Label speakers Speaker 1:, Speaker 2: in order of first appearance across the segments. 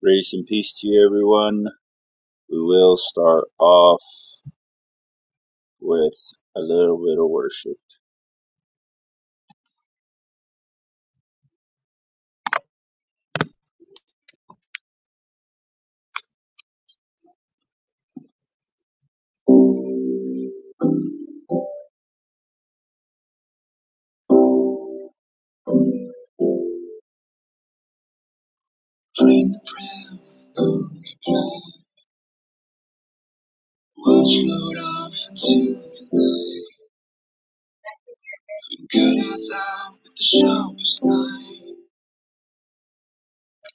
Speaker 1: Grace and peace to you, everyone. We will start off with a little bit of worship. Bring the prayer, burn the cloud, watch load off to the night. Couldn't cut us out with the sharpest knife.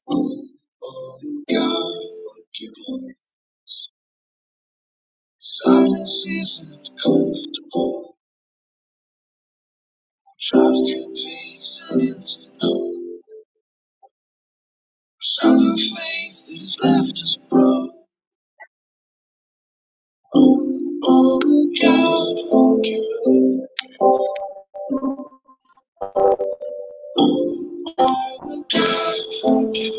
Speaker 1: Oh, oh, God, what you Silence isn't comfortable. Drive through pain, silence to know. Shallow faith that has left us broke. Oh God, thank you.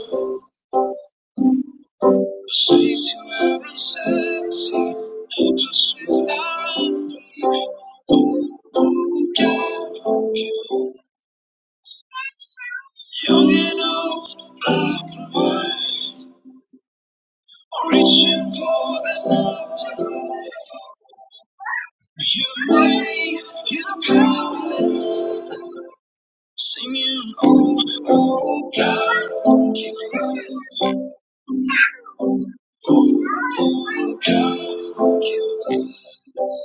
Speaker 1: Says you are a sexy, not just with our unbelief. Oh God, thank you. Young and old, black and white, reaching for this love to life. Your way, your power. Singing, oh, oh, God, give it up. Oh, oh, God, give it up.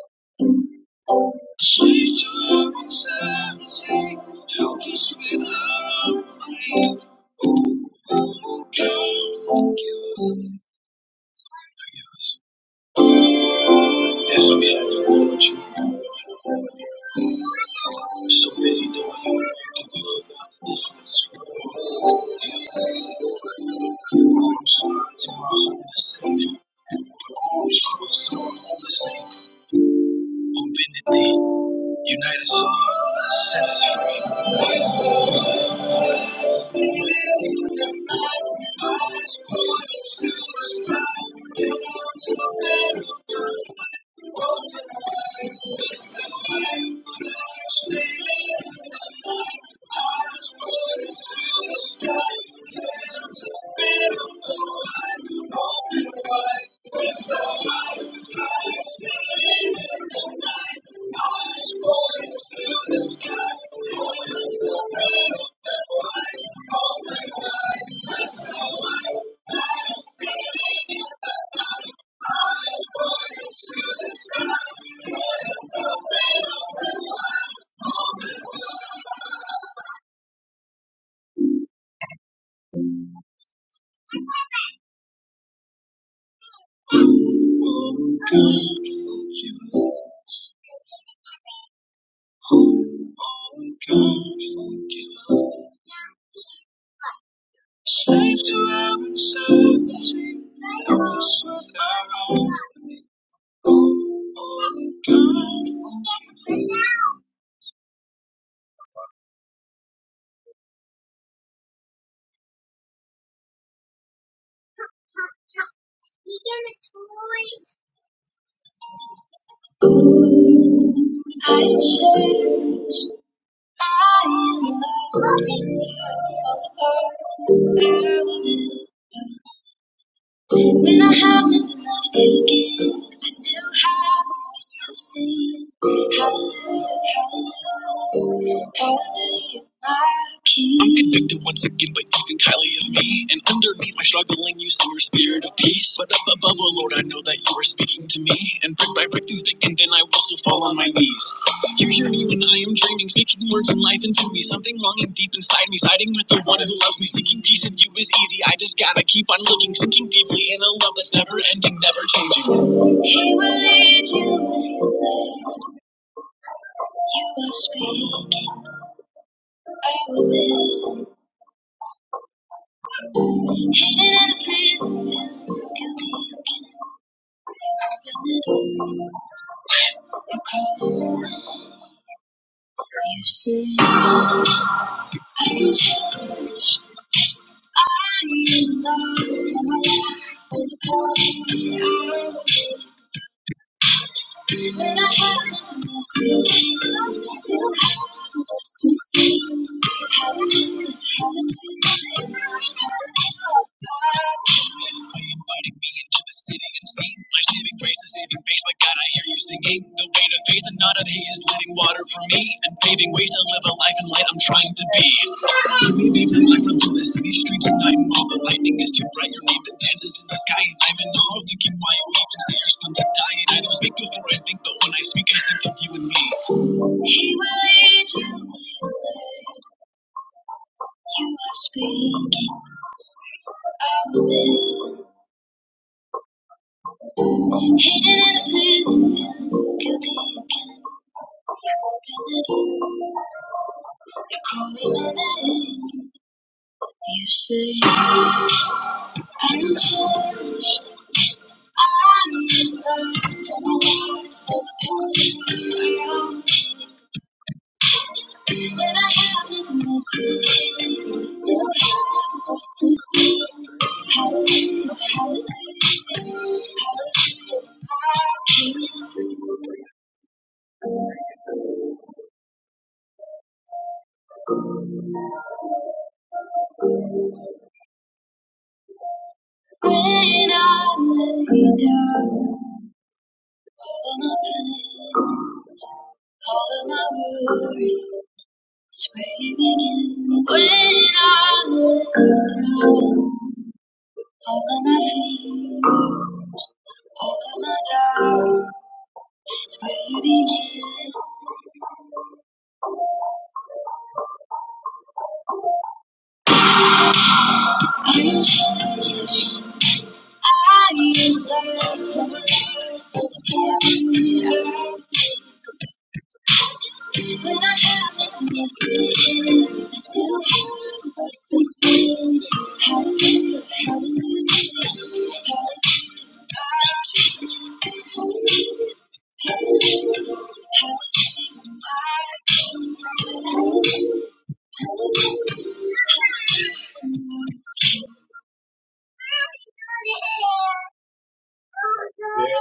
Speaker 1: Sweet to heaven, seventy, help us with our own unbelief. Oh, oh, God, give it up. Yes, we have to do what you We're so busy doing it that we forgot that this was for the arms to our homeless Savior. The arms crossed to our homeless Savior. Open the name. Unite us all, set us free. Slave to our uncertainty, helpless with our own. Oh, oh, God, forgive me. I change. I am falling out for the earth. When I have nothing left to give, I still have a voice to sing. Hallelujah, hallelujah, hallelujah, my King. I'm convicted once again by you think highly of me, and underneath my struggling, you see your spirit of peace. But up above, oh Lord, I know that you are speaking to me, and brick by brick through thick and thin, I will still fall on my knees. You hear deep and I am dreaming, speaking words and life into me. Something longing deep inside me, siding with the one who loves me. Seeking peace in you is easy. I just gotta keep on looking, sinking deeply in a love that's never ending, never changing. He will lead you if you let. You are speaking, I will listen. Hidden in a prison, feeling guilty again. Open it up, you call, you say, I'm changed. invited me into the city and seen life saving grace is saving face. My God, I hear you singing. The weight of faith and not of hate is letting water for me and paving ways to live a life in light I'm trying to be. Early beams of light from endless city streets at night, and all the lightning is too bright. Your name that dances in the sky, and I'm in awe, thinking why you even say your son to die. And I don't speak before I think, but when I speak, I think of you and me. He will lead you if you let. You are speaking. I will listen. Hidden in a place, and feeling guilty again. You Open it up. You call me my name. You say I'm changed. When I lay down all of my plans, all of my worries, it's where you begin. When I lay down All of my fears, all of my doubts, where you begin. And I am sorry, I am sorry. When I haven't lived it, I still have a voice that sings. Hallelujah, hallelujah, hallelujah. hallelujah, hallelujah, hallelujah.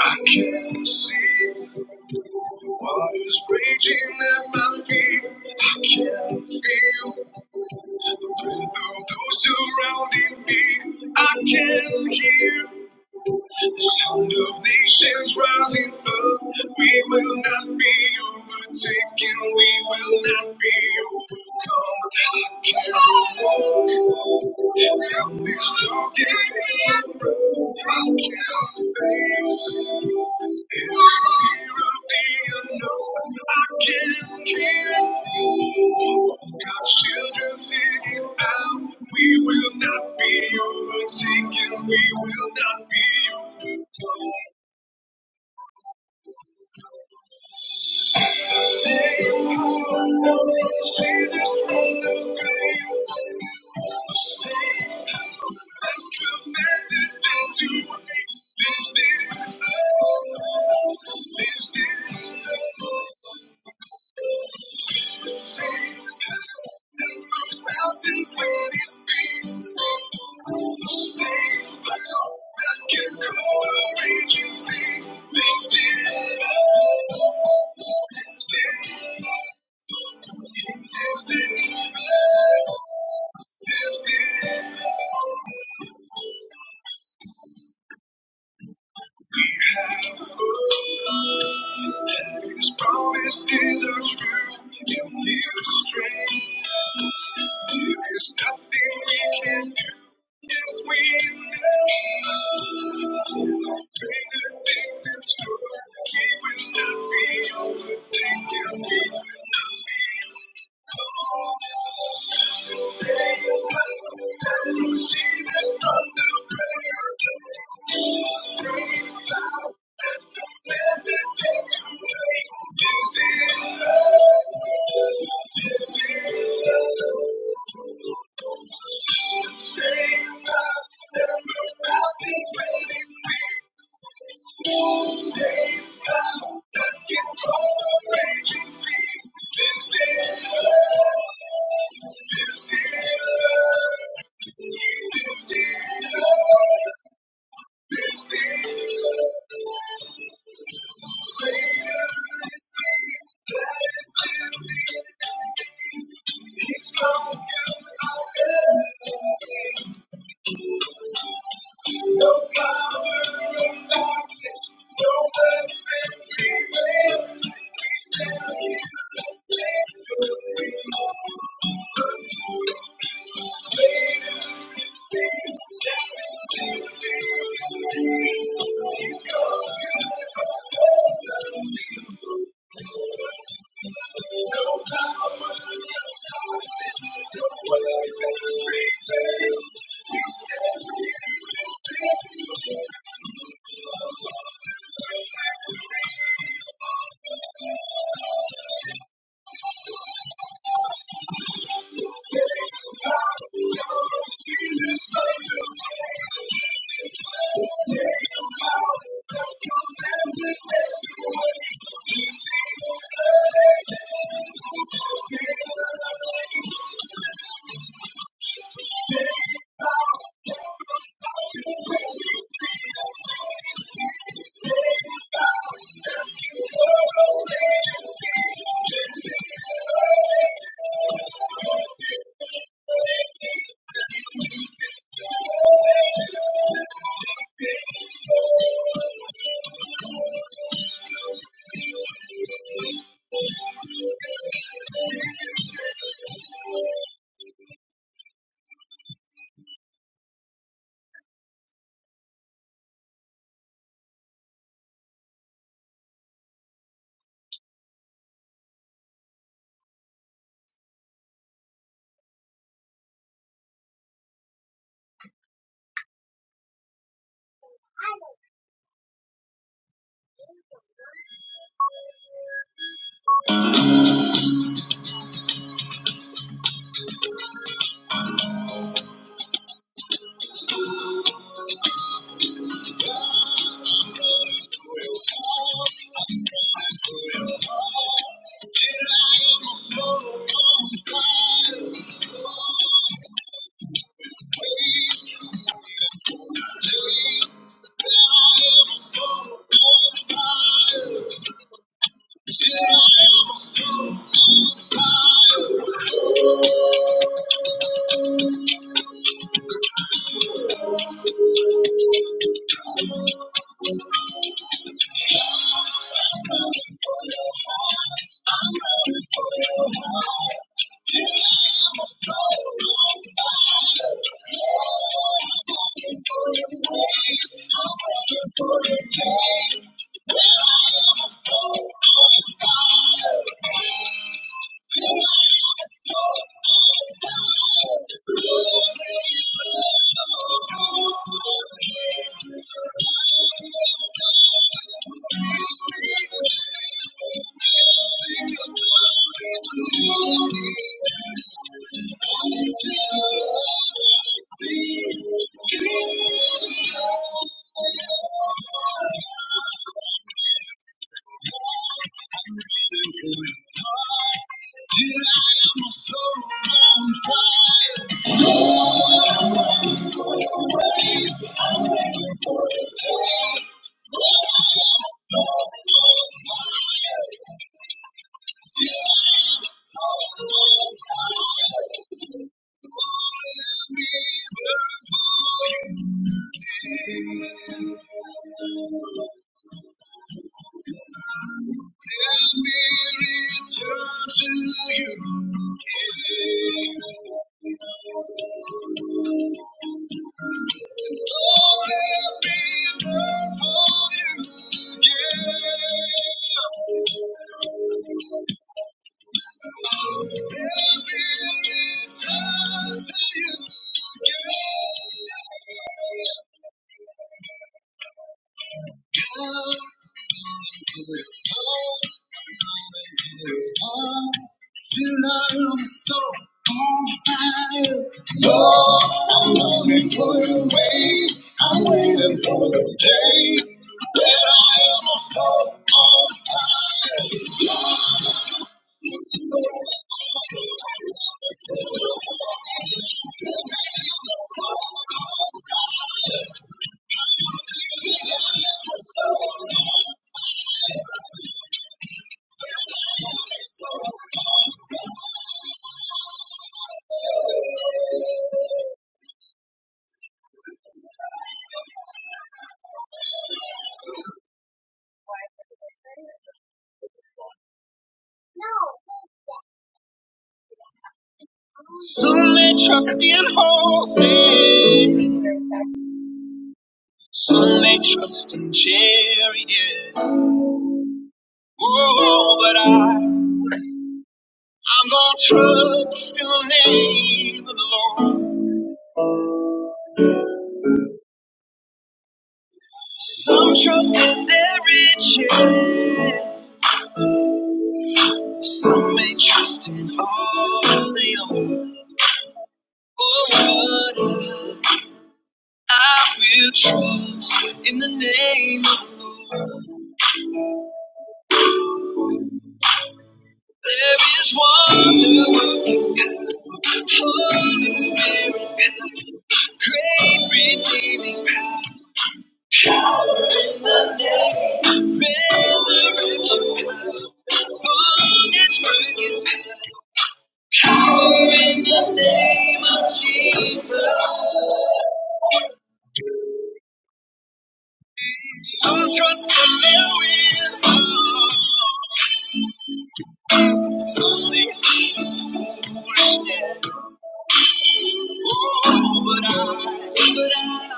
Speaker 1: I can not see. Water's raging at my feet. I can feel the breath of those surrounding me. I can hear the sound of nations rising up. We will not be overtaken. We will not be overcome. I can walk down this dark and painful road. I can face. Lives in us. Sing in those mountains when he speaks. The same cloud that can cover raging sea lives in us. Lives in us. He lives in us. Lives in us. can't do nothing. things Save that, there must not be any space. Same God that can call the raging sea lives in us. Lives in us. He lives in us. Lives in us. Greater is He that is in me. He's He's No power of darkness, no weapon prevails. We stand in the victory. Greater is He that is living in me. He's got no power of darkness, no weapon Here I am, a soul on fire. Till I am a so on fire. I'm running for your heart. I'm running for your heart. Tonight I'm a soul on fire. Oh, I'm waiting for your ways. I'm waiting for your day. Tonight I'm a soul on fire. Tonight I'm a soul on fire. Thank you. Let me return to you. Yeah. All let me burn for you. Yeah. Oh, Let me return to you. Yeah. Come Tonight I'm so on fire. Lord, I'm longing for your waves. I'm waiting for the day that I am so on fire. Lord. No. Some they trust in Jose. Some they trust in Jerry. Yeah. Oh, but I, I'm gonna trust in the name of the Lord. Some trust in their riches. Some may trust in all they own. Oh, but I, I will trust in the name of the Lord. There is one to Holy Spirit, great redeeming power in the name, resurrection power, bondage breaking power power in the name of Jesus. Some trust in their wisdom, Sunday seems foolishness. Oh, but I, but I,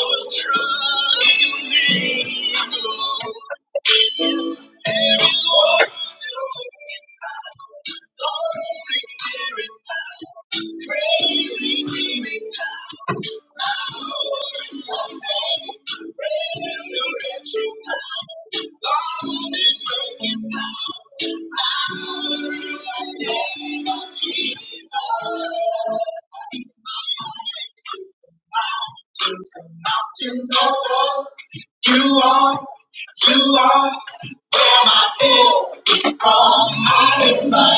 Speaker 1: will trust in the name of the Lord. Yes, there is one Holy Spirit, pray Mountains are low. You are, you are where my help is from. My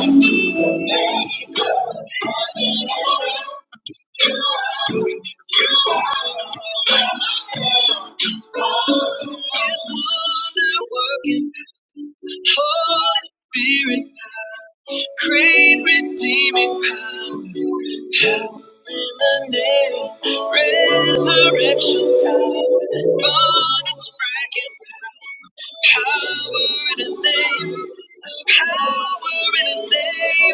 Speaker 1: help comes. His power is wonder working. Holy Spirit, great redeeming power. Power in the name, resurrection power, bondage breaking power. Power in his name. There's power in his name.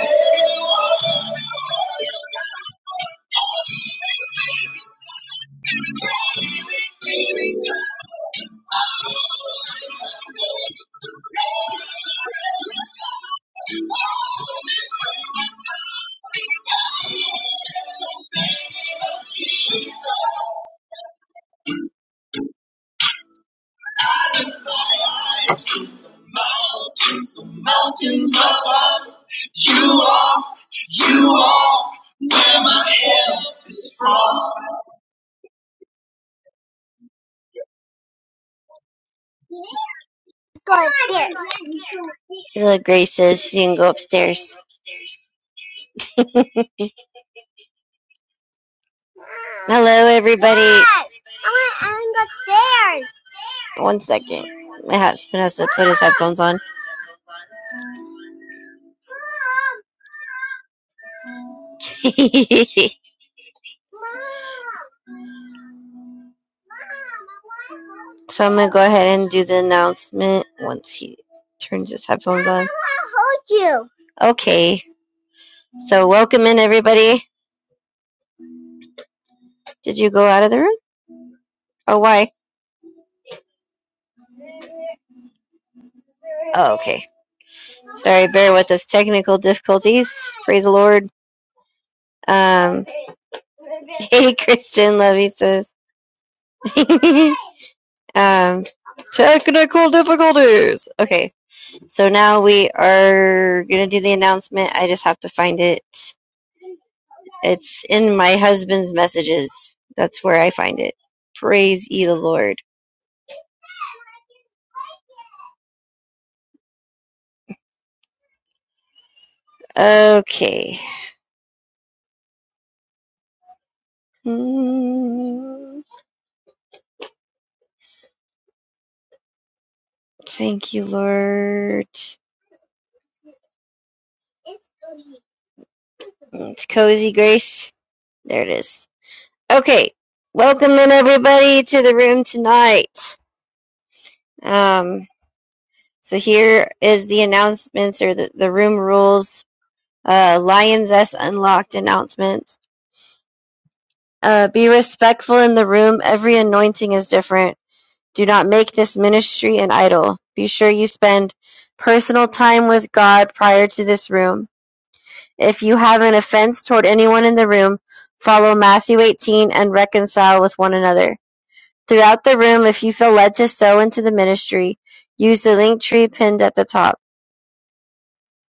Speaker 1: Jesus. I lift my eyes to the mountains, the mountains above. You are, you are where my help is from.
Speaker 2: Hello, Grace says she can go upstairs. Hello, everybody. One second. My husband has to put his headphones on. so I'm going to go ahead and do the announcement once he turns his headphones on. I want to hold you. Okay. So welcome in, everybody. Did you go out of the room? Oh, why? Oh, okay. Sorry, bear with us. Technical difficulties. Praise the Lord. Um, hey, Kristen, love you, sis. Um, technical difficulties. Okay, so now we are gonna do the announcement. I just have to find it. It's in my husband's messages. That's where I find it. Praise ye the Lord. Okay. Mm, Thank you, Lord. It's Cozy Grace. There it is. Okay. Welcome in everybody to the room tonight. Um, so here is the announcements or the, the room rules uh, Lioness Unlocked announcement. Uh, be respectful in the room. Every anointing is different. Do not make this ministry an idol. Be sure you spend personal time with God prior to this room. If you have an offense toward anyone in the room, follow Matthew 18 and reconcile with one another. Throughout the room, if you feel led to sow into the ministry, use the link tree pinned at the top.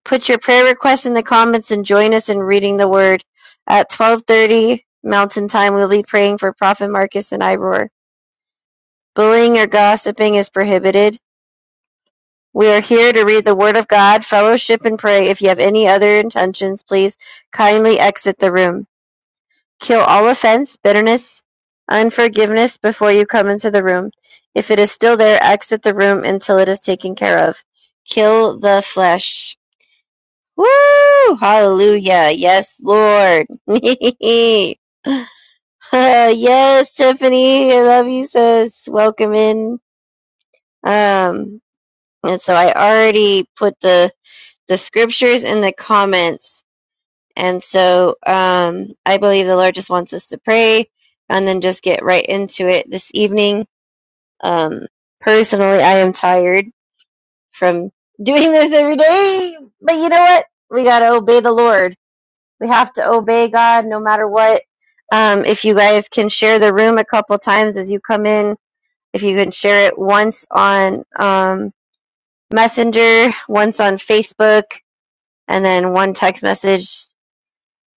Speaker 2: Put your prayer requests in the comments and join us in reading the word. At 12:30 Mountain Time, we'll be praying for Prophet Marcus and Iroar. Bullying or gossiping is prohibited. We are here to read the word of God, fellowship, and pray. If you have any other intentions, please kindly exit the room. Kill all offense, bitterness, unforgiveness before you come into the room. If it is still there, exit the room until it is taken care of. Kill the flesh. Woo! Hallelujah. Yes, Lord. Uh, yes, Tiffany. I love you, sis. Welcome in. Um, and so I already put the, the scriptures in the comments. And so, um, I believe the Lord just wants us to pray and then just get right into it this evening. Um, personally, I am tired from doing this every day, but you know what? We gotta obey the Lord. We have to obey God no matter what. Um, if you guys can share the room a couple times as you come in, if you can share it once on um, Messenger, once on Facebook, and then one text message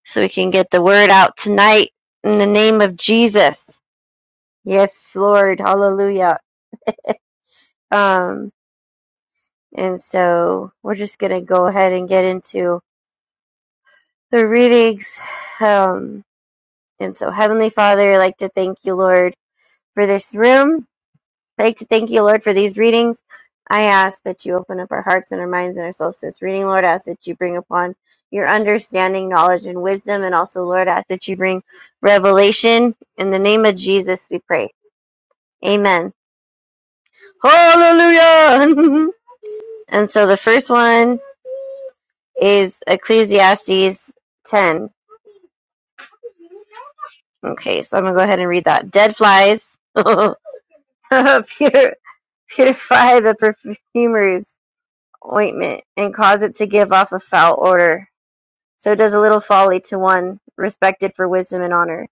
Speaker 2: so we can get the word out tonight in the name of Jesus. Yes, Lord. Hallelujah. Um, and so we're just going to go ahead and get into the readings. Um, and so, Heavenly Father, I'd like to thank you, Lord, for this room. I'd like to thank you, Lord, for these readings. I ask that you open up our hearts and our minds and our souls to this reading, Lord. I ask that you bring upon your understanding, knowledge, and wisdom. And also, Lord, I ask that you bring revelation. In the name of Jesus, we pray. Amen. Hallelujah. and so the first one is Ecclesiastes 10. Okay, so I'm going to go ahead and read that. Dead flies. Pure, purify the perfumers ointment and cause it to give off a foul odor. So does a little folly to one respected for wisdom and honor.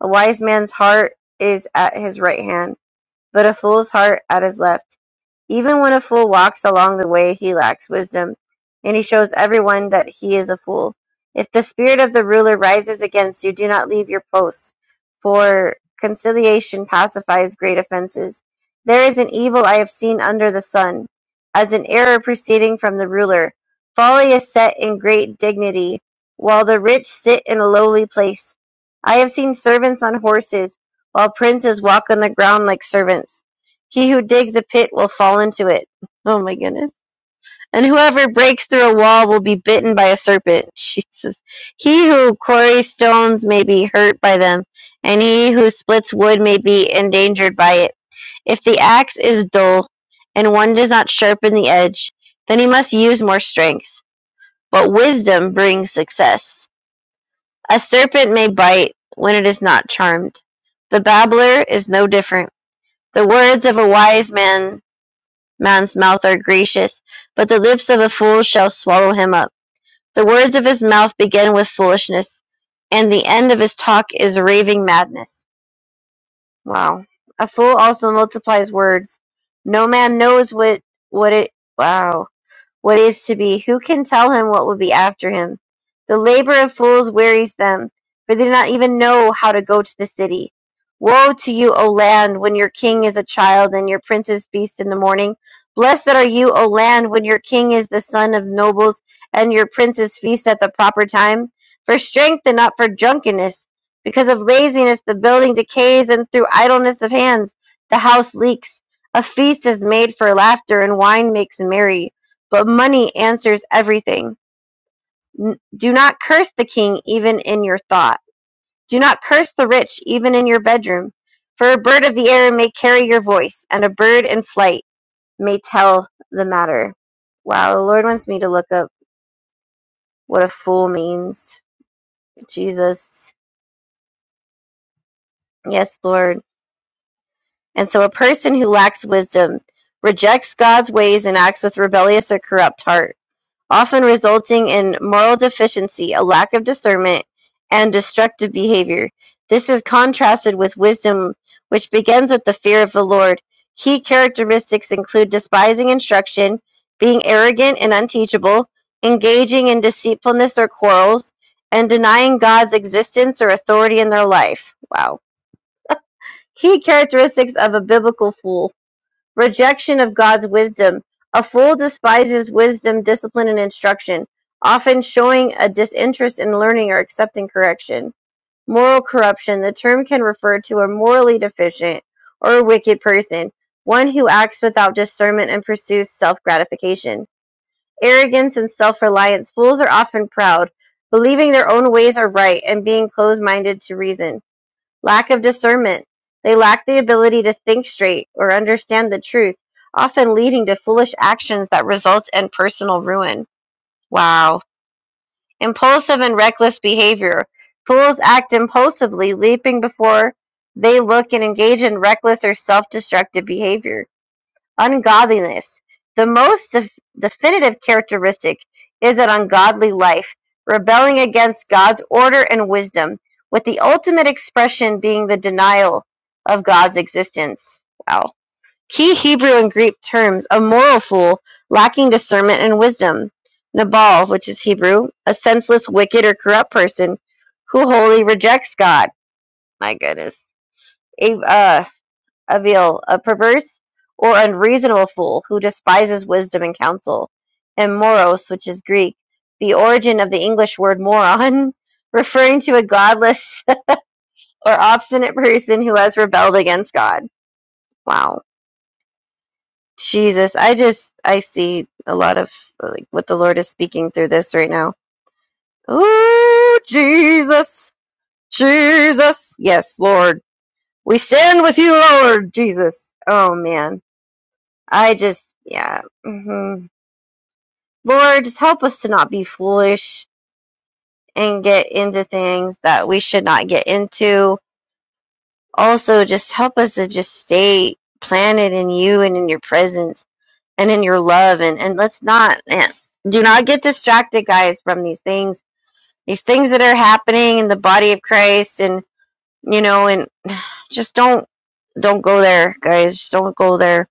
Speaker 2: A wise man's heart is at his right hand, but a fool's heart at his left. Even when a fool walks along the way, he lacks wisdom, and he shows everyone that he is a fool. If the spirit of the ruler rises against you, do not leave your post, for conciliation pacifies great offenses. There is an evil I have seen under the sun, as an error proceeding from the ruler. Folly is set in great dignity, while the rich sit in a lowly place. I have seen servants on horses, while princes walk on the ground like servants. He who digs a pit will fall into it. Oh my goodness. And whoever breaks through a wall will be bitten by a serpent. Jesus. He who quarries stones may be hurt by them, and he who splits wood may be endangered by it. If the axe is dull, and one does not sharpen the edge, then he must use more strength. But wisdom brings success. A serpent may bite when it is not charmed. The babbler is no different. The words of a wise man man's mouth are gracious, but the lips of a fool shall swallow him up. The words of his mouth begin with foolishness, and the end of his talk is raving madness. Wow. A fool also multiplies words. No man knows what what it wow what is to be. Who can tell him what will be after him? The labor of fools wearies them, for they do not even know how to go to the city. Woe to you, O land, when your king is a child and your princes feast in the morning. Blessed are you, O land, when your king is the son of nobles and your princes feast at the proper time. For strength and not for drunkenness. Because of laziness, the building decays, and through idleness of hands, the house leaks. A feast is made for laughter, and wine makes merry. But money answers everything. N- Do not curse the king even in your thought. Do not curse the rich even in your bedroom. For a bird of the air may carry your voice, and a bird in flight may tell the matter. Wow, the Lord wants me to look up what a fool means. Jesus. Yes, Lord. And so a person who lacks wisdom rejects God's ways and acts with rebellious or corrupt heart. often resulting in moral deficiency, a lack of discernment, and destructive behavior. This is contrasted with wisdom, which begins with the fear of the Lord. Key characteristics include despising instruction, being arrogant and unteachable, engaging in deceitfulness or quarrels, and denying God's existence or authority in their life. Wow. Key characteristics of a biblical fool Rejection of God's wisdom. A fool despises wisdom, discipline, and instruction, often showing a disinterest in learning or accepting correction. Moral corruption. The term can refer to a morally deficient or a wicked person, one who acts without discernment and pursues self gratification. Arrogance and self reliance. Fools are often proud, believing their own ways are right and being closed minded to reason. Lack of discernment. They lack the ability to think straight or understand the truth, often leading to foolish actions that result in personal ruin. Wow. Impulsive and reckless behavior. Fools act impulsively, leaping before they look and engage in reckless or self destructive behavior. Ungodliness. The most def- definitive characteristic is an ungodly life, rebelling against God's order and wisdom, with the ultimate expression being the denial of God's existence. Wow. Key Hebrew and Greek terms a moral fool, lacking discernment and wisdom. Nabal, which is Hebrew, a senseless, wicked, or corrupt person who wholly rejects God. My goodness. A. uh, Avil, a perverse or unreasonable fool who despises wisdom and counsel, and moros, which is Greek, the origin of the English word moron, referring to a godless or obstinate person who has rebelled against God. Wow. Jesus, I just I see a lot of like what the Lord is speaking through this right now. Ooh, Jesus. Jesus. Yes, Lord. We stand with you, Lord Jesus. Oh man. I just yeah. hmm Lord, help us to not be foolish and get into things that we should not get into. Also, just help us to just stay planted in you and in your presence and in your love. And, and let's not, man, do not get distracted, guys, from these things, these things that are happening in the body of Christ. And, you know, and just don't, don't go there, guys. Just don't go there.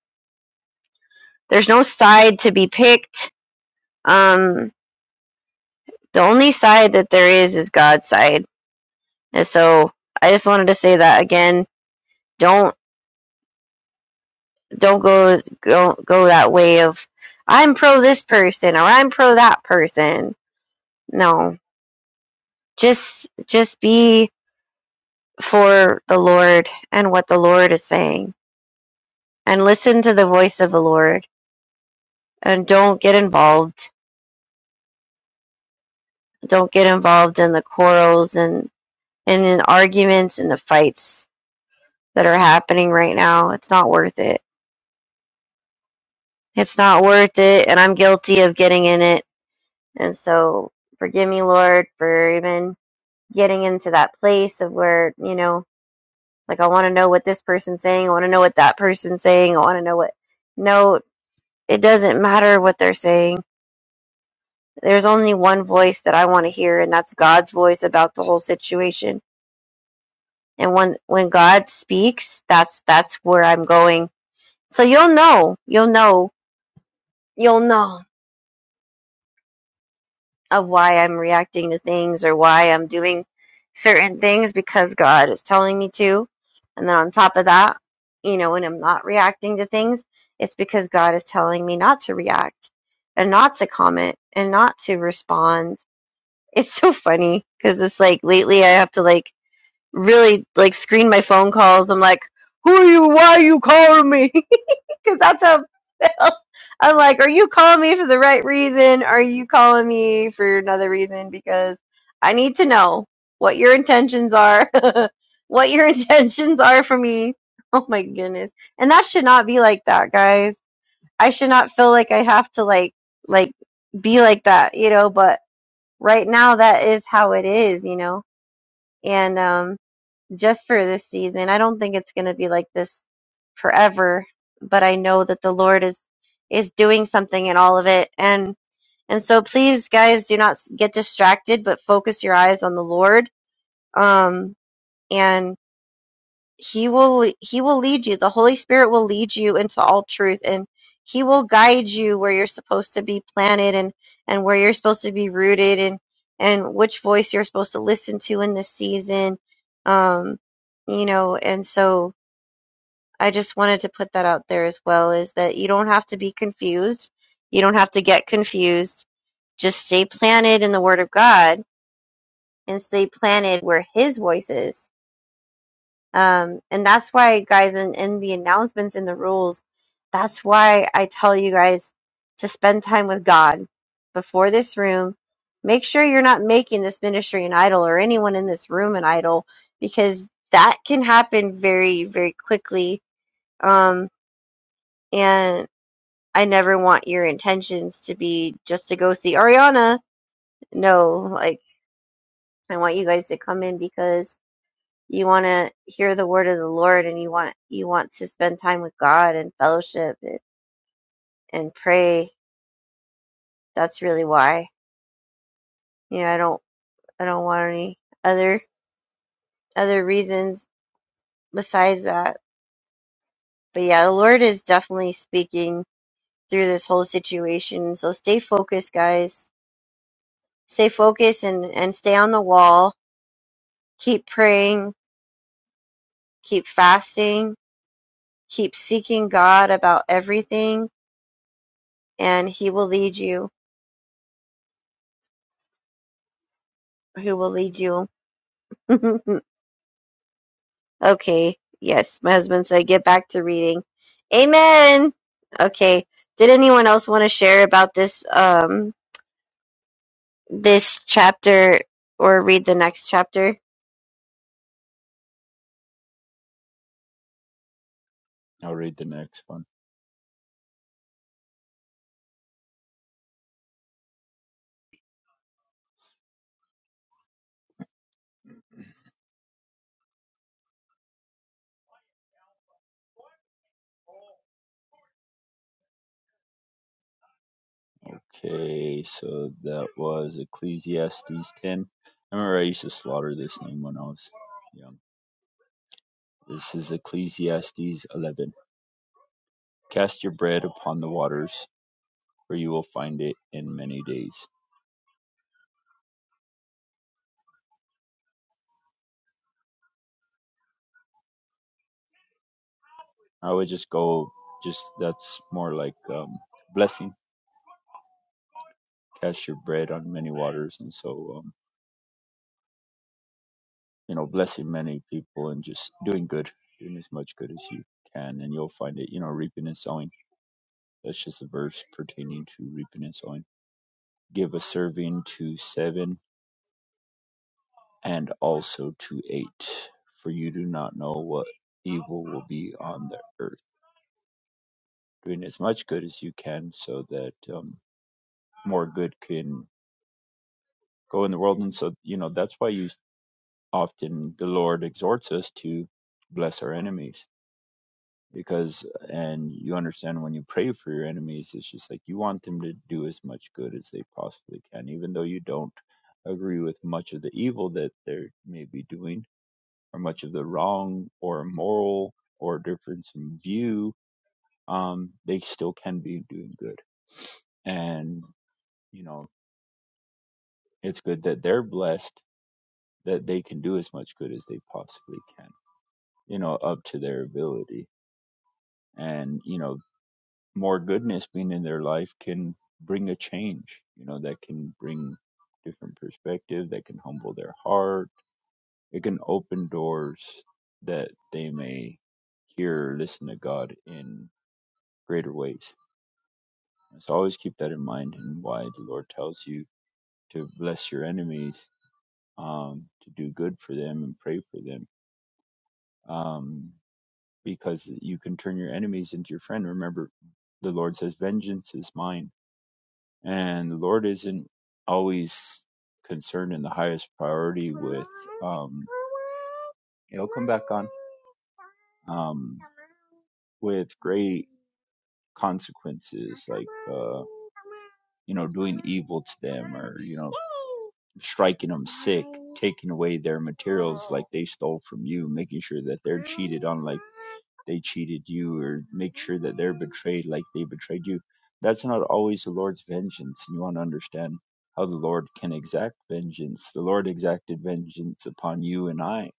Speaker 2: There's no side to be picked. Um, the only side that there is is God's side And so I just wanted to say that again. Don't don't go go go that way of I'm pro this person or I'm pro that person. No. Just just be for the Lord and what the Lord is saying and listen to the voice of the Lord and don't get involved. Don't get involved in the quarrels and, and in arguments and the fights that are happening right now. It's not worth it. It's not worth it and I'm guilty of getting in it And so forgive me, Lord, for even getting into that place of where, you know, like I want to know what this person's saying. I want to know what that person's saying. I want to know what. No, it doesn't matter what they're saying. There's only one voice that I want to hear, and that's God's voice about the whole situation. And when when God speaks, that's that's where I'm going. So you'll know, you'll know, you'll know. of why I'm reacting to things or why I'm doing certain things because God is telling me to. And then on top of that, you know, when I'm not reacting to things, it's because God is telling me not to react and not to comment and not to respond. It's so funny because it's like lately I have to like really like screen my phone calls. I'm like, who are you? Why are you calling me? because that's how it feels. I'm like, are you calling me for the right reason? Are you calling me for another reason? Because I need to know what your intentions are, what your intentions are for me. Oh my goodness. And that should not be like that, guys. I should not feel like I have to like, like be like that, you know, but right now that is how it is, you know, and, um, just for this season. I don't think it's going to be like this forever, but I know that the Lord is is doing something in all of it and and so please guys do not s- get distracted but focus your eyes on the Lord. Um and. He will he will lead you. The Holy Spirit will lead you into all truth and he will guide you where you're supposed to be planted and and where you're supposed to be rooted and and which voice you're supposed to listen to in this season. Um you know, and so I just wanted to put that out there as well is that you don't have to be confused. You don't have to get confused. Just stay planted in the word of God and stay planted where his voice is um, and that's why, guys, in, in the announcements in the rules, that's why I tell you guys to spend time with God before this room. Make sure you're not making this ministry an idol or anyone in this room an idol because that can happen very, very quickly. Um, and I never want your intentions to be just to go see Ariana. No, like, I want you guys to come in because. you want to hear the word of the Lord and you want you want to spend time with God and fellowship and, and pray. That's really why. You know, I don't I don't want any other other reasons besides that. But yeah, the Lord is definitely speaking through this whole situation. So stay focused, guys. Stay focused and and stay on the wall. Keep praying, keep fasting, keep seeking God about everything and he will lead you. He will lead you. Okay. Yes, my husband said get back to reading. Amen. Okay. Did anyone else want to share about this um this chapter or read the next chapter?
Speaker 1: I'll read the next one. Okay, so that was Ecclesiastes 10. I remember I used to slaughter this name when I was young. This is Ecclesiastes 11. Cast your bread upon the waters, for you will find it in many days. I would just go, just that's more like um, blessing. Cast your bread on many waters, and so um, you know, blessing many people and just doing good, doing as much good as you can, and you'll find it. You know, reaping and sowing. That's just a verse pertaining to reaping and sowing. Give a serving to seven and also to eight, for you do not know what evil will be on the earth. Doing as much good as you can, so that um, more good can go in the world and so you know that's why you often the Lord exhorts us to bless our enemies because and you understand when you pray for your enemies it's just like you want them to do as much good as they possibly can even though you don't agree with much of the evil that they're maybe doing or much of the wrong or immoral, or difference in view um they still can be doing good and you know it's good that they're blessed that they can do as much good as they possibly can you know up to their ability and you know more goodness being in their life can bring a change you know that can bring different perspective that can humble their heart it can open doors that they may hear or listen to god in greater ways so always keep that in mind and why the lord tells you to bless your enemies um, to do good for them and pray for them um, because you can turn your enemies into your friend remember the lord says vengeance is mine and the Lord isn't always concerned in the highest priority with um it'll come back on um with great consequences, like uh, you know, doing evil to them or you know, striking them sick, taking away their materials like they stole from you, making sure that they're cheated on like they cheated you, or make sure that they're betrayed like they betrayed you. That's not always the Lord's vengeance, and you want to understand how the Lord can exact vengeance. The Lord exacted vengeance upon you and I,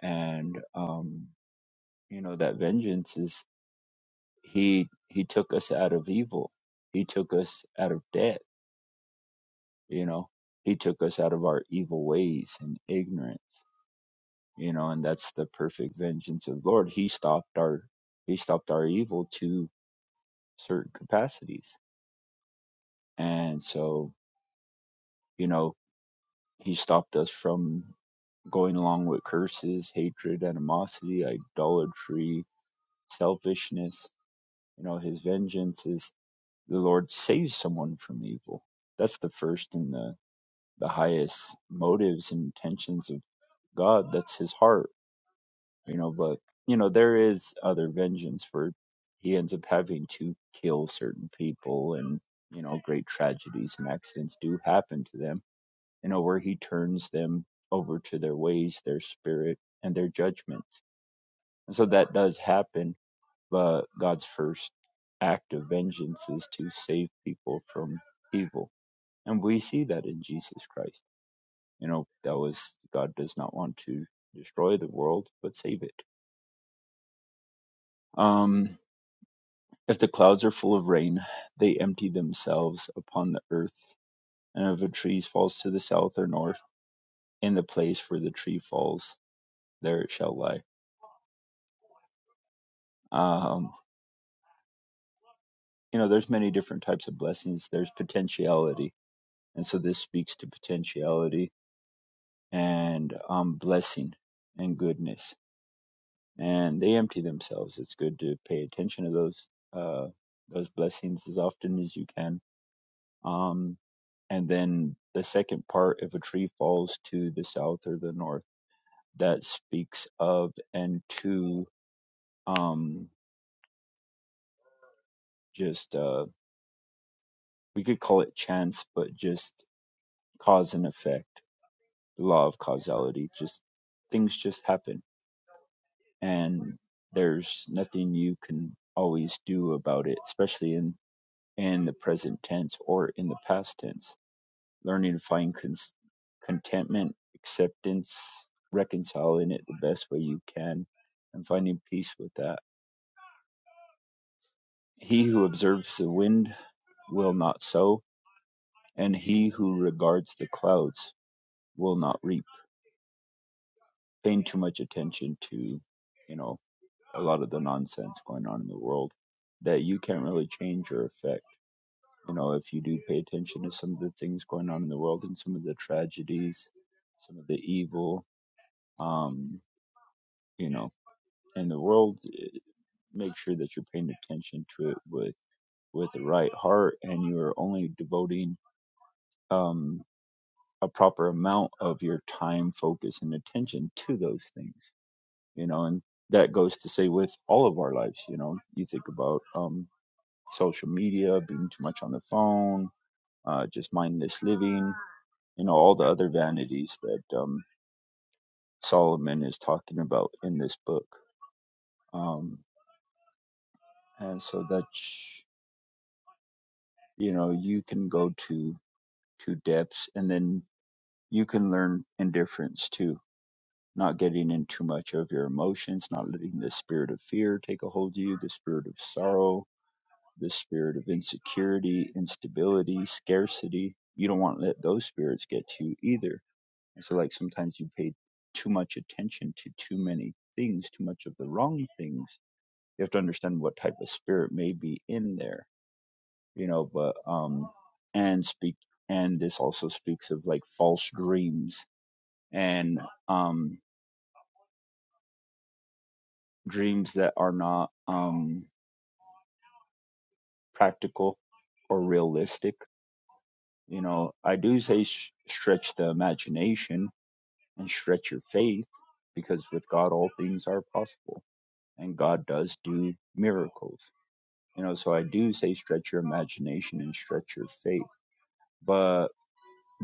Speaker 1: and um, you know that vengeance is he he took us out of evil he took us out of debt you know he took us out of our evil ways and ignorance you know and that's the perfect vengeance of the lord he stopped our he stopped our evil to certain capacities and so you know he stopped us from going along with curses hatred animosity idolatry selfishness you know his vengeance is the lord saves someone from evil that's the first and the the highest motives and intentions of God. That's his heart, you know. But you know, there is other vengeance for he ends up having to kill certain people, and you know, great tragedies and accidents do happen to them. You know, where he turns them over to their ways, their spirit, and their judgments. And so that does happen. But God's first act of vengeance is to save people from evil, and we see that in Jesus Christ you know that was god does not want to destroy the world but save it um if the clouds are full of rain they empty themselves upon the earth and if a tree falls to the south or north in the place where the tree falls there it shall lie um you know there's many different types of blessings there's potentiality and so this speaks to potentiality and um blessing and goodness and they empty themselves. It's good to pay attention to those uh, those blessings as often as you can. Um, and then the second part, if a tree falls to the south or the north, that speaks of and to um, just uh, we could call it chance, but just cause and effect, the law of causality. Just things just happen, and there's nothing you can always do about it, especially in in the present tense or in the past tense, learning to find cons- contentment, acceptance, reconciling it the best way you can, and finding peace with that. He who observes the wind will not sow, and he who regards the clouds will not reap. Paying too much attention to, you know, a lot of the nonsense going on in the world that you can't really change or affect you know, if you do pay attention to some of the things going on in the world and some of the tragedies, some of the evil, um, you know, in the world, eh, make sure that you're paying attention to it with with the right heart, and you are only devoting um, a proper amount of your time, focus, and attention to those things. You know, and that goes to say with all of our lives. You know, you think about um, social media, being too much on the phone, uh, just mindless living you know all the other vanities that um, Solomon is talking about in this book. Um, and so that you know you can go to to depths, and then you can learn indifference too, not getting in too much of your emotions, not letting the spirit of fear take a hold of you, the spirit of sorrow, the spirit of insecurity, instability, scarcity. You don't want to let those spirits get to you either And so, like, sometimes you pay too much attention to too many things, too much of the wrong things. You have to understand what type of spirit may be in there, you know, but, um, and speak, and this also speaks of like false dreams and, um, dreams that are not, um, practical or realistic. You know, I do say sh- stretch the imagination and stretch your faith because with God, all things are possible and God does do miracles. You know, so I do say stretch your imagination and stretch your faith, but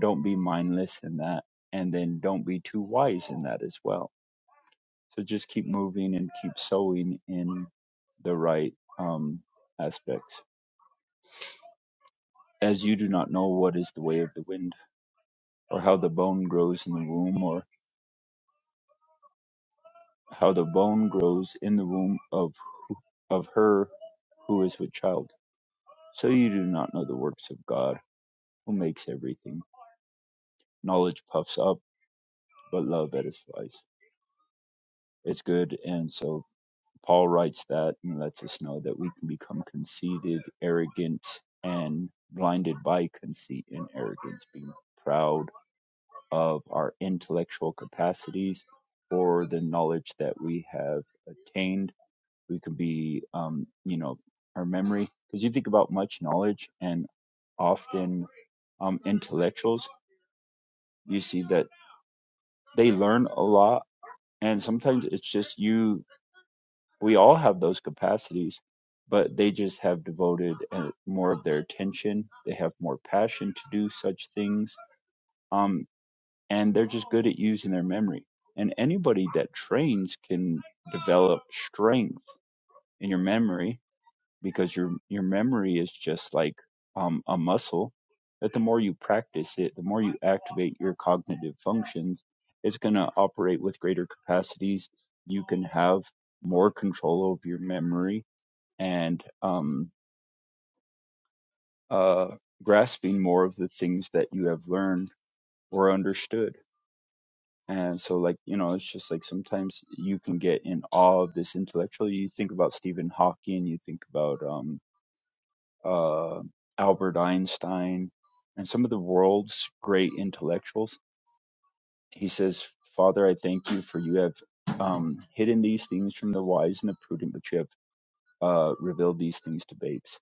Speaker 1: don't be mindless in that. And then don't be too wise in that as well. So just keep moving and keep sowing in the right um, aspects. As you do not know what is the way of the wind, or how the bone grows in the womb, or how the bone grows in the womb of, of her who is with child. So you do not know the works of God who makes everything. knowledge puffs up, but love edifies. It's good. And so Paul writes that and lets us know that we can become conceited, arrogant, and blinded by conceit and arrogance, being proud of our intellectual capacities or the knowledge that we have attained. We can be, um, you know, our memory. Because you think about much knowledge, and often um, intellectuals, you see that they learn a lot And sometimes it's just you, we all have those capacities, but they just have devoted uh, more of their attention. They have more passion to do such things. Um, and they're just good at using their memory. And anybody that trains can develop strength in your memory because your your memory is just like um, a muscle that the more you practice it the more you activate your cognitive functions it's going to operate with greater capacities you can have more control over your memory and um, uh, grasping more of the things that you have learned or understood and so like you know it's just like sometimes you can get in awe of this intellectual you think about stephen hawking you think about um, uh, Albert Einstein, and some of the world's great intellectuals. He says, Father, I thank you for you have um, hidden these things from the wise and the prudent, but you have uh, revealed these things to babes.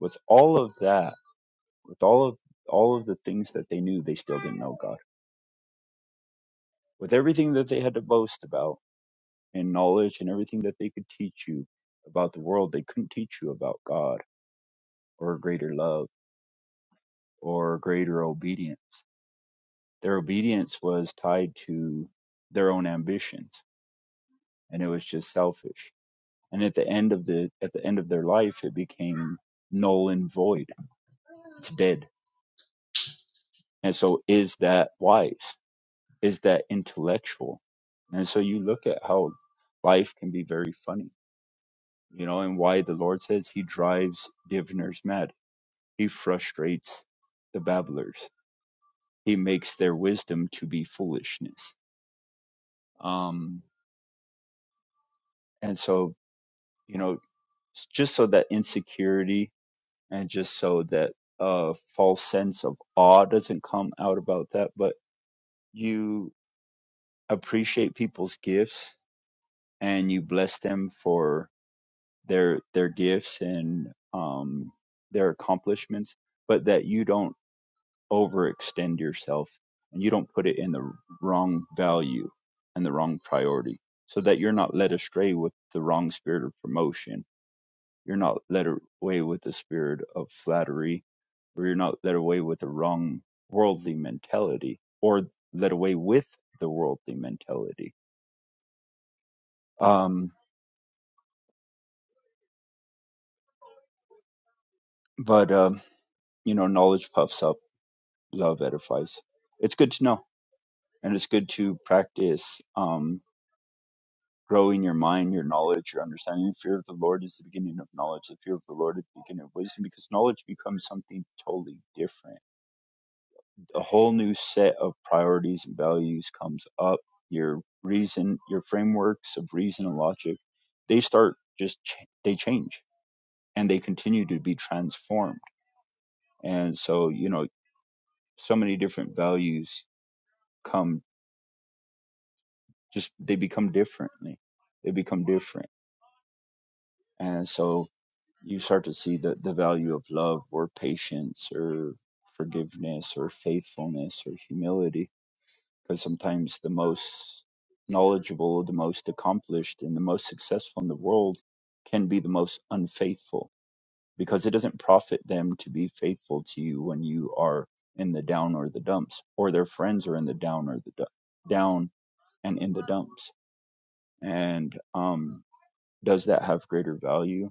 Speaker 1: With all of that, with all of all of the things that they knew, they still didn't know God. With everything that they had to boast about in knowledge and everything that they could teach you about the world, they couldn't teach you about God or greater love or greater obedience Their obedience was tied to their own ambitions and it was just selfish. And at the end of the at the end of their life it became null and void. It's dead. And so is that wise? Is that intellectual? And so you look at how life can be very funny, you know, and why the Lord says he drives diviners mad. He frustrates the babblers. He makes their wisdom to be foolishness. Um, and so, you know, s- just so that insecurity and just so that uh, false sense of awe doesn't come out about that, but you appreciate people's gifts and you bless them for their their gifts and um, their accomplishments, but that you don't overextend yourself and you don't put it in the wrong value and the wrong priority, so that you're not led astray with the wrong spirit of promotion You're not led away with the spirit of flattery, or you're not led away with the wrong worldly mentality, or led away with the worldly mentality. Um, but, um, you know, knowledge puffs up, love edifies. It's good to know, and it's good to practice um, growing your mind, your knowledge, your understanding. The fear of the Lord is the beginning of knowledge. The fear of the Lord is the beginning of wisdom because knowledge becomes something totally different a whole new set of priorities and values comes up your reason your frameworks of reason and logic they start just ch- they change and they continue to be transformed and so you know so many different values come just they become differently they become different and so you start to see the, the value of love or patience or forgiveness or faithfulness or humility because sometimes the most knowledgeable, the most accomplished, and the most successful in the world can be the most unfaithful because it doesn't profit them to be faithful to you when you are in the down or the dumps, or their friends are in the down or the du- down and in the dumps. And um, does that have greater value?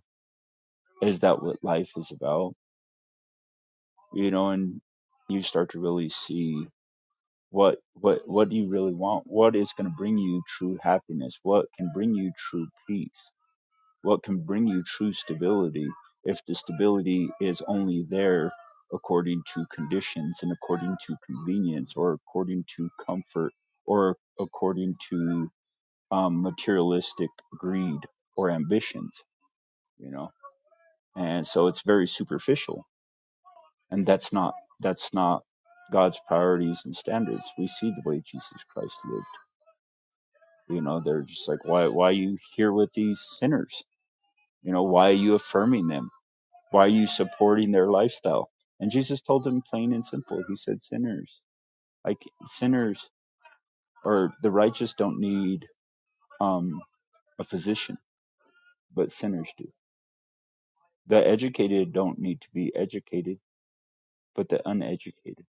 Speaker 1: Is that what life is about? You know, and you start to really see. what what what do you really want what is going to bring you true happiness what can bring you true peace what can bring you true stability if the stability is only there according to conditions and according to convenience or according to comfort or according to um, materialistic greed or ambitions you know and so it's very superficial and that's not that's not god's priorities and standards we see the way jesus christ lived You know, they're just like, why, why are you here with these sinners? You know, why are you affirming them? Why are you supporting their lifestyle? And Jesus told them plain and simple. He said, sinners, like sinners or the righteous don't need um, a physician, but sinners do. The educated don't need to be educated, but the uneducated.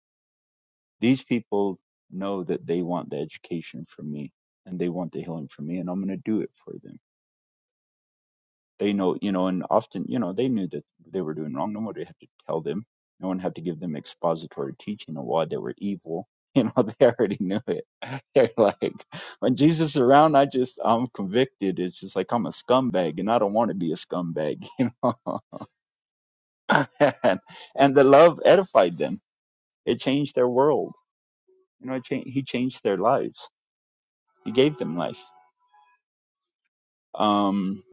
Speaker 1: These people know that they want the education from me and they want the healing from me, and I'm going to do it for them They know, you know, and often, you know, they knew that they were doing wrong. No one would to tell them. No one had to give them expository teaching of why they were evil. You know, they already knew it. They're like, when Jesus is around, I just, I'm convicted. It's just like I'm a scumbag, and I don't want to be a scumbag. You know, and, and the love edified them. It changed their world. You know, it changed, he changed their lives. He gave them life. Um,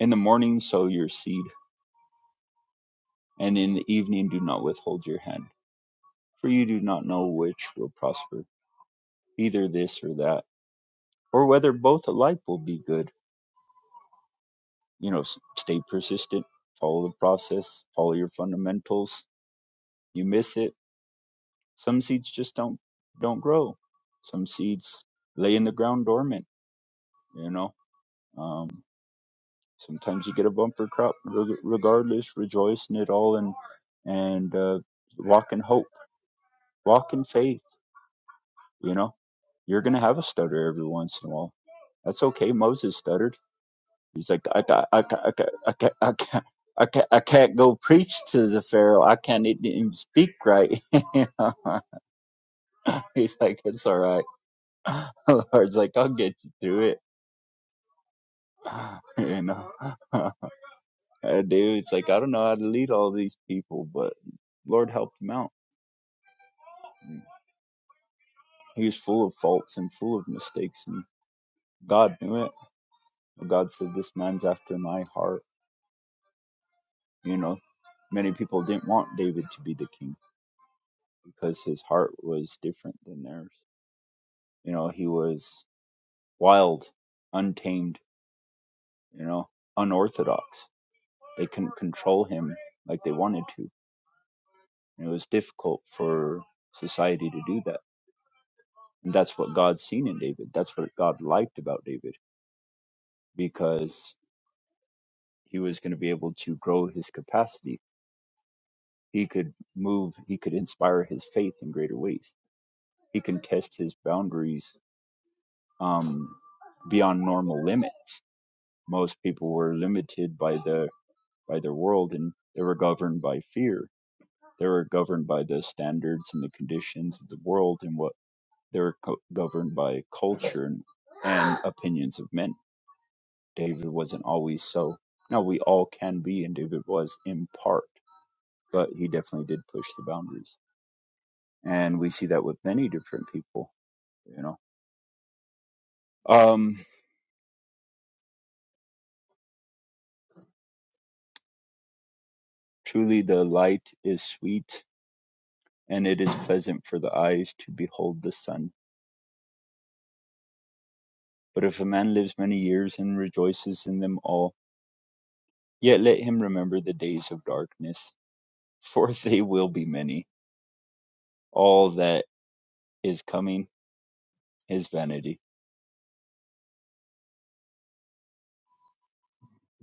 Speaker 1: in the morning, sow your seed, and in the evening, do not withhold your hand for you do not know which will prosper, either this or that, or whether both alike will be good. You know, s- stay persistent, follow the process, follow your fundamentals. You miss it. Some seeds just don't don't grow. Some seeds lay in the ground dormant. You know, um, sometimes you get a bumper crop. Reg- Regardless, rejoice in it all and and uh, walk in hope, walk in faith. You know, you're gonna have a stutter every once in a while. That's okay. Moses stuttered He's like, I got, I got, I got, I got, I got. I can't, I can't go preach to the Pharaoh. I can't even even speak right. You know? He's like, it's all right. The Lord's like, I'll get you through it. You know, and dude, it's like, I don't know how to lead all these people, but Lord helped him out. He was full of faults and full of mistakes, and God knew it. God said, This man's after my heart. You know, many people didn't want David to be the king because his heart was different than theirs You know, he was wild, untamed, you know, unorthodox. They couldn't control him like they wanted to. And it was difficult for society to do that. And that's what God's seen in David. That's what God liked about David because he was going to be able to grow his capacity. He could move, he could inspire his faith in greater ways. He can test his boundaries um, beyond normal limits. Most people were limited by the by their world and they were governed by fear. They were governed by the standards and the conditions of the world and what they were co- governed by culture and, and opinions of men. David wasn't always so. Now we all can be, and David was in part, but he definitely did push the boundaries. And we see that with many different people, you know. Um, truly, the light is sweet, and it is pleasant for the eyes to behold the sun. But if a man lives many years and rejoices in them all, Yet let him remember the days of darkness, for they will be many. All that is coming is vanity.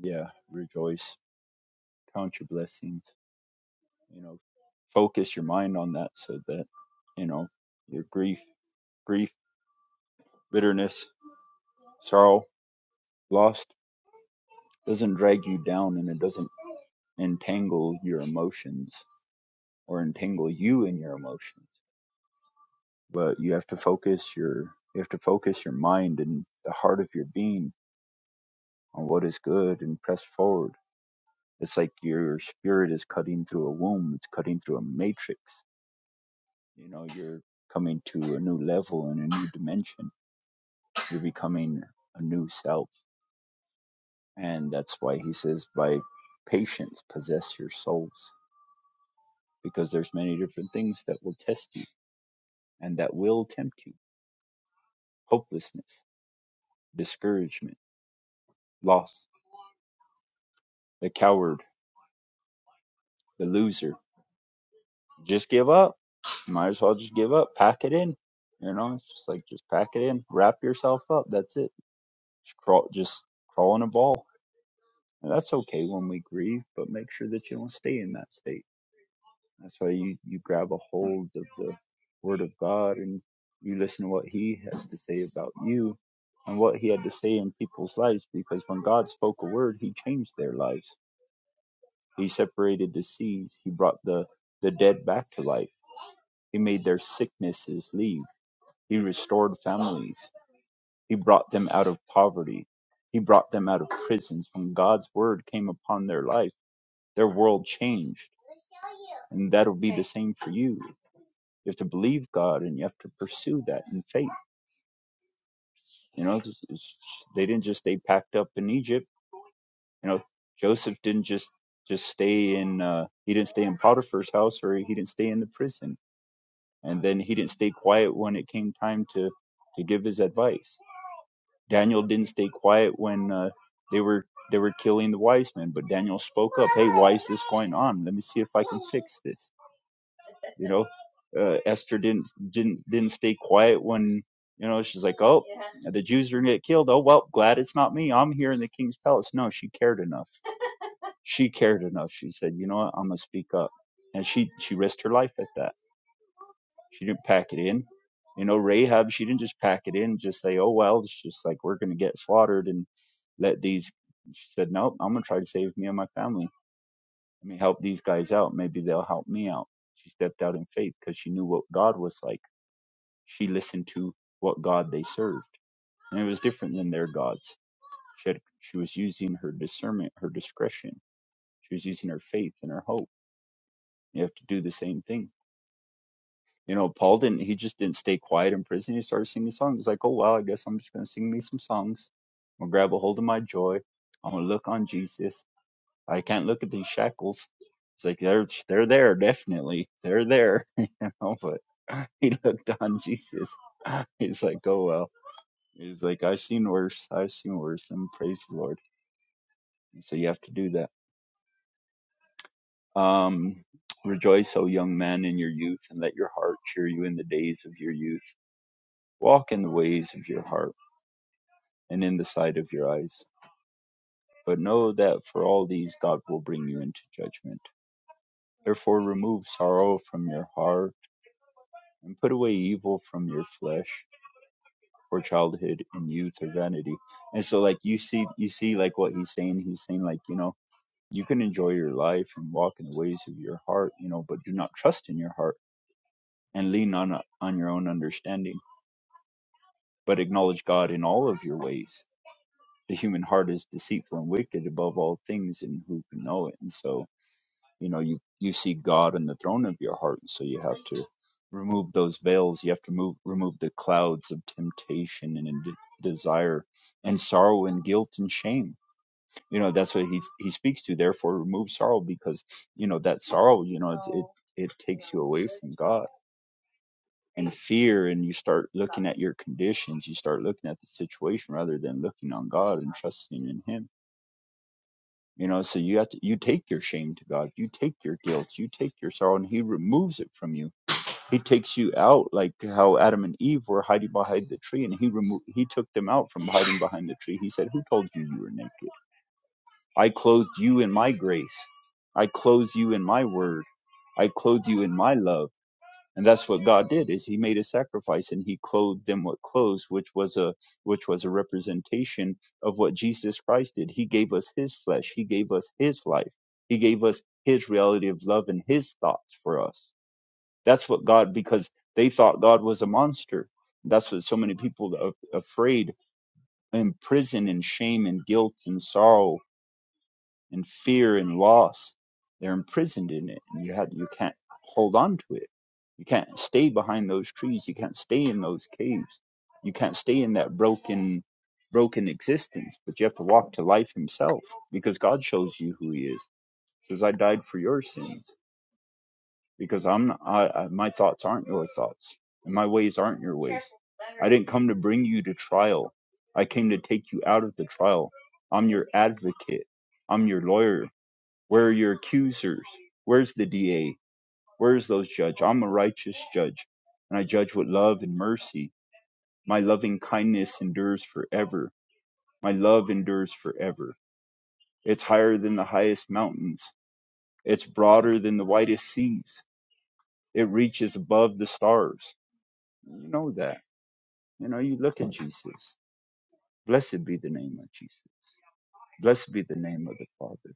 Speaker 1: Yeah, rejoice. Count your blessings. You know, focus your mind on that so that, you know, your grief, grief, bitterness, sorrow, loss doesn't drag you down and it doesn't entangle your emotions or entangle you in your emotions. But you have to focus your you have to focus your mind and the heart of your being on what is good and press forward. It's like your spirit is cutting through a womb, it's cutting through a matrix. You know, you're coming to a new level and a new dimension. You're becoming a new self. And that's why he says, by patience, possess your souls, because there's many different things that will test you and that will tempt you hopelessness, discouragement, loss, the coward, the loser. Just give up might as well just give up, pack it in. You know, it's just like just pack it in, wrap yourself up. That's it. Just crawl, just crawl in a ball. And that's okay when we grieve, but make sure that you don't stay in that state. That's why you you grab a hold of the Word of God and you listen to what He has to say about you and what He had to say in people's lives. Because when God spoke a word, He changed their lives. He separated the seas. He brought the the dead back to life. He made their sicknesses leave He restored families. He brought them out of poverty. He brought them out of prisons. When God's word came upon their life, their world changed. And that'll be the same for you. You have to believe God and you have to pursue that in faith. You know, it's- it's- they didn't just stay packed up in Egypt. You know, Joseph didn't just just stay in uh he didn't stay in Potiphar's house or he didn't stay in the prison. And then he didn't stay quiet when it came time to to give his advice Daniel didn't stay quiet when uh, they were they were killing the wise men, but Daniel spoke up. Hey, why is this going on? Let me see if I can fix this. You know, uh, Esther didn't didn't didn't stay quiet when you know she's like, oh, the Jews are gonna get killed. Oh well, glad it's not me. I'm here in the king's palace. No, she cared enough. She cared enough. She said, you know what? I'm gonna speak up, and she she risked her life at that she didn't pack it in. You know, Rahab, she didn't just pack it in, just say, oh, well, it's just like we're going to get slaughtered and let these. She said, nope, I'm going to try to save me and my family. Let me help these guys out. Maybe they'll help me out. She stepped out in faith because she knew what God was like. She listened to what God they served, and it was different than their gods. She, had, she was using her discernment, her discretion. She was using her faith and her hope. You have to do the same thing You know, Paul didn't, he just didn't stay quiet in prison. He started singing songs. He's like, oh, well, I guess I'm just going to sing me some songs. I'm going to grab a hold of my joy. I'm going to look on Jesus. I can't look at these shackles. It's like, they're, they're there, definitely. They're there. You know, but he looked on Jesus. He's like, oh, well. He's like, I've seen worse. I've seen worse. And praise the Lord. And so you have to do that. Um, Rejoice, O young man, in your youth, and let your heart cheer you in the days of your youth. Walk in the ways of your heart and in the sight of your eyes. But know that for all these God will bring you into judgment. Therefore remove sorrow from your heart, and put away evil from your flesh, for childhood and youth are vanity. And so like you see you see like what he's saying, he's saying like, you know, you can enjoy your life and walk in the ways of your heart, you know, but do not trust in your heart and lean on on your own understanding, but acknowledge God in all of your ways. The human heart is deceitful and wicked above all things, and who can know it? And so, you know you you see god in the throne of your heart and so you have to remove those veils you have to move remove the clouds of temptation and de- desire and sorrow and guilt and shame you know that's what he's he speaks to therefore remove sorrow because you know that sorrow you know it it, it takes you away from god and fear and you start looking at your conditions you start looking at the situation rather than looking on god and trusting in him you know, so you have to you take your shame to God, you take your guilt, you take your sorrow, and He removes it from you. He takes you out like how Adam and Eve were hiding behind the tree, and He removed He took them out from hiding behind the tree. He said, "Who told you you were naked? I clothed you in my grace. I clothed you in my word. I clothed you in my love." and that's what god did is he made a sacrifice and he clothed them with clothes which was a which was a representation of what jesus christ did he gave us his flesh he gave us his life he gave us his reality of love and his thoughts for us that's what god because they thought god was a monster that's what so many people are afraid in prison and shame and guilt and sorrow and fear and loss. They're imprisoned in it, and you had you can't hold on to it. You can't stay behind those trees. You can't stay in those caves. You can't stay in that broken, broken existence. But you have to walk to life Himself, because God shows you who He is. He Says, "I died for your sins, because I'm not, I, I, my thoughts aren't your thoughts, and my ways aren't your ways. I didn't come to bring you to trial. I came to take you out of the trial. I'm your advocate. I'm your lawyer. Where are your accusers? Where's the DA? Where's those judge? I'm a righteous judge, and I judge with love and mercy. My loving kindness endures forever. My love endures forever. It's higher than the highest mountains. It's broader than the widest seas. It reaches above the stars. You know that. You know, you look at Jesus. Blessed be the name of Jesus. Blessed be the name of the Father.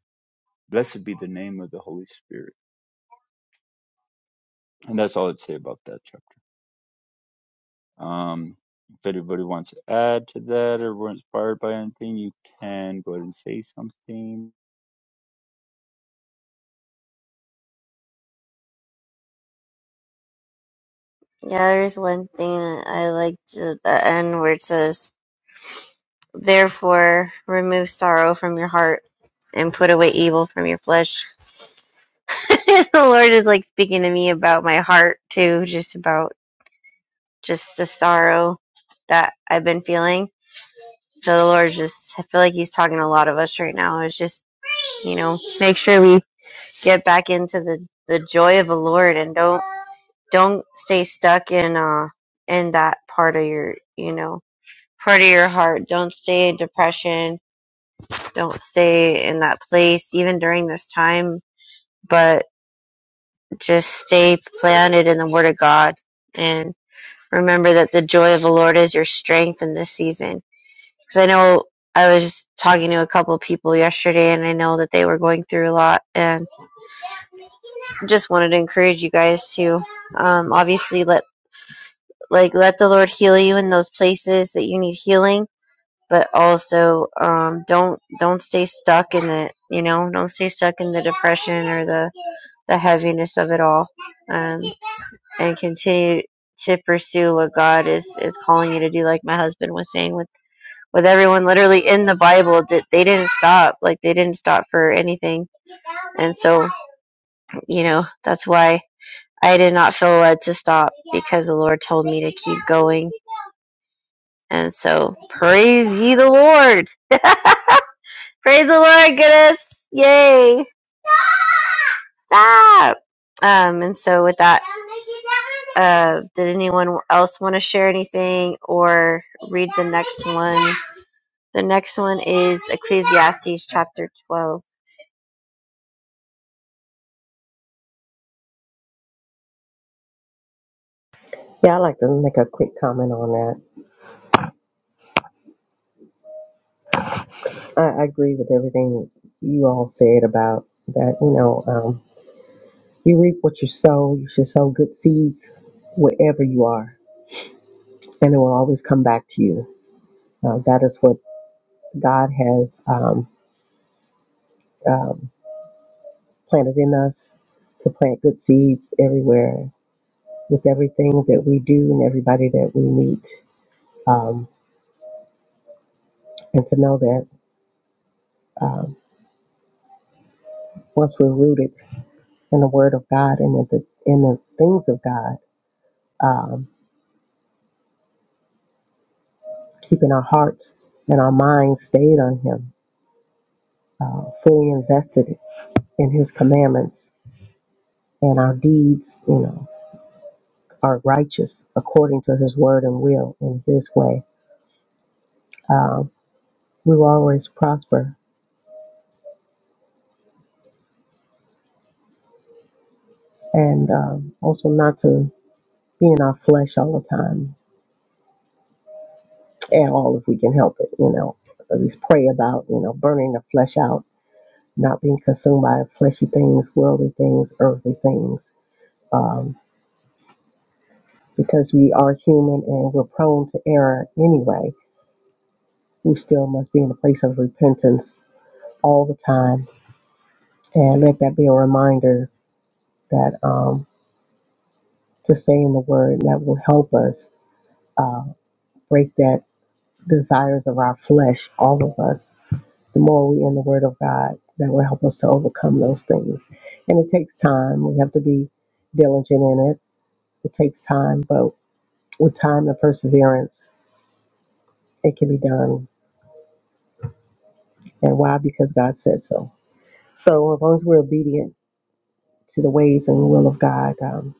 Speaker 1: Blessed be the name of the Holy Spirit. And that's all I'd say about that, chapter. Um, if anybody wants to add to that or were inspired by anything, you can go ahead and say something.
Speaker 2: Yeah, there's one thing I like to the end where it says, "Therefore, remove sorrow from your heart and put away evil from your flesh." the Lord is like speaking to me about my heart too, just about just the sorrow that I've been feeling So the Lord just, I feel like He's talking to a lot of us right now. It's just, you know, make sure we get back into the, the joy of the Lord and don't, don't stay stuck in, uh, in that part of your, you know, part of your heart. Don't stay in depression. Don't stay in that place, even during this time, but just stay planted in the Word of God and remember that the joy of the Lord is your strength in this season because I know I was talking to a couple of people yesterday, and I know that they were going through a lot, and just wanted to encourage you guys to um, obviously let like let the Lord heal you in those places that you need healing, but also um, don't don't stay stuck in it. You know, don't stay stuck in the depression or the the heaviness of it all, and and continue to pursue what God is is calling you to do. Like my husband was saying with with everyone literally in the Bible. Did they didn't stop? Like they didn't stop for anything. And so, you know, that's why I did not feel led to stop because the Lord told me to keep going. And so, praise ye the Lord. praise the Lord, goodness. Yay. Stop. Um, and so with that, uh, did anyone else want to share anything or read the next one? The next one is Ecclesiastes chapter 12.
Speaker 3: Yeah, I'd like to make a quick comment on that. I, I agree with everything you all said about that. You know, um, you reap what you sow. You should sow good seeds wherever you are, and it will always come back to you. Uh, that is what God has um, um, planted in us to plant good seeds everywhere with everything that we do and everybody that we meet. Um, and to know that um, once we're rooted in the Word of God and in the, in the things of God, um, keeping our hearts and our minds stayed on Him, uh, fully invested in His commandments, and our deeds, you know, are righteous according to His word and will in His way. Um, we will always prosper, and um, also not to be in our flesh all the time at all if we can help it. You know, at least pray about you know burning the flesh out, not being consumed by fleshy things, worldly things, earthly things. Um, because we are human and we're prone to error anyway, we still must be in a place of repentance all the time. And let that be a reminder that um, to stay in the Word that will help us uh, break that desires of our flesh, all of us. The more we in the Word of God, that will help us to overcome those things. And it takes time. We have to be diligent in it. It takes time, but with time and perseverance, it can be done. And why? Because God said so. So as long as we're obedient to the ways and will of God, um,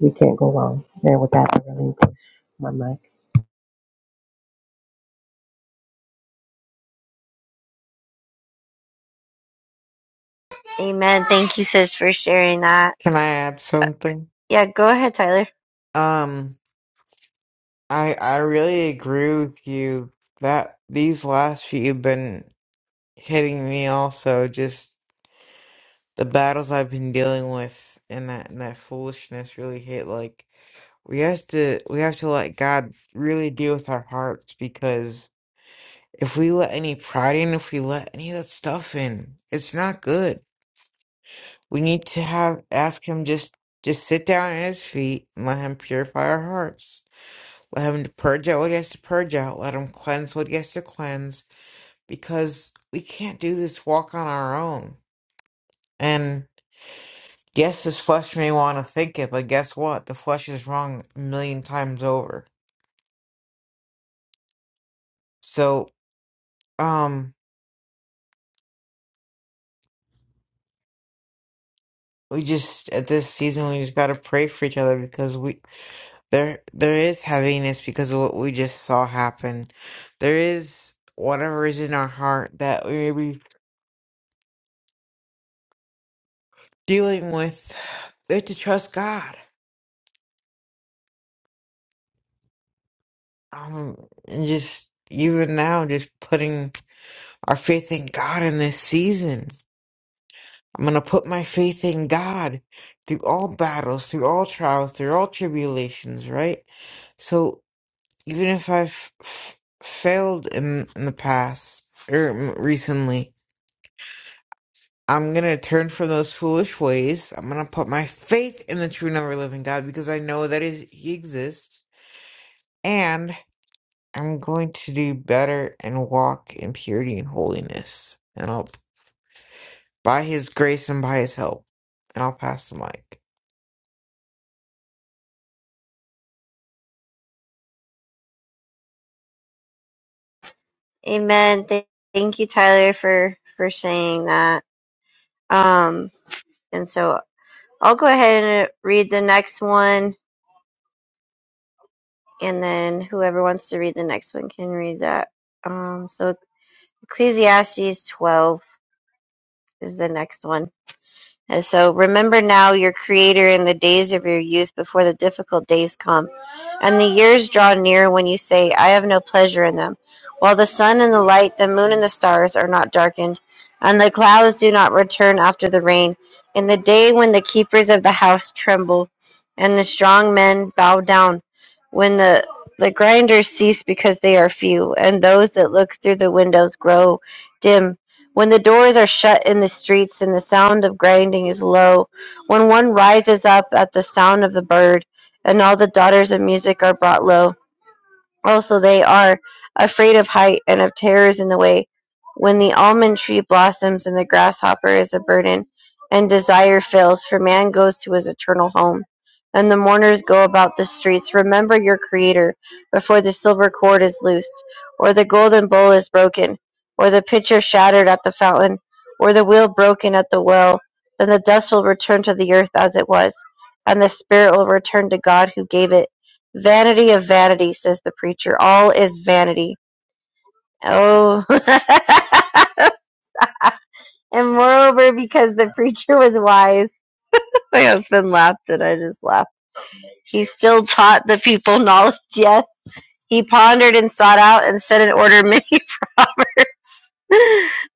Speaker 3: we can't go wrong. And with that, I relinquish my mic.
Speaker 2: Amen. Thank you, sis, for sharing that.
Speaker 4: Can I add something?
Speaker 2: Yeah, go ahead, Tyler.
Speaker 4: Um, I I really agree with you that these last few have been hitting me also. Just the battles I've been dealing with and that and that foolishness really hit. Like we have to we have to let God really deal with our hearts because if we let any pride in, if we let any of that stuff in, it's not good. We need to have ask Him just just sit down at His feet and let Him purify our hearts Let him purge out what he has to purge out. Let him cleanse what he has to cleanse. Because we can't do this walk on our own. And yes, this flesh may want to think it, but guess what? The flesh is wrong a million times over. So, um, we just at this season we just gotta pray for each other because we there there is heaviness because of what we just saw happen. There is whatever is in our heart that we may be dealing with. We have to trust God um and just even now just putting our faith in God in this season. I'm gonna put my faith in God through all battles, through all trials, through all tribulations, right? So even if I've f- failed in in the past or m- recently, I'm gonna turn from those foolish ways. I'm gonna put my faith in the true, never living God because I know that is He exists, I'm going to do better and walk in purity and holiness. And I'll, by his grace and by his help, and I'll pass the mic.
Speaker 2: Amen. Th- thank you, Tyler, for for saying that. Um, and so I'll go ahead and uh, read the next one, and then whoever wants to read the next one can read that. Um, so Ecclesiastes twelve is the next one. And so remember now your Creator in the days of your youth, before the difficult days come And the years draw near when you say, I have no pleasure in them. While the sun and the light, the moon and the stars are not darkened, and the clouds do not return after the rain, in the day when the keepers of the house tremble, and the strong men bow down, when the the grinders cease because they are few, and those that look through the windows grow dim. When the doors are shut in the streets, and the sound of grinding is low, when one rises up at the sound of the bird, and all the daughters of music are brought low. Also, they are afraid of height and of terrors in the way when the almond tree blossoms and the grasshopper is a burden, and desire fails, for man goes to his eternal home. And the mourners go about the streets. Remember your Creator before the silver cord is loosed, or the golden bowl is broken, or the pitcher shattered at the fountain, or the wheel broken at the well. Then the dust will return to the earth as it was, and the spirit will return to God who gave it Vanity of vanity, says the preacher. All is vanity. Oh. and moreover, because the preacher was wise, my husband laughed and I just laughed. He still taught the people knowledge, yes. He pondered and sought out and set in order many proverbs.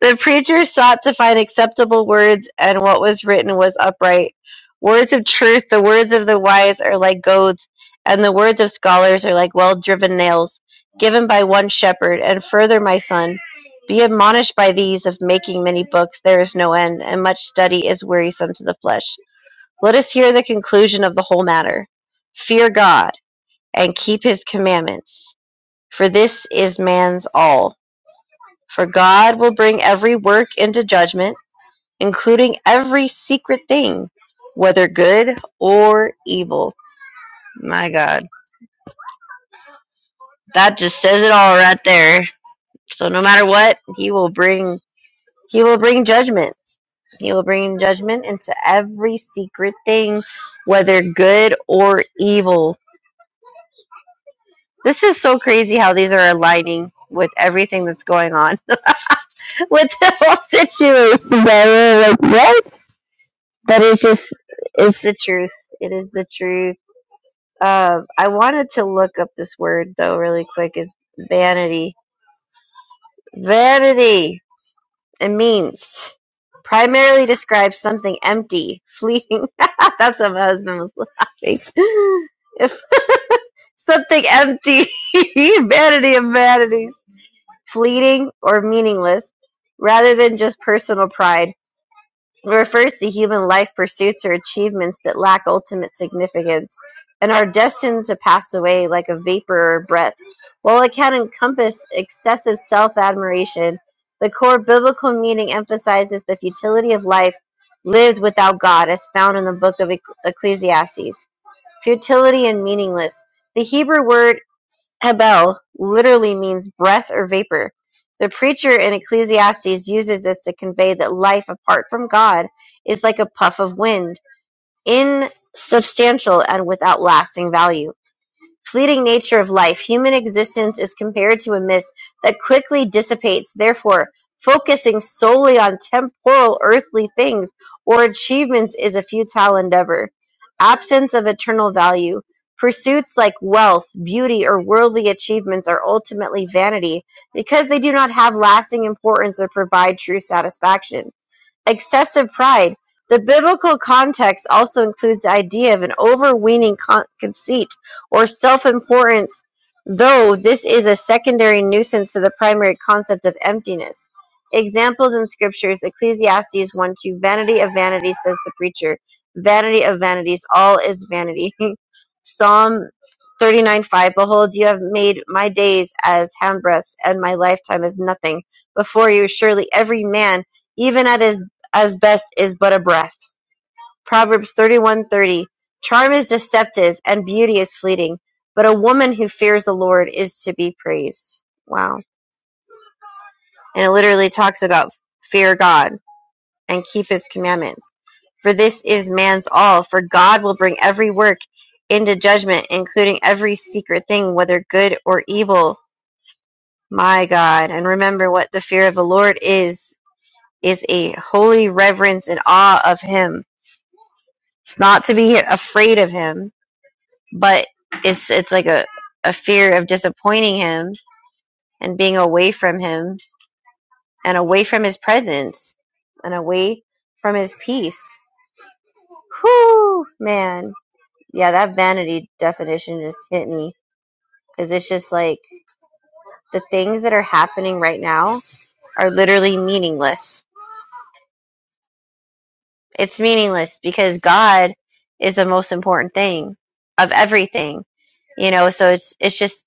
Speaker 2: The preacher sought to find acceptable words, and what was written was upright. Words of truth, the words of the wise are like goads, and the words of scholars are like well driven nails, given by one shepherd. And further, my son, be admonished by these of making many books, there is no end, and much study is wearisome to the flesh. Let us hear the conclusion of the whole matter. Fear God, and keep his commandments, for this is man's all. For God will bring every work into judgment, including every secret thing, whether good or evil. My God. That just says it all right there. So no matter what, he will bring he will bring judgment. He will bring judgment into every secret thing, whether good or evil. This is so crazy how these are aligning with everything that's going on with the whole situation. Like, what? but it's just it's the truth it is the truth uh, i wanted to look up this word though really quick is vanity vanity it means primarily describes something empty fleeting that's what my husband was laughing if something empty vanity of vanities fleeting or meaningless rather than just personal pride It refers to human life pursuits or achievements that lack ultimate significance and are destined to pass away like a vapor or breath. While it can encompass excessive self admiration, the core biblical meaning emphasizes the futility of life lived without God, as found in the book of Ecc- Ecclesiastes. Futility and meaningless. The Hebrew word "Hebel" literally means "breath" or "vapor". The preacher in Ecclesiastes uses this to convey that life apart from God is like a puff of wind, insubstantial and without lasting value fleeting nature of life, human existence is compared to a mist that quickly dissipates. Therefore, focusing solely on temporal earthly things or achievements is a futile endeavor. Absence of eternal value. Pursuits like wealth, beauty, or worldly achievements are ultimately vanity because they do not have lasting importance or provide true satisfaction. Excessive pride: The biblical context also includes the idea of an overweening con- conceit or self-importance, though this is a secondary nuisance to the primary concept of emptiness. Examples in scriptures: Ecclesiastes one two, "Vanity of vanities," says the preacher. "Vanity of vanities, all is vanity." Psalm thirty nine five, "Behold, you have made my days as handbreadths, and my lifetime as nothing. Before you, surely every man even at his as best is but a breath. Proverbs 31:30 Charm is deceptive and beauty is fleeting, but a woman who fears the Lord is to be praised. Wow. And it literally talks about fear God and keep his commandments. For this is man's all, for God will bring every work into judgment, including every secret thing, whether good or evil. My God. And remember what the fear of the Lord is is a holy reverence and awe of him It's not to be afraid of him, but it's it's like a, a fear of disappointing him and being away from him and away from his presence and away from his peace. Whew, man. Yeah, that vanity definition just hit me because it's just like the things that are happening right now are literally meaningless. It's meaningless because God is the most important thing of everything, you know. So it's it's just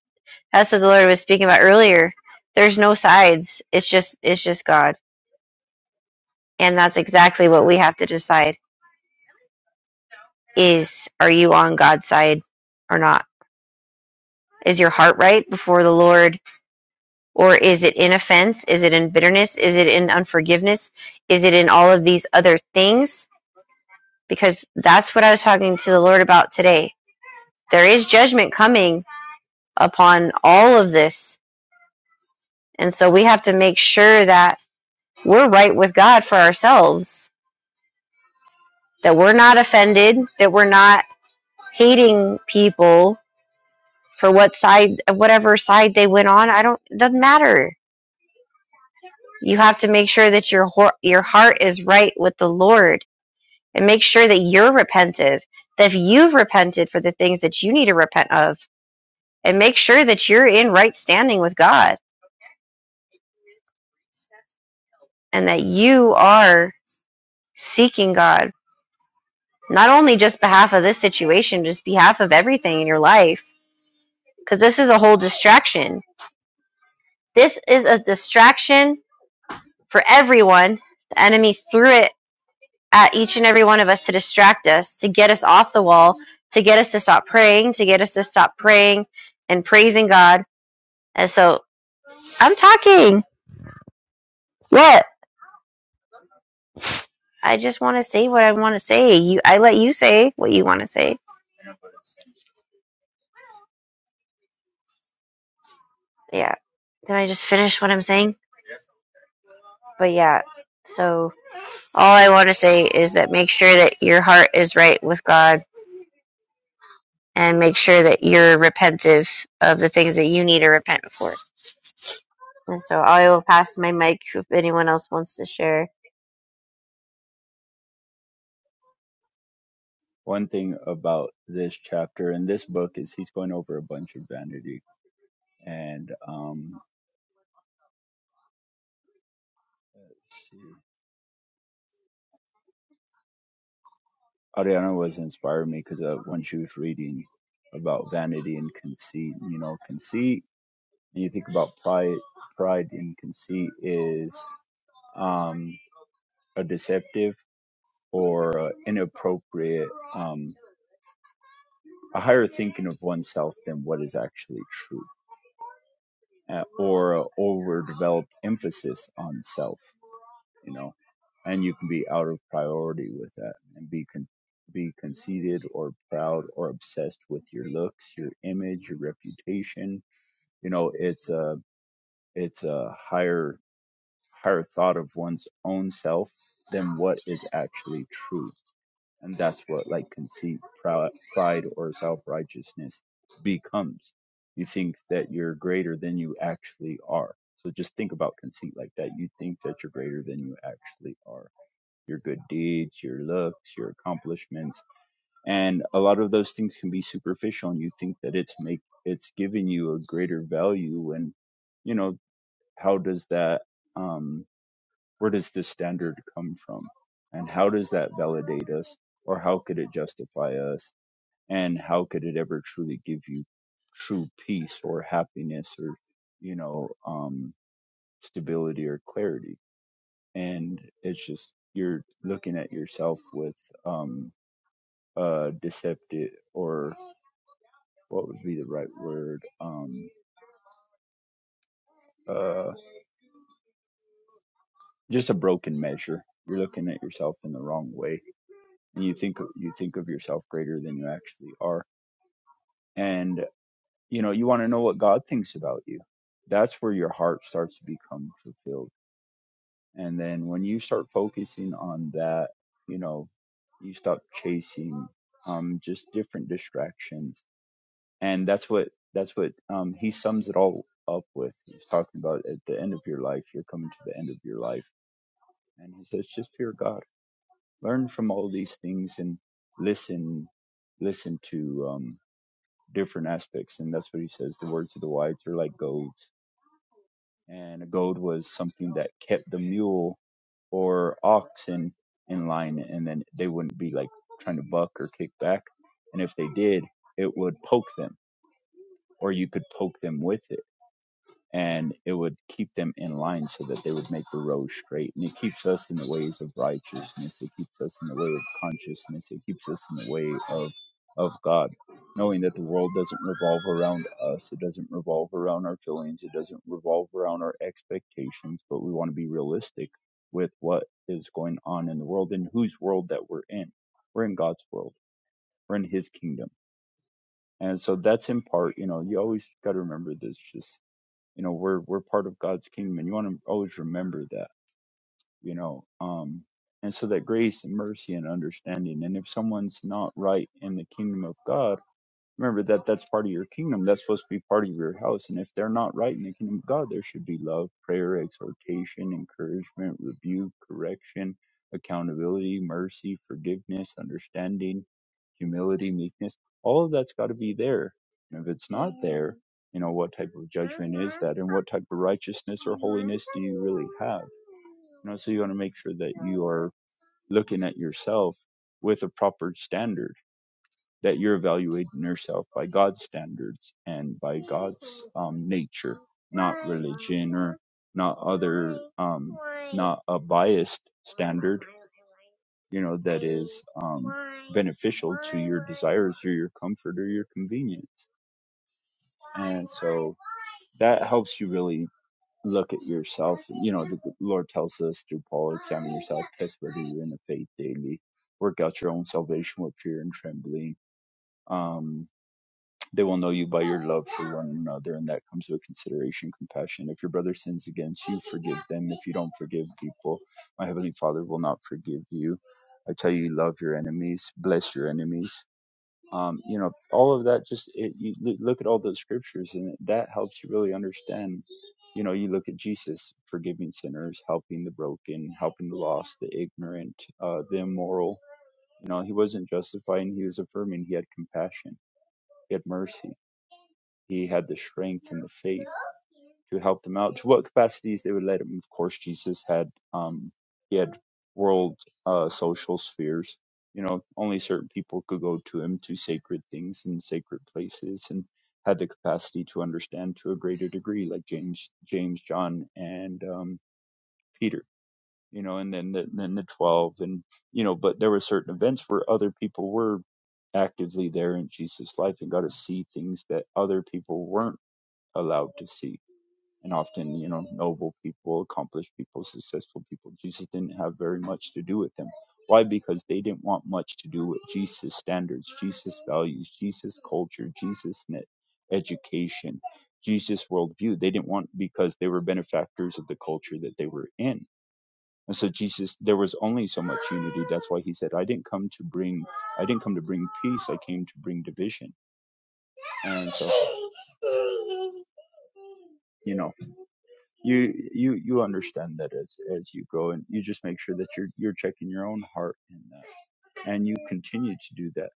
Speaker 2: That's what the Lord was speaking about earlier. There's no sides. It's just it's just God. And that's exactly what we have to decide is are you on God's side or not? Is your heart right before the Lord or is it in offense? Is it in bitterness? Is it in unforgiveness? Is it in all of these other things? Because that's what I was talking to the Lord about today. There is judgment coming upon all of this. And so we have to make sure that we're right with God for ourselves that we're not offended, that we're not hating people for what side, whatever side they went on. I don't, it doesn't matter. You have to make sure that your your heart is right with the Lord, and make sure that you're repentive. That if you've repented for the things that you need to repent of, and make sure that you're in right standing with God, and that you are seeking God not only just behalf of this situation, just behalf of everything in your life, because this is a whole distraction This is a distraction for everyone. The enemy threw it at each and every one of us to distract us, to get us off the wall, to get us to stop praying, to get us to stop praying and praising God. And so I'm talking. What? I just want to say what I want to say. You, I let you say what you want to say. Yeah. Did I just finish what I'm saying? But yeah. So all I want to say is that make sure that your heart is right with God and make sure that you're repentive of the things that you need to repent for. And so I will pass my mic if anyone else wants to share.
Speaker 1: One thing about this chapter and this book is he's going over a bunch of vanity. And um, let's see. Ariana was inspired me because uh, when she was reading about vanity and conceit, you know, conceit, and you think about pride, pride and conceit is um, a deceptive or uh, inappropriate. Um, a higher thinking of oneself than what is actually true, uh, or a overdeveloped emphasis on self, you know, and you can be out of priority with that and be con- be conceited or proud or obsessed with your looks, your image, your reputation. You know, it's a it's a higher higher thought of one's own self than what is actually true and that's what like conceit pride or self-righteousness becomes you think that you're greater than you actually are so just think about conceit like that you think that you're greater than you actually are your good deeds your looks your accomplishments and a lot of those things can be superficial and you think that it's make it's giving you a greater value and you know how does that um where does this standard come from? And how does that validate us? Or how could it justify us? And how could it ever truly give you true peace or happiness or, you know, um, stability or clarity? And it's just, you're looking at yourself with um, uh, deceptive or what would be the right word? Um, uh, just a broken measure. You're looking at yourself in the wrong way, and you think you think of yourself greater than you actually are. and you know you want to know what god thinks about you that's where your heart starts to become fulfilled and then when you start focusing on that you know you stop chasing um just different distractions and that's what that's what um he sums it all up with he's talking about at the end of your life you're coming to the end of your life and he says just fear god learn from all these things and listen listen to um different aspects. And that's what he says. The words of the wise are like goads. And a goad was something that kept the mule or oxen in line. And then they wouldn't be like trying to buck or kick back. And if they did, it would poke them or you could poke them with it and it would keep them in line so that they would make the road straight. And it keeps us in the ways of righteousness. It keeps us in the way of consciousness. It keeps us in the way of of God, knowing that the world doesn't revolve around us. It doesn't revolve around our feelings. It doesn't revolve around our expectations. But we want to be realistic with what is going on in the world and whose world that we're in. We're in God's world. We're in His kingdom. And so that's in part, you know, you always got to remember this. Just you know we're we're part of god's kingdom and you want to always remember that you know um and so that grace and mercy and understanding and if someone's not right in the kingdom of god Remember that that's part of your kingdom. That's supposed to be part of your house. And if they're not right in the kingdom of God, there should be love, prayer, exhortation, encouragement, rebuke, correction, accountability, mercy, forgiveness, understanding, humility, meekness. All of that's got to be there. And if it's not there, you know, what type of judgment is that? And what type of righteousness or holiness do you really have? You know, so you want to make sure that you are looking at yourself with a proper standard that you're evaluating yourself by God's standards and by God's um, nature, not religion or not other, um, not a biased standard, you know, that is um, beneficial to your desires or your comfort or your convenience. And so that helps you really look at yourself. You know, the Lord tells us through Paul, examine yourself, test whether you're in the faith daily, work out your own salvation with fear and trembling. Um, they will know you by your love for one another, and that comes with consideration, compassion. If your brother sins against you, forgive them. If you don't forgive people, my heavenly Father will not forgive you. I tell you, love your enemies, bless your enemies. Um, you know, all of that. Just it, you loo- look at all those scriptures, and that helps you really understand. You know, you look at Jesus forgiving sinners, helping the broken, helping the lost, the ignorant, uh, the immoral. You know, he wasn't justifying; he was affirming. He had compassion he had mercy. He had the strength and the faith to help them out. To what capacities they would let him? Of course, Jesus had um, he had world uh, social spheres. You know, only certain people could go to him to sacred things and sacred places, and had the capacity to understand to a greater degree, like James, James, John, and um, Peter you know, and then the, then the 12 and, you know, but there were certain events where other people were actively there in Jesus' life and got to see things that other people weren't allowed to see. And often, you know, noble people, accomplished people, successful people, Jesus didn't have very much to do with them. Why? Because they didn't want much to do with Jesus' standards, Jesus' values, Jesus' culture, Jesus' net education, Jesus' worldview. They didn't want because they were benefactors of the culture that they were in and so Jesus, there was only so much unity. That's why he said, I didn't come to bring, I didn't come to bring peace. I came to bring division. And so, you know, you, you, you understand that as, as you grow and you just make sure that you're, you're checking your own heart and, uh, and you continue to do that.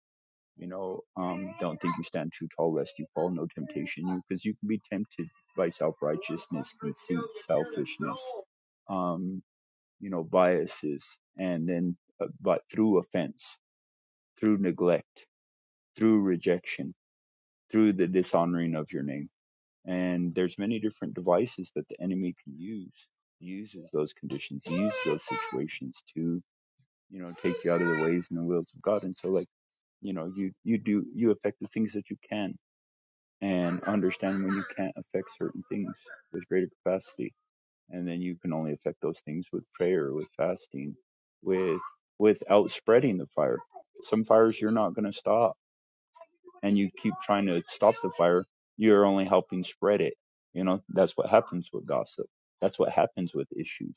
Speaker 1: You know, um, don't think you stand too tall lest you fall. No temptation you, because you can be tempted by self righteousness, conceit, selfishness, um, you know, biases, and then uh, but through offense, through neglect through rejection, through the dishonoring of your name. And there's many different devices that the enemy can use. He uses those conditions, he uses those situations to, you know, take you out of the ways and the wills of God. And so like, you know, you you do you affect the things that you can and understand when you can't affect certain things with greater capacity. And then you can only affect those things with prayer, with fasting, with without spreading the fire. Some fires you're not gonna stop and you keep trying to stop the fire, you're only helping spread it. You know, that's what happens with gossip. That's what happens with issues.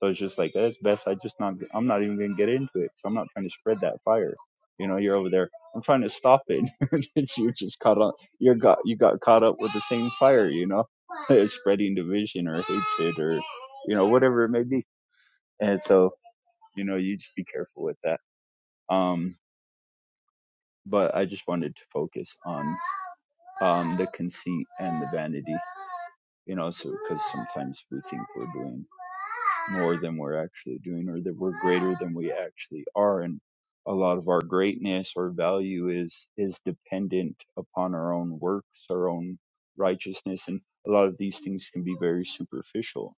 Speaker 1: So it's just like it's best I just not I'm not even gonna get into it. So I'm not trying to spread that fire. You know, you're over there. I'm trying to stop it. you're just caught on. You're got you got caught up with the same fire. You know, spreading division or hatred or you know whatever it may be. And so you know, you just be careful with that. Um, but I just wanted to focus on um, the conceit and the vanity, you know, so because sometimes we think we're doing more than we're actually doing or that we're greater than we actually are. And a lot of our greatness or value is, is dependent upon our own works, our own righteousness. And a lot of these things can be very superficial.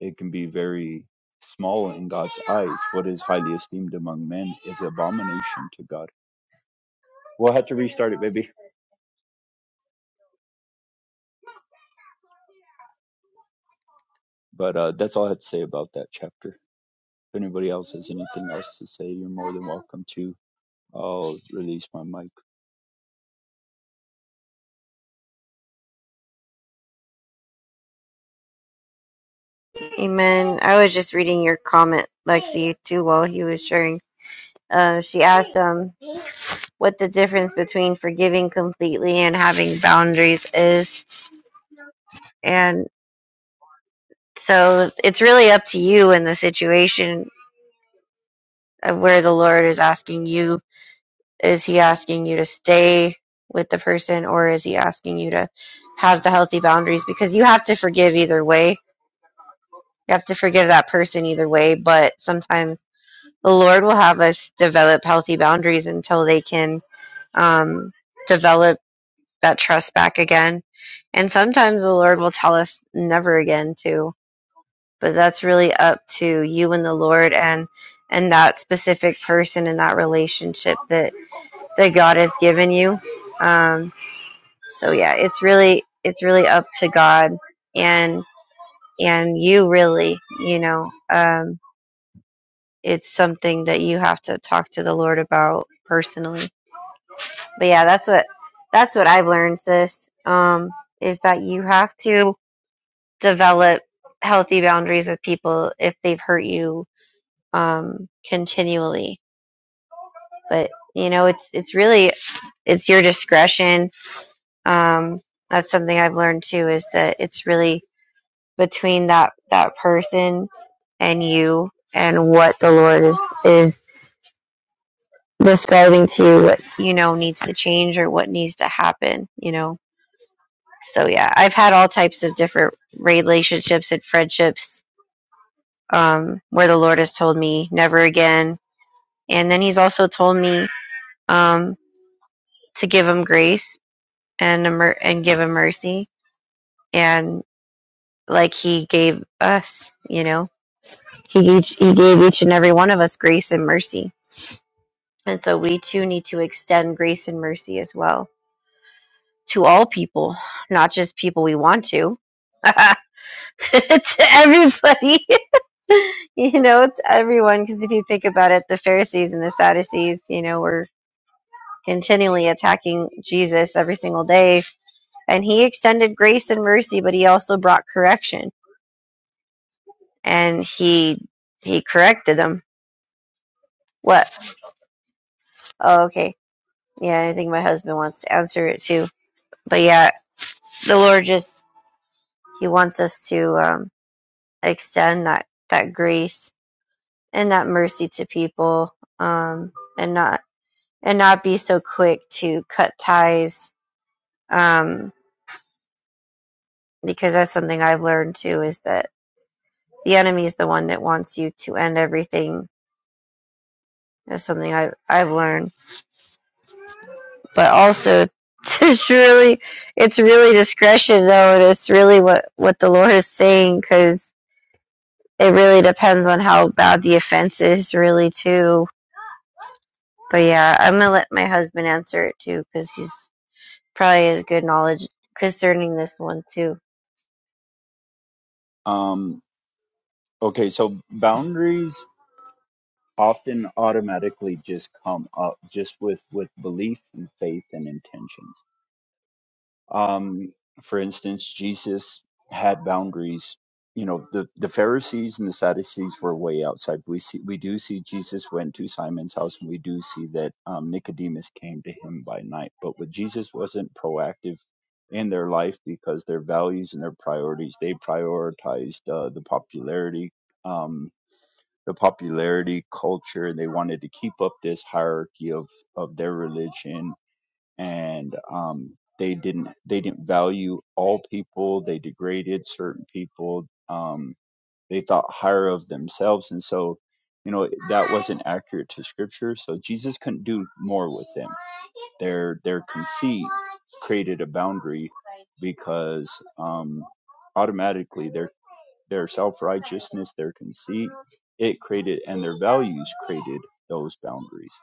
Speaker 1: It can be very small in God's eyes. What is highly esteemed among men is abomination to God. We'll have to restart it, baby. But uh, that's all I had to say about that chapter. If anybody else has anything else to say, you're more than welcome to. I'll release my mic.
Speaker 2: Amen. I was just reading your comment, Lexi, too, while he was sharing. Uh, she asked um, what the difference between forgiving completely and having boundaries is. And so it's really up to you in the situation of where the Lord is asking you Is he asking you to stay with the person or is he asking you to have the healthy boundaries? Because you have to forgive either way. You have to forgive that person either way, but sometimes the Lord will have us develop healthy boundaries until they can um, develop that trust back again. And sometimes the Lord will tell us never again too. But that's really up to you and the Lord and and that specific person in that relationship that that God has given you. Um, so yeah it's really it's really up to god and and you really you know um it's something that you have to talk to the lord about personally but yeah that's what that's what i've learned sis um is that you have to develop healthy boundaries with people if they've hurt you um continually but you know it's it's really it's your discretion um that's something i've learned too is that it's really between that that person and you and what the Lord is is describing to you what you know needs to change or what needs to happen, you know. So yeah, I've had all types of different relationships and friendships um where the Lord has told me never again and then he's also told me um to give him grace and and give him mercy and like he gave us, you know. He he gave each and every one of us grace and mercy And so we too need to extend grace and mercy as well to all people, not just people we want to, to everybody. you know, it's everyone. Because if you think about it, the Pharisees and the Sadducees, you know, were continually attacking Jesus every single day. And he extended grace and mercy, but he also brought correction. And he he corrected them. What? Oh, okay. Yeah, I think my husband wants to answer it too. But yeah, the Lord just He wants us to um, extend that that grace and that mercy to people, um, and not and not be so quick to cut ties, um, because that's something I've learned too is that the enemy is the one that wants you to end everything. That's something I've I've learned, but also. It's really, it's really discretion though, and it's really what what the Lord is saying because it really depends on how bad the offense is, really too. But yeah, I'm gonna let my husband answer it too, because he's probably has good knowledge concerning this one too.
Speaker 1: Um, okay, so boundaries often automatically just come up just with with belief and faith and intentions. Um, for instance, Jesus had boundaries. You know, the, the Pharisees and the Sadducees were way outside. We see, we do see Jesus went to Simon's house, and we do see that um, Nicodemus came to him by night. But with Jesus wasn't proactive in their life because their values and their priorities they prioritized uh, the popularity, um, the popularity culture. They wanted to keep up this hierarchy of of their religion and um, they didn't they didn't value all people. They degraded certain people. Um, they thought higher of themselves and so you know that wasn't accurate to scripture so jesus couldn't do more with them their their conceit created a boundary because um automatically their their self-righteousness their conceit it created and their values created those boundaries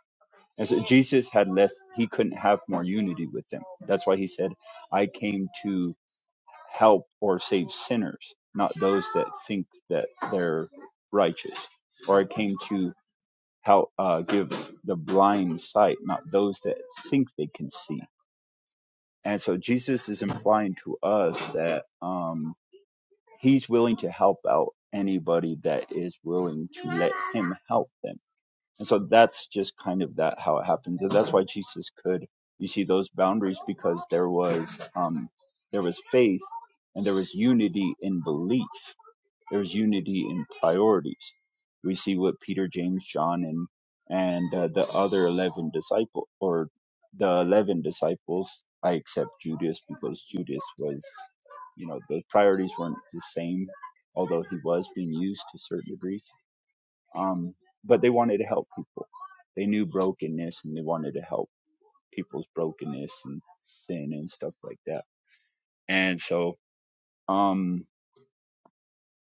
Speaker 1: and so jesus had less he couldn't have more unity with them that's why he said i came to help or save sinners, not those that think that they're righteous. Or I came to help uh, give the blind sight, not those that think they can see. And so Jesus is implying to us that um, he's willing to help out anybody that is willing to let him help them and so that's just kind of that how it happens. And that's why Jesus could you see those boundaries because there was um there was faith and there was unity in belief. There was unity in priorities. We see what Peter, James, John and and uh, the other 11 disciple or the 11 disciples I accept Judas because Judas was you know the priorities weren't the same although he was being used to a certain degree um, but they wanted to help people. They knew brokenness and they wanted to help people's brokenness and sin and stuff like that. And so, um,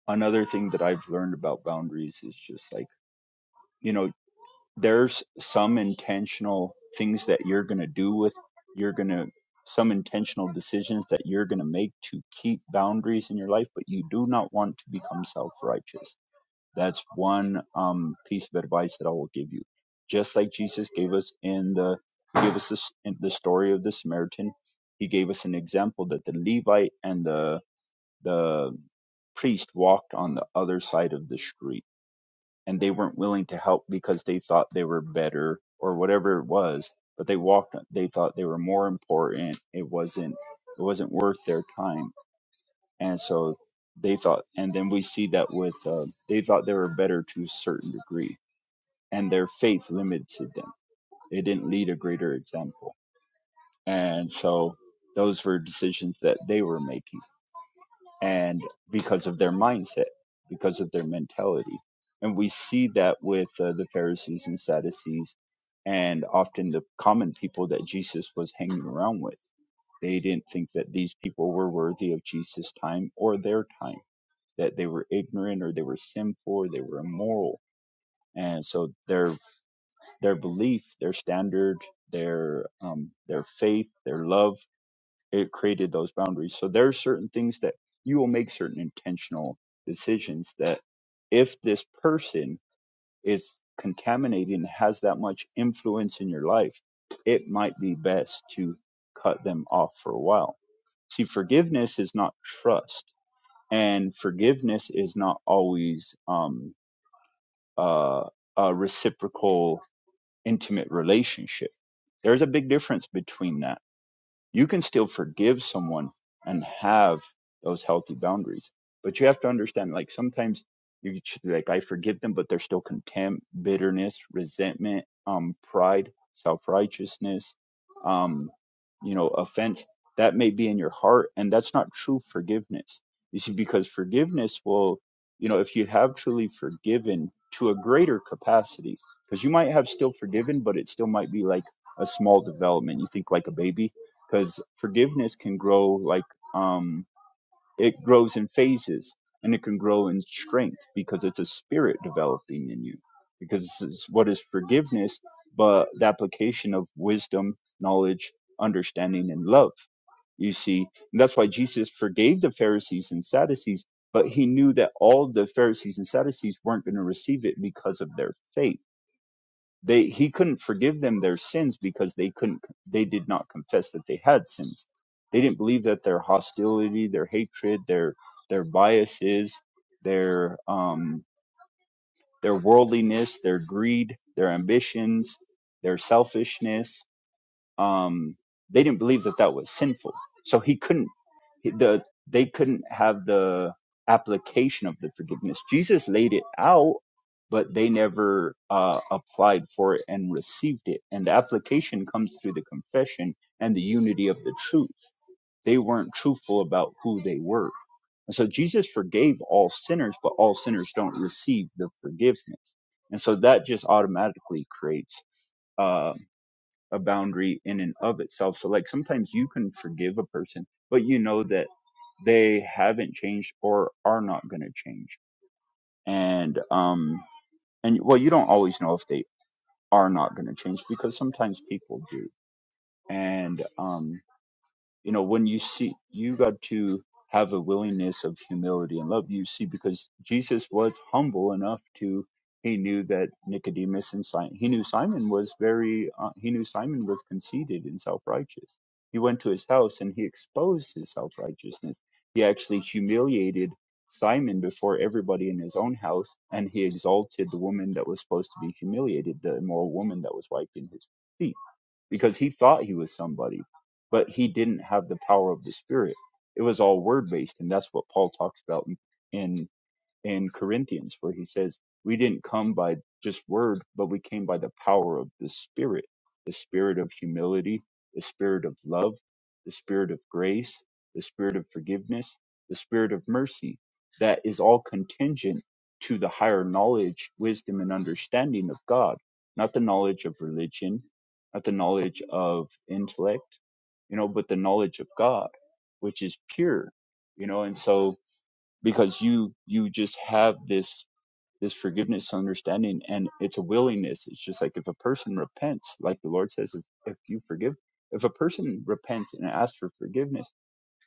Speaker 1: another thing that I've learned about boundaries is just like, you know, there's some intentional things that you're going to do with, you're going to, some intentional decisions that you're going to make to keep boundaries in your life, but you do not want to become self righteous That's one um, piece of advice that I will give you. Just like Jesus gave us in the he gave us this, in the story of the Samaritan, he gave us an example that the Levite and the the priest walked on the other side of the street, and they weren't willing to help because they thought they were better or whatever it was. But they walked. They thought they were more important. It wasn't. It wasn't worth their time and so they thought and then we see that with uh, they thought they were better to a certain degree and their faith limited them it didn't lead a greater example and so those were decisions that they were making and because of their mindset because of their mentality and we see that with uh, the pharisees and sadducees and often the common people that jesus was hanging around with they didn't think that these people were worthy of jesus time or their time that they were ignorant or they were sinful or they were immoral and so their their belief their standard their um their faith their love it created those boundaries so there are certain things that you will make certain intentional decisions that if this person is contaminating has that much influence in your life it might be best to cut them off for a while see forgiveness is not trust and forgiveness is not always um uh, a reciprocal intimate relationship. There's a big difference between that. You can still forgive someone and have those healthy boundaries, but you have to understand, like sometimes you like I forgive them, but there's still contempt, bitterness, resentment, um, pride, self righteousness, um, you know, offense that may be in your heart, and that's not true forgiveness. You see, because forgiveness will, you know, if you have truly forgiven to a greater capacity, because you might have still forgiven, but it still might be like a small development. You think like a baby, because forgiveness can grow like um it grows in phases and it can grow in strength because it's a spirit developing in you because this is what is forgiveness but the application of wisdom knowledge understanding and love you see and that's why jesus forgave the pharisees and sadducees but he knew that all the pharisees and sadducees weren't going to receive it because of their faith they he couldn't forgive them their sins because they couldn't they did not confess that they had sins they didn't believe that their hostility their hatred their their biases their um their worldliness their greed their ambitions their selfishness um, they didn't believe that that was sinful. So he couldn't he- the they couldn't have the application of the forgiveness. Jesus laid it out, but they never uh, applied for it and received it. And the application comes through the confession and the unity of the truth. They weren't truthful about who they were. And so Jesus forgave all sinners, but all sinners don't receive the forgiveness. And so that just automatically creates uh, a boundary in and of itself. So like sometimes you can forgive a person, but you know that they haven't changed or are not going to change. And um and well, you don't always know if they are not going to change because sometimes people do. And um you know when you see you got to have a willingness of humility and love you see because jesus was humble enough to he knew that nicodemus and simon he knew simon was very uh, he knew simon was conceited and self-righteous he went to his house and he exposed his self-righteousness he actually humiliated simon before everybody in his own house and he exalted the woman that was supposed to be humiliated the immoral woman that was wiping his feet because he thought he was somebody, but he didn't have the power of the Spirit. It was all word based, and that's what Paul talks about in, in in Corinthians, where he says, We didn't come by just word, but we came by the power of the Spirit, the spirit of humility, the spirit of love, the spirit of grace, the spirit of forgiveness, the spirit of mercy. That is all contingent to the higher knowledge, wisdom, and understanding of God, not the knowledge of religion, not the knowledge of intellect, you know, but the knowledge of God, which is pure, you know, and so because you you just have this this forgiveness understanding and it's a willingness it's just like if a person repents like the lord says if, if you forgive if a person repents and asks for forgiveness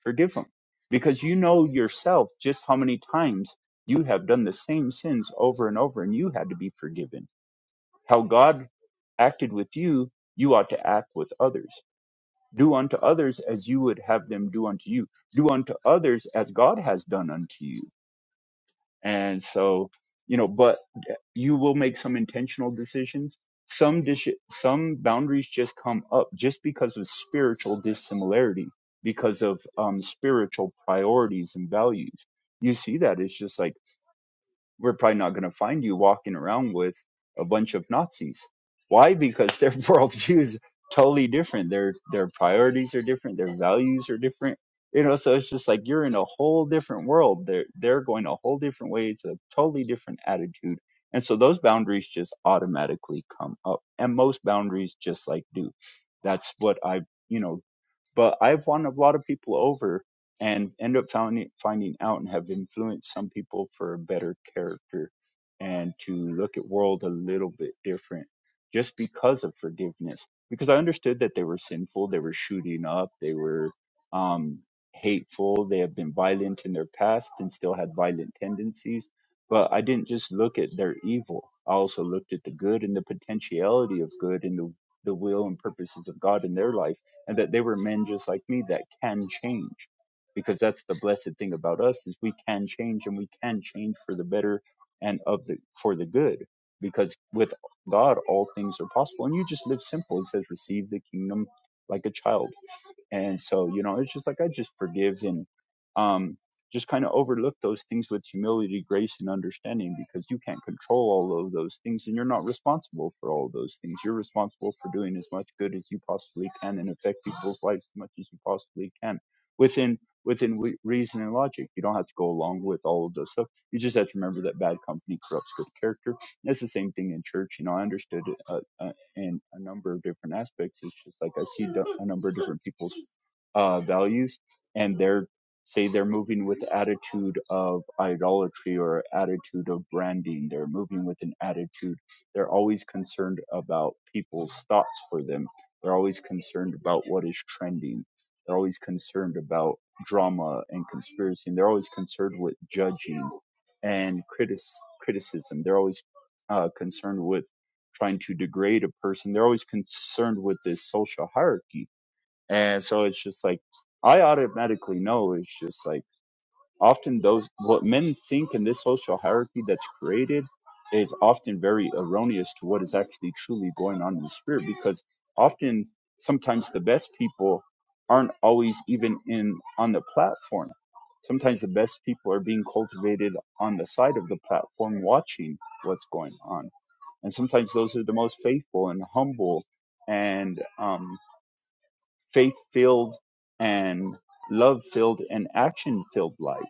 Speaker 1: forgive them because you know yourself just how many times you have done the same sins over and over and you had to be forgiven how god acted with you you ought to act with others do unto others as you would have them do unto you do unto others as god has done unto you and so, you know, but you will make some intentional decisions. Some dish, some boundaries just come up just because of spiritual dissimilarity, because of um, spiritual priorities and values. You see that it's just like we're probably not going to find you walking around with a bunch of Nazis. Why? Because their worldview is totally different. Their their priorities are different. Their values are different. You know, so it's just like you're in a whole different world. They're they're going a whole different way. It's a totally different attitude. And so those boundaries just automatically come up. And most boundaries just like do. That's what I you know but I've won a lot of people over and end up finding finding out and have influenced some people for a better character and to look at world a little bit different just because of forgiveness because I understood that they were sinful they were shooting up they were um hateful they have been violent in their past and still had violent tendencies but I didn't just look at their evil I also looked at the good and the potentiality of good and the the will and purposes of God in their life and that they were men just like me that can change because that's the blessed thing about us is we can change and we can change for the better and of the for the good because with God all things are possible and you just live simple it says receive the kingdom like a child and so, you know, it's just like I just forgive and um, just kind of overlook those things with humility, grace, and understanding because you can't control all of those things and you're not responsible for all of those things. You're responsible for doing as much good as you possibly can and affect people's lives as much as you possibly can within within wi- reason and logic. You don't have to go along with all of those stuff. You just have to remember that bad company corrupts good character. That's the same thing in church. You know, I understood it uh, uh, in a number of different aspects. It's just like I see the- a number of different people's uh, values and they're say they're moving with attitude of idolatry or attitude of branding they're moving with an attitude they're always concerned about people's thoughts for them they're always concerned about what is trending they're always concerned about drama and conspiracy and they're always concerned with judging and critic criticism they're always uh, concerned with trying to degrade a person they're always concerned with this social hierarchy and so it's just like, I automatically know it's just like often those, what men think in this social hierarchy that's created is often very erroneous to what is actually truly going on in the spirit because often, sometimes the best people aren't always even in on the platform. Sometimes the best people are being cultivated on the side of the platform watching what's going on. And sometimes those are the most faithful and humble and, um faith filled and love filled and action filled life.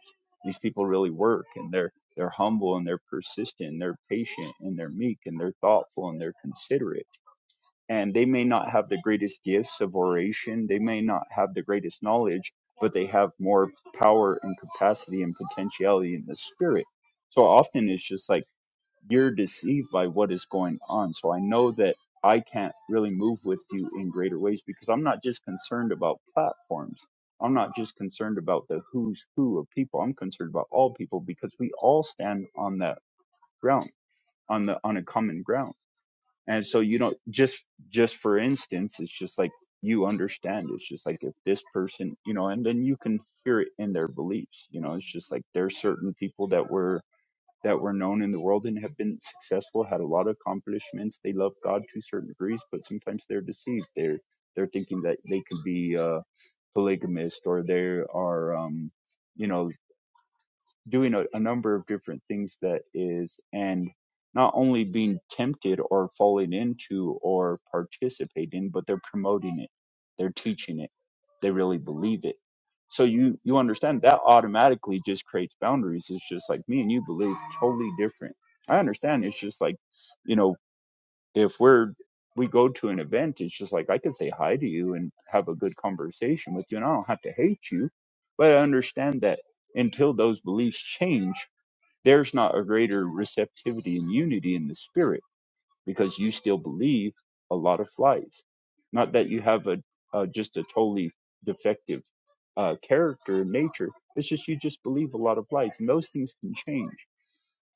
Speaker 1: These people really work and they're they're humble and they're persistent and they're patient and they're meek and they're thoughtful and they're considerate. And they may not have the greatest gifts of oration, they may not have the greatest knowledge, but they have more power and capacity and potentiality in the spirit. So often it's just like you're deceived by what is going on. So I know that I can't really move with you in greater ways because I'm not just concerned about platforms. I'm not just concerned about the who's who of people. I'm concerned about all people because we all stand on that ground, on the on a common ground. And so you know, just just for instance, it's just like you understand. It's just like if this person, you know, and then you can hear it in their beliefs. You know, it's just like there's certain people that were that were known in the world and have been successful, had a lot of accomplishments. They love God to certain degrees, but sometimes they're deceived. They're they're thinking that they could be uh, polygamist or they are, um, you know, doing a, a number of different things that is and not only being tempted or falling into or participating but they're promoting it they're teaching it they really believe it so you you understand that automatically just creates boundaries it's just like me and you believe totally different i understand it's just like you know if we're we go to an event, it's just like I can say hi to you and have a good conversation with you, and I don't have to hate you, but I understand that until those beliefs change, there's not a greater receptivity and unity in the spirit because you still believe a lot of lies. Not that you have a, a just a totally defective uh, character and nature. It's just you just believe a lot of lies, and those things can change.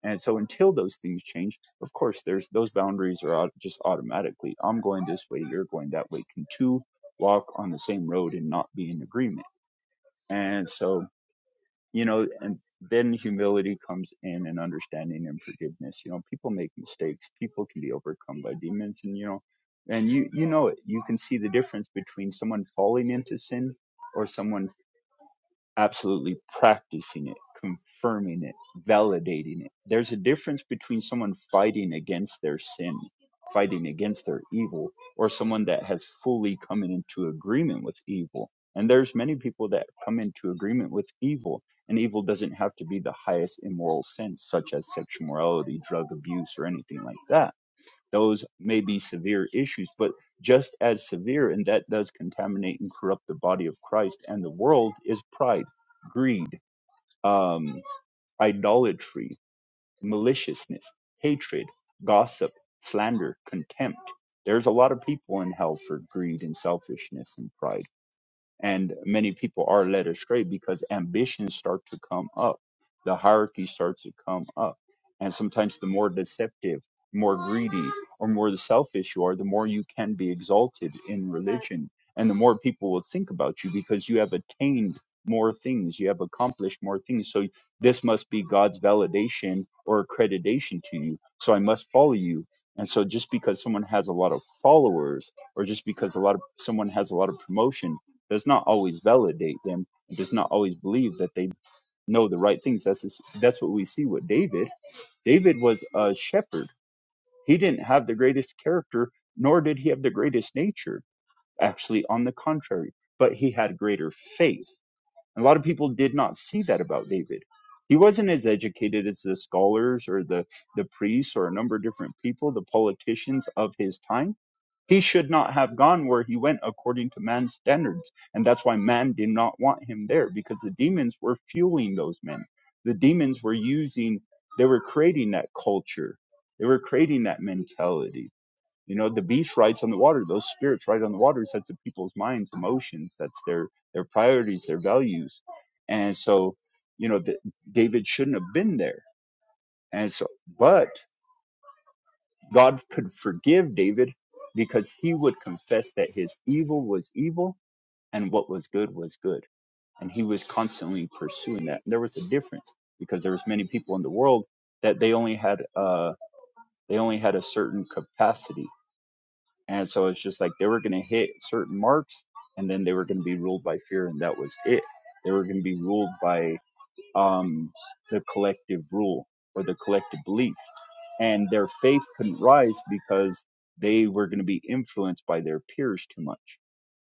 Speaker 1: And so until those things change, of course, there's those boundaries are au- just automatically. I'm going this way, you're going that way. Can two walk on the same road and not be in agreement? And so, you know, and then humility comes in and understanding and forgiveness. You know, people make mistakes. People can be overcome by demons and, you know, and you, you know it. You can see the difference between someone falling into sin or someone absolutely practicing it, confirming it, validating it. There's a difference between someone fighting against their sin, fighting against their evil, or someone that has fully come into agreement with evil. And there's many people that come into agreement with evil, and evil doesn't have to be the highest immoral sense, such as sexual morality, drug abuse, or anything like that those may be severe issues, but just as severe, and that does contaminate and corrupt the body of Christ and the world, is pride, greed, um, idolatry, maliciousness, hatred, gossip, slander, contempt. There's a lot of people in hell for greed and selfishness and pride and many people are led astray because ambitions start to come up the hierarchy starts to come up and sometimes the more deceptive more greedy or more the selfish you are the more you can be exalted in religion and the more people will think about you because you have attained more things you have accomplished more things so this must be god's validation or accreditation to you so i must follow you and so just because someone has a lot of followers or just because a lot of someone has a lot of promotion does not always validate them and does not always believe that they know the right things that's just, that's what we see with david david was a shepherd he didn't have the greatest character nor did he have the greatest nature actually on the contrary but he had greater faith a lot of people did not see that about David. He wasn't as educated as the scholars or the, the priests or a number of different people, the politicians of his time. He should not have gone where he went according to man's standards. And that's why man did not want him there because the demons were fueling those men. The demons were using, they were creating that culture, they were creating that mentality you know, the beast rides on the water. Those spirits ride on the waters. That's the people's minds, emotions. That's their their priorities, their values. And so, you know, that David shouldn't have been there. And so, but God could forgive David because he would confess that his evil was evil and what was good was good. And he was constantly pursuing that. And there was a difference because there was many people in the world that they only had uh, they only had a certain capacity And so it's just like they were going to hit certain marks and then they were going to be ruled by fear and that was it. They were going to be ruled by um, the collective rule or the collective belief. And their faith couldn't rise because they were going to be influenced by their peers too much.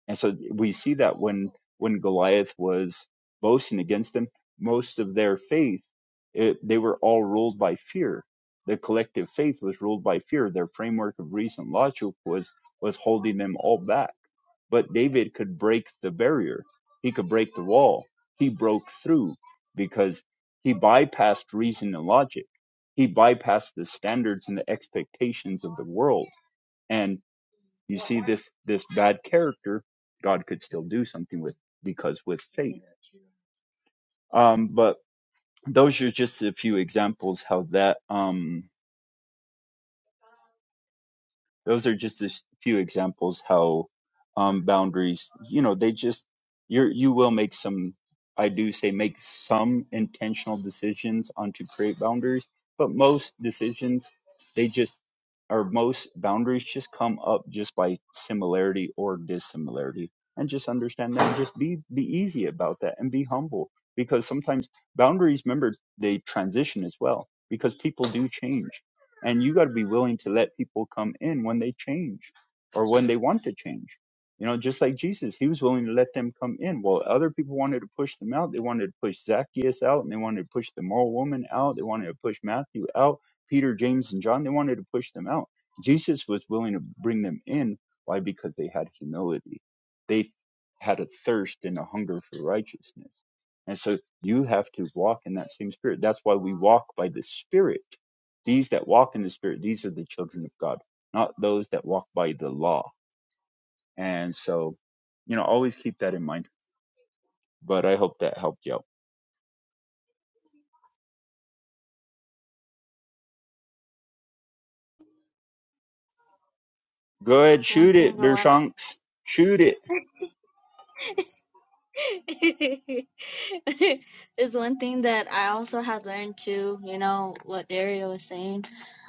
Speaker 1: And so we see that when when Goliath was boasting against them, most of their faith, it, they were all ruled by fear. The collective faith was ruled by fear. Their framework of reason, logic was was holding them all back. But David could break the barrier. He could break the wall. He broke through because he bypassed reason and logic. He bypassed the standards and the expectations of the world and. You see this this bad character, God could still do something with because with faith. Um, but those are just a few examples how that um those are just a s- few examples how um, boundaries you know they just you you will make some i do say make some intentional decisions on to create boundaries but most decisions they just or most boundaries just come up just by similarity or dissimilarity and just understand that and just be be easy about that and be humble because sometimes boundaries remember they transition as well because people do change and you got to be willing to let people come in when they change or when they want to change you know just like jesus he was willing to let them come in well other people wanted to push them out they wanted to push zacchaeus out and they wanted to push the moral woman out they wanted to push matthew out peter james and john they wanted to push them out jesus was willing to bring them in why because they had humility they had a thirst and a hunger for righteousness and so you have to walk in that same spirit that's why we walk by the spirit these that walk in the Spirit, these are the children of God, not those that walk by the law. And so, you know, always keep that in mind. But I hope that helped you out. Go ahead,
Speaker 5: One
Speaker 1: shoot it,
Speaker 5: thing I wanna
Speaker 1: Dershonks. Shoot it.
Speaker 5: is one thing that I also have learned too, you know, what Dario was saying,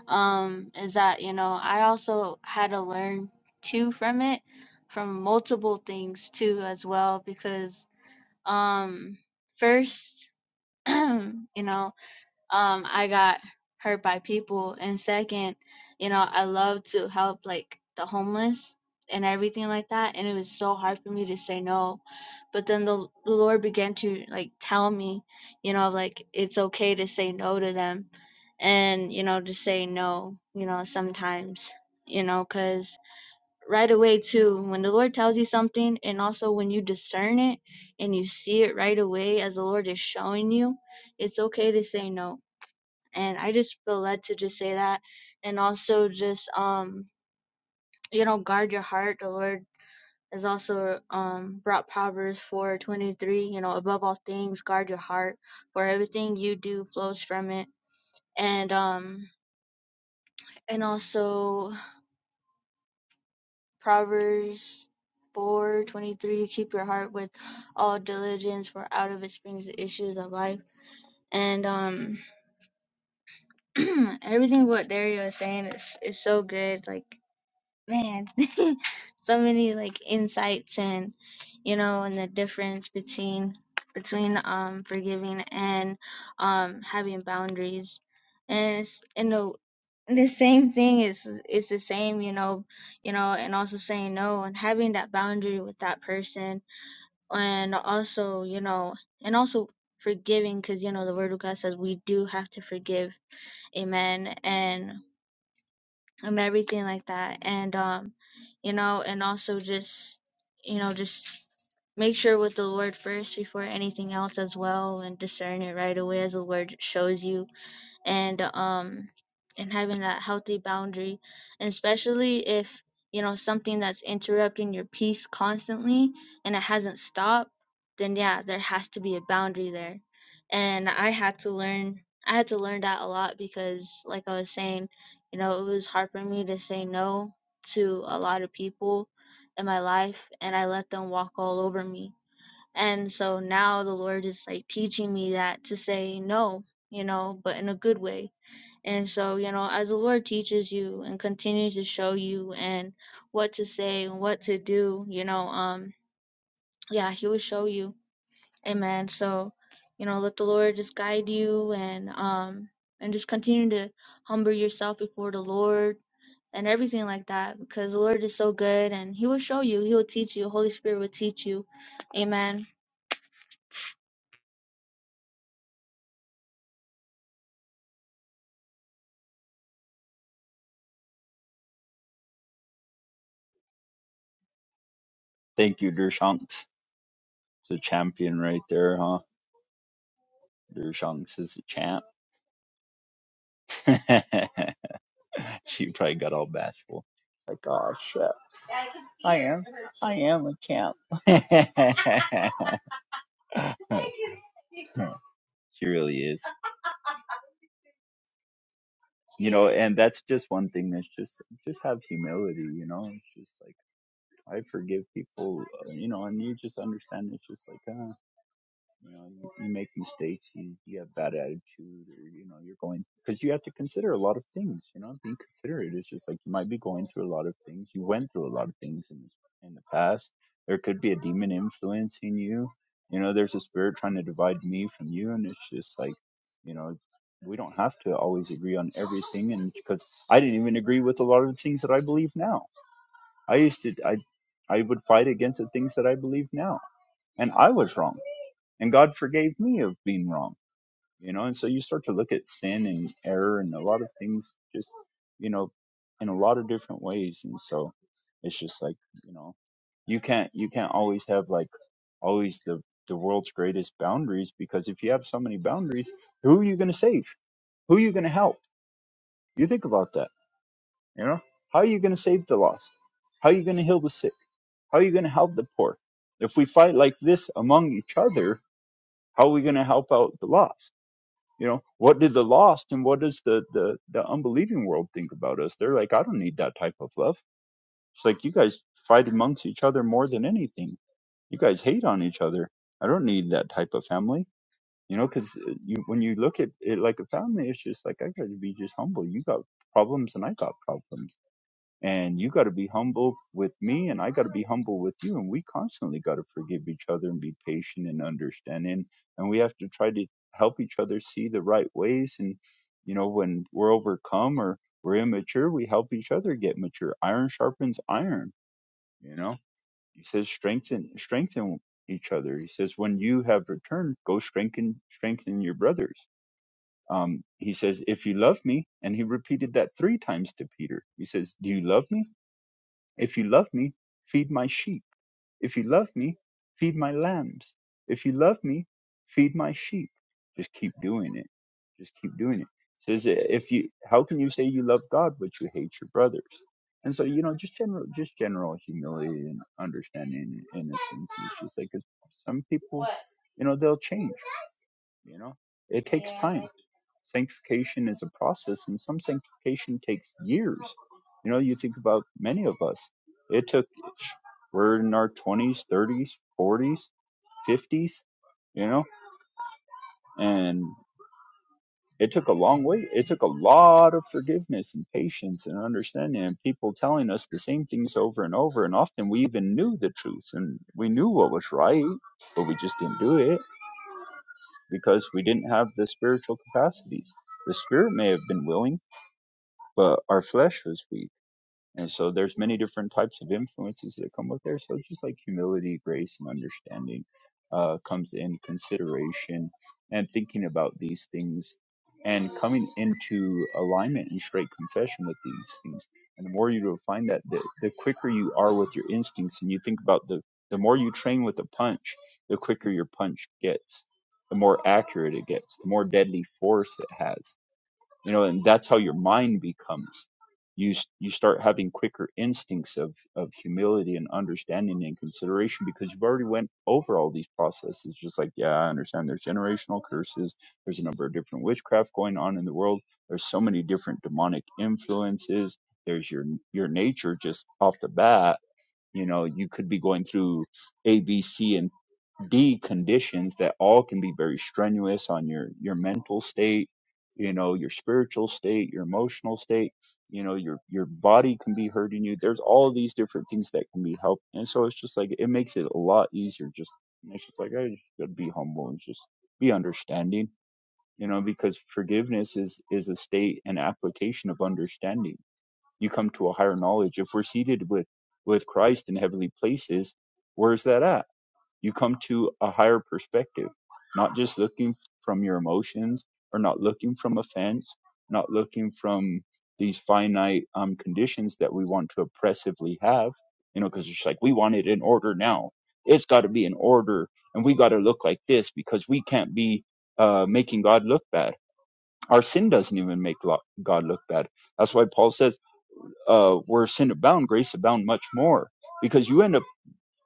Speaker 5: um, is that, you know, I also had to learn too from it, from multiple things too as well, because um first, you know, um I got hurt by people and second, you know, I love to help like the homeless and everything like that and it was so hard for me to say no. But then the, the Lord began to like tell me, you know, like it's okay to say no to them and you know to say no, you know, sometimes, you know, cuz right away too when the Lord tells you something and also when you discern it and you see it right away as the Lord is showing you, it's okay to say no and I just feel led to just say that, and also just um you know guard your heart. The Lord has also um brought Proverbs four twenty three. You know above all things, guard your heart, for everything you do flows from it. And um and also Proverbs four twenty three. Keep your heart with all diligence, for out of it springs the issues of life. And um everything what Dario is saying is is so good. Like man, so many like insights and you know, and the difference between between um forgiving and um having boundaries, and it's you know the same thing is is the same, you know, you know, and also saying no and having that boundary with that person, and also you know, and also forgiving because you know the word of God says we do have to forgive, Amen, and and everything like that and um you know and also just you know just make sure with the lord first before anything else as well and discern it right away as the lord shows you and um and having that healthy boundary and especially if you know something that's interrupting your peace constantly and it hasn't stopped then yeah there has to be a boundary there and i had to learn i had to learn that a lot because like i was saying you know it was hard for me to say no to a lot of people in my life and i let them walk all over me and so now the Lord is like teaching me that to say no, you know, but in a good way. And so, you know, as the Lord teaches you and continues to show you and what to say and what to do, you know, um, yeah, He will show you. Amen. So, you know, let the Lord just guide you and um and just continue to humble yourself before the Lord and everything like that because the Lord is so good and He will show you, He will teach you, Holy Spirit will teach you. Amen.
Speaker 1: Thank you, Dershonks. It's a champion right there, huh? Dershonks is a champ. She probably got all bashful. Like, oh shit. I am. I am a champ. she really is. You know, and that's just one thing that's just just have humility, you know. It's just like I forgive people, uh, you know, and you just understand it's just like ah, You know, you, you make mistakes, you, you have bad attitude, or you know, you're going because you have to consider a lot of things. You know, being considerate is just like you might be going through a lot of things. You went through a lot of things in in the past. There could be a demon influencing you. You know, there's a spirit trying to divide me from you, and it's just like, you know, we don't have to always agree on everything. And because I didn't even agree with a lot of the things that I believe now, I used to I I would fight against the things that I believe now, and I was wrong and God forgave me of being wrong, you know. And so you start to look at sin and error and a lot of things, just you know, in a lot of different ways. And so it's just like you know, you can't you can't always have like always the the world's greatest boundaries because if you have so many boundaries, who are you going to save? Who are you going to help? You think about that, you know. How are you going to save the lost? How are you going to heal the sick? How are you going to help the poor? If we fight like this among each other, how are we going to help out the lost? You know, what do the lost and what does the, the, the unbelieving world think about us? They're like, I don't need that type of love. It's like, you guys fight amongst each other more than anything. You guys hate on each other. I don't need that type of family. You know, because you, when you look at it like a family, it's just like, I got to be just humble. You got problems and I got problems and you got to be humble with me and i got to be humble with you and we constantly got to forgive each other and be patient and understanding and we have to try to help each other see the right ways and you know when we're overcome or we're immature we help each other get mature iron sharpens iron you know he says strengthen strengthen each other he says when you have returned go strengthen strengthen your brothers um, he says if you love me and he repeated that three times to peter he says do you love me if you love me, feed my sheep. If you love me, feed my lambs. If you love me, feed my sheep. Just keep doing it. Just keep doing it. It Says if you, how can you say you love God but you hate your brothers? And so you know, just general, just general humility and understanding and innocence. It's just like 'cause some people, you know, they'll change. You know, it takes time. Sanctification is a process, and some sanctification takes years. You know, you think about many of us. It took, we're in our 20s, 30s, 40s, 50s, you know and it took a long way it took a lot of forgiveness and patience and understanding and people telling us the same things over and over and often we even knew the truth and we knew what was right but we just didn't do it because we didn't have the spiritual capacities the spirit may have been willing but our flesh was weak. And so there's many different types of influences that come with there. So just like humility, grace, and understanding uh, comes in consideration and thinking about these things and coming into alignment and straight confession with these things. And the more you refine that, the, the quicker you are with your instincts. And you think about the, the more you train with a punch, the quicker your punch gets, the more accurate it gets, the more deadly force it has you know and that's how your mind becomes you s- you start having quicker instincts of of humility and understanding and consideration because you've already went over all these processes just like yeah i understand there's generational curses there's a number of different witchcraft going on in the world there's so many different demonic influences there's your your nature just off the bat you know you could be going through abc and. D conditions that all can be very strenuous on your your mental state, you know, your spiritual state, your emotional state, you know, your your body can be hurting you. There's all these different things that can be helped. And so it's just like it makes it a lot easier just it's just like I just gotta be humble and just be understanding, you know, because forgiveness is is a state and application of understanding. You come to a higher knowledge. If we're seated with with Christ in heavenly places, where's that at? You come to a higher perspective, not just looking from your emotions or not looking from offense, not looking from these finite um, conditions that we want to oppressively have, you know, because it's like we want it in order now. It's got to be in order and we got to look like this because we can't be uh, making God look bad. Our sin doesn't even make lo- God look bad. That's why Paul says, uh, where sin abound, grace abound much more, because you end up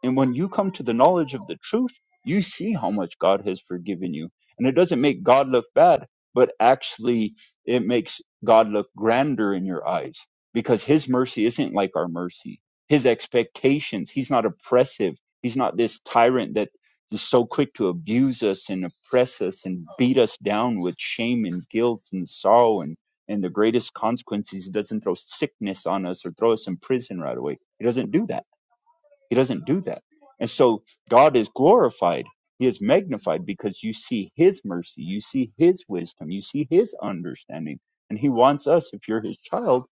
Speaker 1: and when you come to the knowledge of the truth, you see how much God has forgiven you. And it doesn't make God look bad, but actually it makes God look grander in your eyes because his mercy isn't like our mercy. His expectations, he's not oppressive. He's not this tyrant that is so quick to abuse us and oppress us and beat us down with shame and guilt and sorrow and and the greatest consequences he doesn't throw sickness on us or throw us in prison right away he doesn't do that he doesn't do that. And so God is glorified. He is magnified because you see his mercy, you see his wisdom, you see his understanding. And he wants us, if you're his child,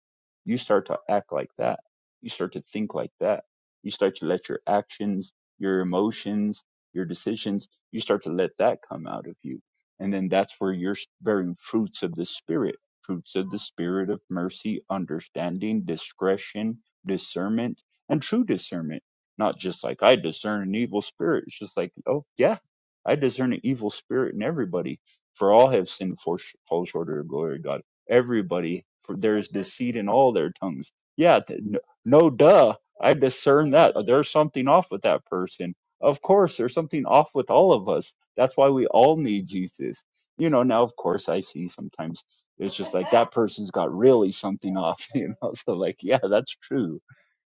Speaker 1: you start to act like that. You start to think like that. You start to let your actions, your emotions, your decisions, you start to let that come out of you. And then that's where you're bearing fruits of the Spirit, fruits of the Spirit of mercy, understanding, discretion, discernment, and true discernment not just like I discern an evil spirit. It's just like, oh yeah, I discern an evil spirit in everybody. For all have sinned, for fall short of the glory of God. Everybody, for there is deceit in all their tongues. Yeah, th- no, no duh. I discern that uh, there's something off with that person. Of course, there's something off with all of us. That's why we all need Jesus. You know, now of course I see sometimes it's just like that person's got really something off, you know. So like, yeah, that's true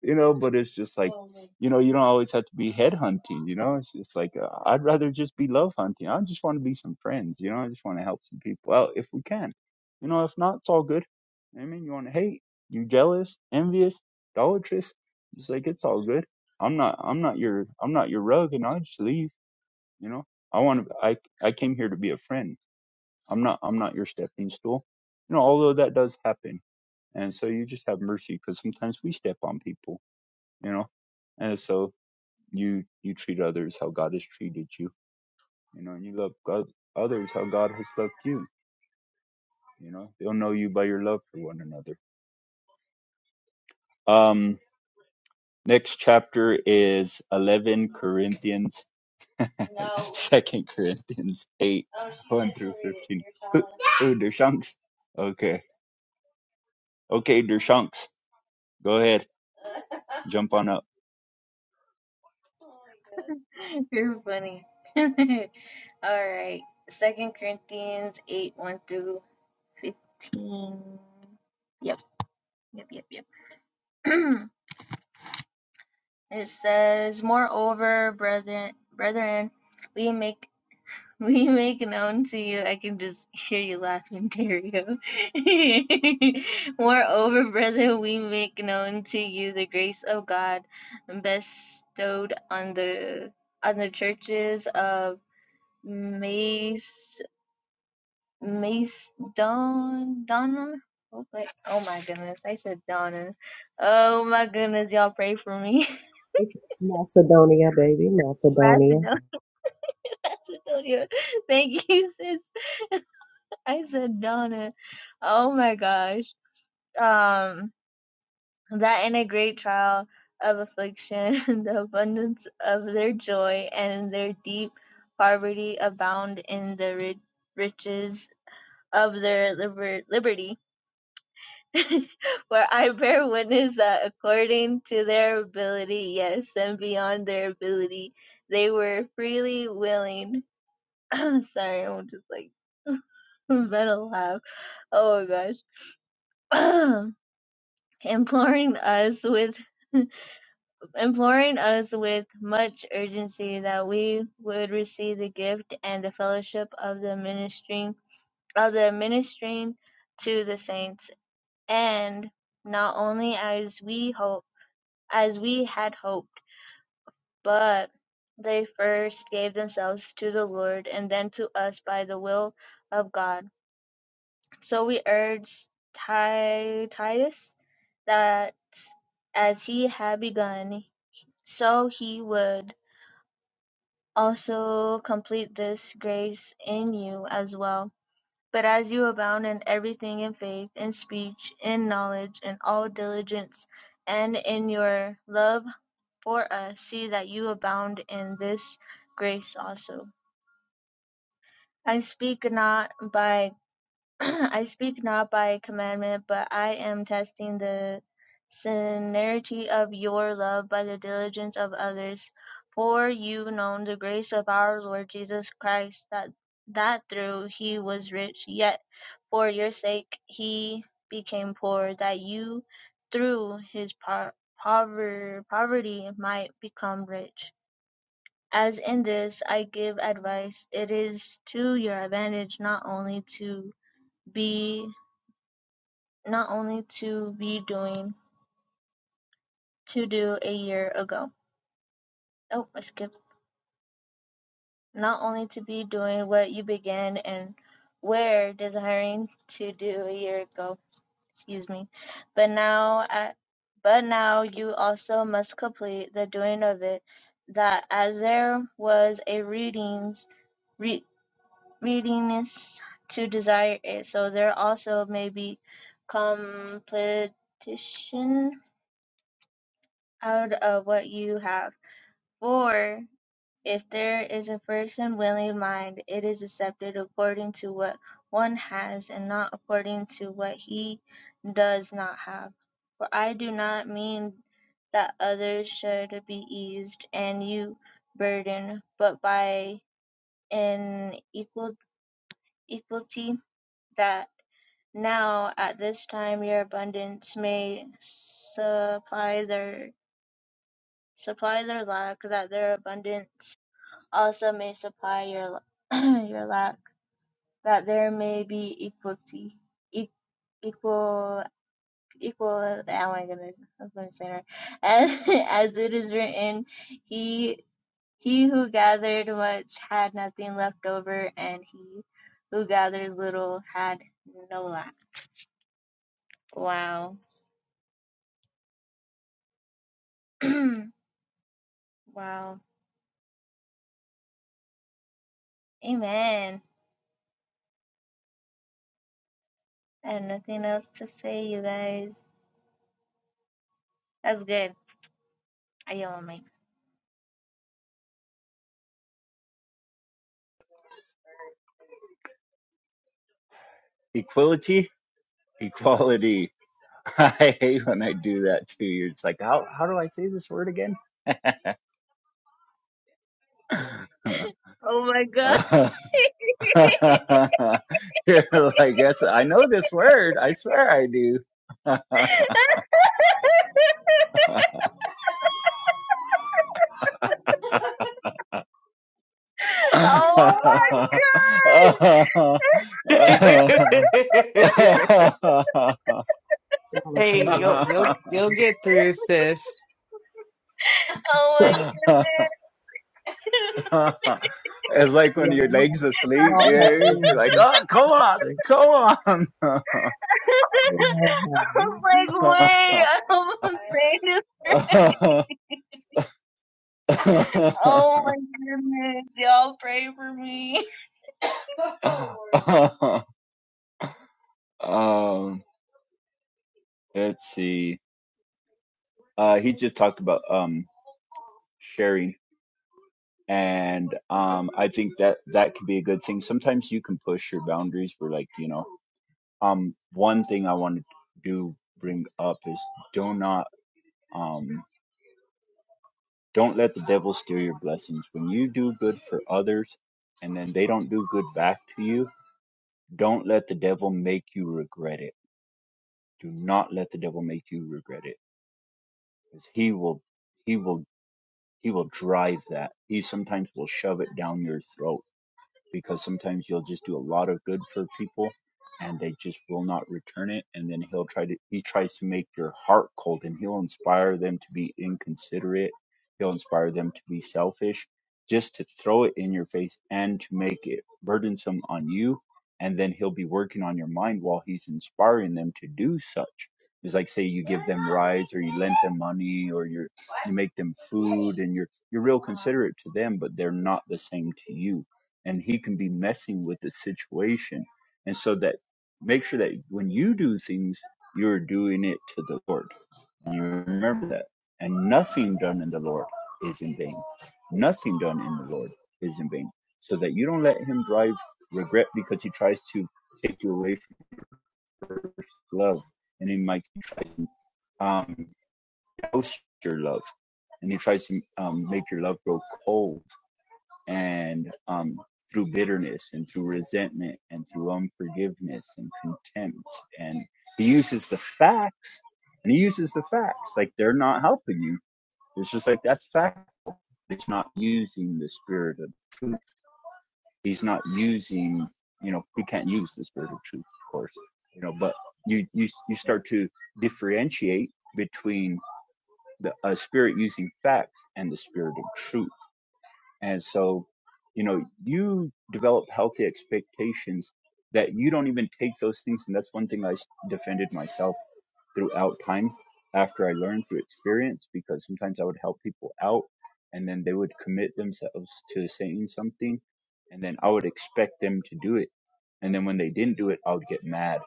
Speaker 1: you know, but it's just like, you know, you don't always have to be head hunting, you know, it's just like, uh, I'd rather just be love hunting. I just want to be some friends, you know, I just want to help some people out if we can, you know, if not, it's all good. I mean, you want to hate, you jealous, envious, idolatrous, it's like, it's all good. I'm not, I'm not your, I'm not your rug and I'll just leave, you know, I want to, I, I came here to be a friend. I'm not, I'm not your stepping stool, you know, although that does happen. And so you just have mercy because sometimes we step on people you know and so you you treat others how god has treated you you know and you love god others how god has loved you you know they'll know you by your love for one another um next chapter is 11 corinthians no. second corinthians 8 oh, 1 through 15 Ooh, ooh, dershanks okay okay dershanks go ahead jump on up Oh,
Speaker 5: You're funny. All right. Second Corinthians eight one through fifteen. Yep, yep, yep, yep. it says, Moreover, brethren brethren, we make we make known to you I can just hear you laughing, Dario. Moreover, brethren, we make known to you the grace of God bestowed on the on the churches of Mace Mace Don Donna. Oh wait. Oh my goodness, I said Donna. Oh my goodness, y'all pray for me.
Speaker 3: Macedonia, baby, Macedonia.
Speaker 5: Macedonia, Macedonia. Thank you, sis. I said Donna. Oh my gosh. Um, that in a great trial of affliction, the abundance of their joy and their deep poverty abound in the ri- riches of their liber- liberty For I bear witness that according to their ability, yes, and beyond their ability, they were freely willing. Sorry, I'm just like better laugh. Oh my gosh. imploring us with imploring us with much urgency that we would receive the gift and the fellowship of the ministering of the ministering to the saints and not only as we hope as we had hoped But they first gave themselves to the Lord, and then to us by the will of God. So we urge Ti- Titus that as he had begun, so he would also complete this grace in you as well. But as you abound in everything in faith, in speech, in knowledge, in all diligence, and in your love for us, see that you abound in this grace also. I speak not by I speak not by commandment, but I am testing the sincerity of your love by the diligence of others. For you know the grace of our Lord Jesus Christ, that that through he was rich, yet for your sake he became poor, that you through his po- pover- poverty might become rich. As in this I give advice, it is to your advantage not only to be not only to be doing to do a year ago. Oh, I skipped. Not only to be doing what you began and were desiring to do a year ago. Excuse me. But now at but now you also must complete the doing of it, that as there was a readings, re, readiness to desire it. So there also may be competition out of what you have. For if there is a person willing mind, it is accepted according to what one has and not according to what he does not have. For I do not mean that others should be eased and you burdened, but by an equal equality that Now, at this time, your abundance may supply their supply their lack, that their abundance also may supply your your lack, that there may be equality, e- equal equal. Oh my goodness, I'm going to say it. right. As as it is written, he he who gathered much had nothing left over, and he who gathered little had no lack. Wow. wow. Amen. I have nothing else to say, you guys. That's good. I am on mic.
Speaker 1: equality equality I hate when I do that too. You're just like, how how do I say this word again?
Speaker 5: Oh my god.
Speaker 1: You're like, that's I know this word. I swear I do.
Speaker 5: oh my gosh.
Speaker 3: Y'all are
Speaker 4: hey,
Speaker 3: funny.
Speaker 4: you'll you'll you'll get through, sis.
Speaker 5: oh my goodness.
Speaker 1: it's like when
Speaker 3: Y'all,
Speaker 1: your legs asleep.
Speaker 3: y'all
Speaker 1: Yeah,
Speaker 3: have those
Speaker 1: you're like,
Speaker 3: moments.
Speaker 1: oh, come on,
Speaker 5: I
Speaker 3: Y'all have
Speaker 5: was
Speaker 3: it.
Speaker 5: like, wait,
Speaker 1: come
Speaker 5: I hope I'm saying this right.
Speaker 1: on.
Speaker 5: Oh my goodness. Y'all pray for me.
Speaker 1: um, let's see. Uh, he just talked about um sharing, and um, I think that that could be a good thing. Sometimes you can push your boundaries. Where like you know, um, one thing I want to do bring up is do not um don't let the devil steal your blessings. When you do good for others, and then they don't do good back to you, don't let the devil make you regret it. Do not let the devil make you regret it, because he will. He will He will drive that. He sometimes will shove it down your throat because sometimes you'll just do a lot of good for people and they just will not return it and then he'll try to he tries to make your heart cold and he'll inspire them to be inconsiderate he'll inspire them to be selfish just to throw it in your face and to make it burdensome on you and then he'll be working on your mind while he's inspiring them to do such it's like say you give them rides or you lend them money or you're, you make them food and you're you're real considerate to them but they're not the same to you and he can be messing with the situation. And so that make sure that when you do things, you're doing it to the Lord. And you remember that. And nothing done in the Lord is in vain. Nothing done in the Lord is in vain. So that you don't let him drive regret because he tries to take you away from first love. And he might try to um, douse your love. And he tries to um, make your love grow cold and um, through bitterness and through resentment and through unforgiveness and contempt and he uses the facts and he uses the facts like they're not helping you it's just like that's fact he's not using the spirit of truth he's not using you know he can't use the spirit of truth of course you know but you you, you start to differentiate between the a spirit using facts and the spirit of truth and so, you know, you develop healthy expectations that you don't even take those things. And that's one thing I s- defended myself throughout time after I learned through experience, because sometimes I would help people out and then they would commit themselves to saying something. And then I would expect them to do it. And then when they didn't do it, I would get mad.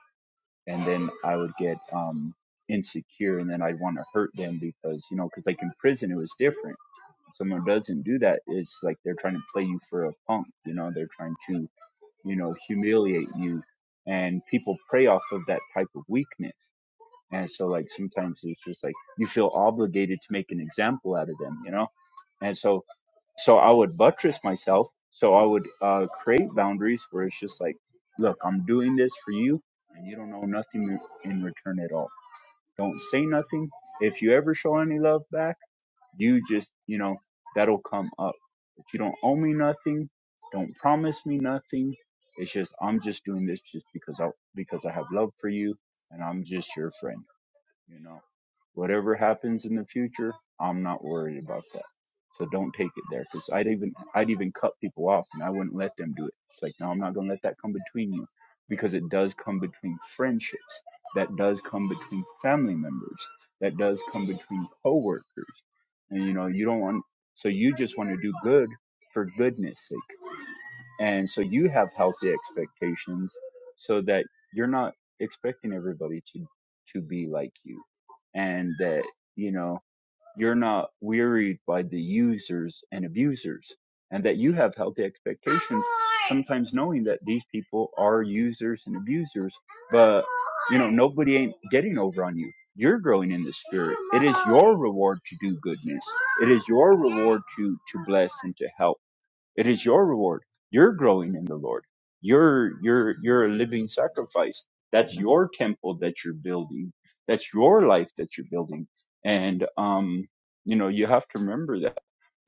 Speaker 1: And then I would get um, insecure. And then I'd want to hurt them because, you know, because like in prison, it was different someone doesn't do that, it's like they're trying to play you for a punk. You know, they're trying to, you know, humiliate you. And people prey off of that type of weakness. And so, like, sometimes it's just like you feel obligated to make an example out of them, you know? And so, so I would buttress myself. So I would uh, create boundaries where it's just like, look, I'm doing this for you, and you don't know nothing in return at all. Don't say nothing. If you ever show any love back, you just, you know, that'll come up. But you don't owe me nothing. Don't promise me nothing. It's just I'm just doing this just because I because I have love for you and I'm just your friend. You know, whatever happens in the future, I'm not worried about that. So don't take it there, because I'd even I'd even cut people off, and I wouldn't let them do it. It's like, no, I'm not gonna let that come between you, because it does come between friendships, that does come between family members, that does come between coworkers, and you know, you don't want. So you just want to do good for goodness sake. And so you have healthy expectations so that you're not expecting everybody to, to be like you and that, you know, you're not wearied by the users and abusers and that you have healthy expectations, sometimes knowing that these people are users and abusers, but you know, nobody ain't getting over on you. You're growing in the spirit. It is your reward to do goodness. It is your reward to, to bless and to help it is your reward. You're growing in the Lord. You're you're you're a living sacrifice. That's your temple that you're building. That's your life that you're building. And um, you know, you have to remember that.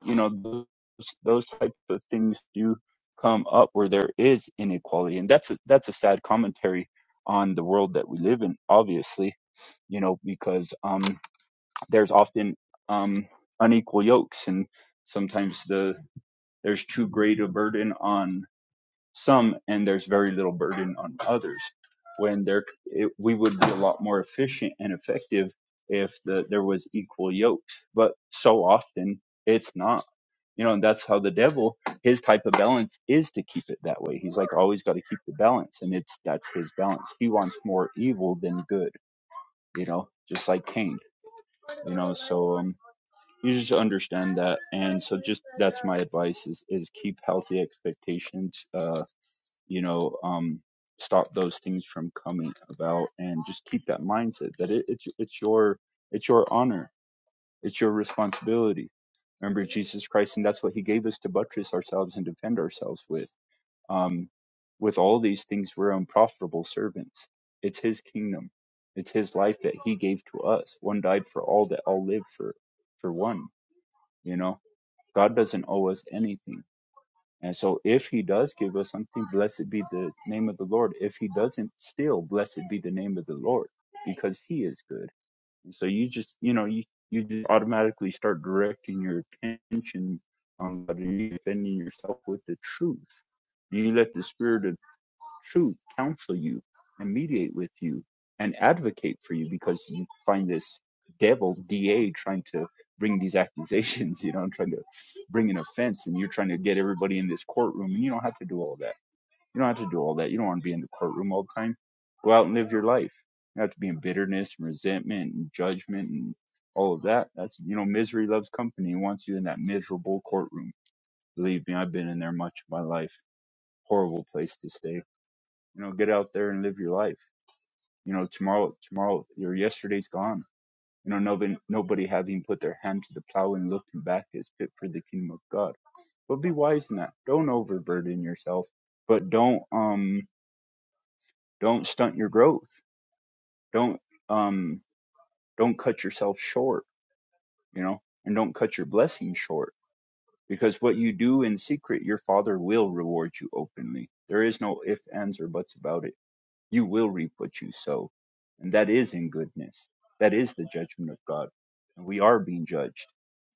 Speaker 1: You know, those those types of things do come up where there is inequality, and that's a, that's a sad commentary on the world that we live in. Obviously, you know, because um, there's often um unequal yokes and sometimes the there's too great a burden on some and there's very little burden on others when there it, we would be a lot more efficient and effective if the, there was equal yokes but so often it's not you know and that's how the devil his type of balance is to keep it that way he's like always got to keep the balance and it's that's his balance he wants more evil than good you know just like cain you know so um you just understand that and so just that's my advice is is keep healthy expectations uh you know um stop those things from coming about and just keep that mindset that it, it's it's your it's your honor it's your responsibility remember jesus christ and that's what he gave us to buttress ourselves and defend ourselves with um with all these things we're unprofitable servants it's his kingdom it's his life that he gave to us one died for all that all live for for one you know God doesn't owe us anything. And so if he does give us something, blessed be the name of the Lord. If he doesn't, still blessed be the name of the Lord because he is good. And so you just, you know, you, you just automatically start directing your attention on God and you defending yourself with the truth. You let the spirit of true counsel you and mediate with you and advocate for you because you find this devil DA trying to bring these accusations, you know, and trying to bring an offense and you're trying to get everybody in this courtroom and you don't have to do all that. You don't have to do all that. You don't want to be in the courtroom all the time. Go out and live your life. You don't have to be in bitterness and resentment and judgment and all of that. That's you know, misery loves company and wants you in that miserable courtroom. Believe me, I've been in there much of my life. Horrible place to stay you know get out there and live your life you know tomorrow tomorrow your yesterday's gone you know nobody nobody having put their hand to the plow and looking back is fit for the kingdom of god but be wise in that don't overburden yourself but don't um don't stunt your growth don't um don't cut yourself short you know and don't cut your blessing short because what you do in secret your father will reward you openly there is no ifs ands or buts about it You will reap what you sow. And that is in goodness. That is the judgment of God. And we are being judged.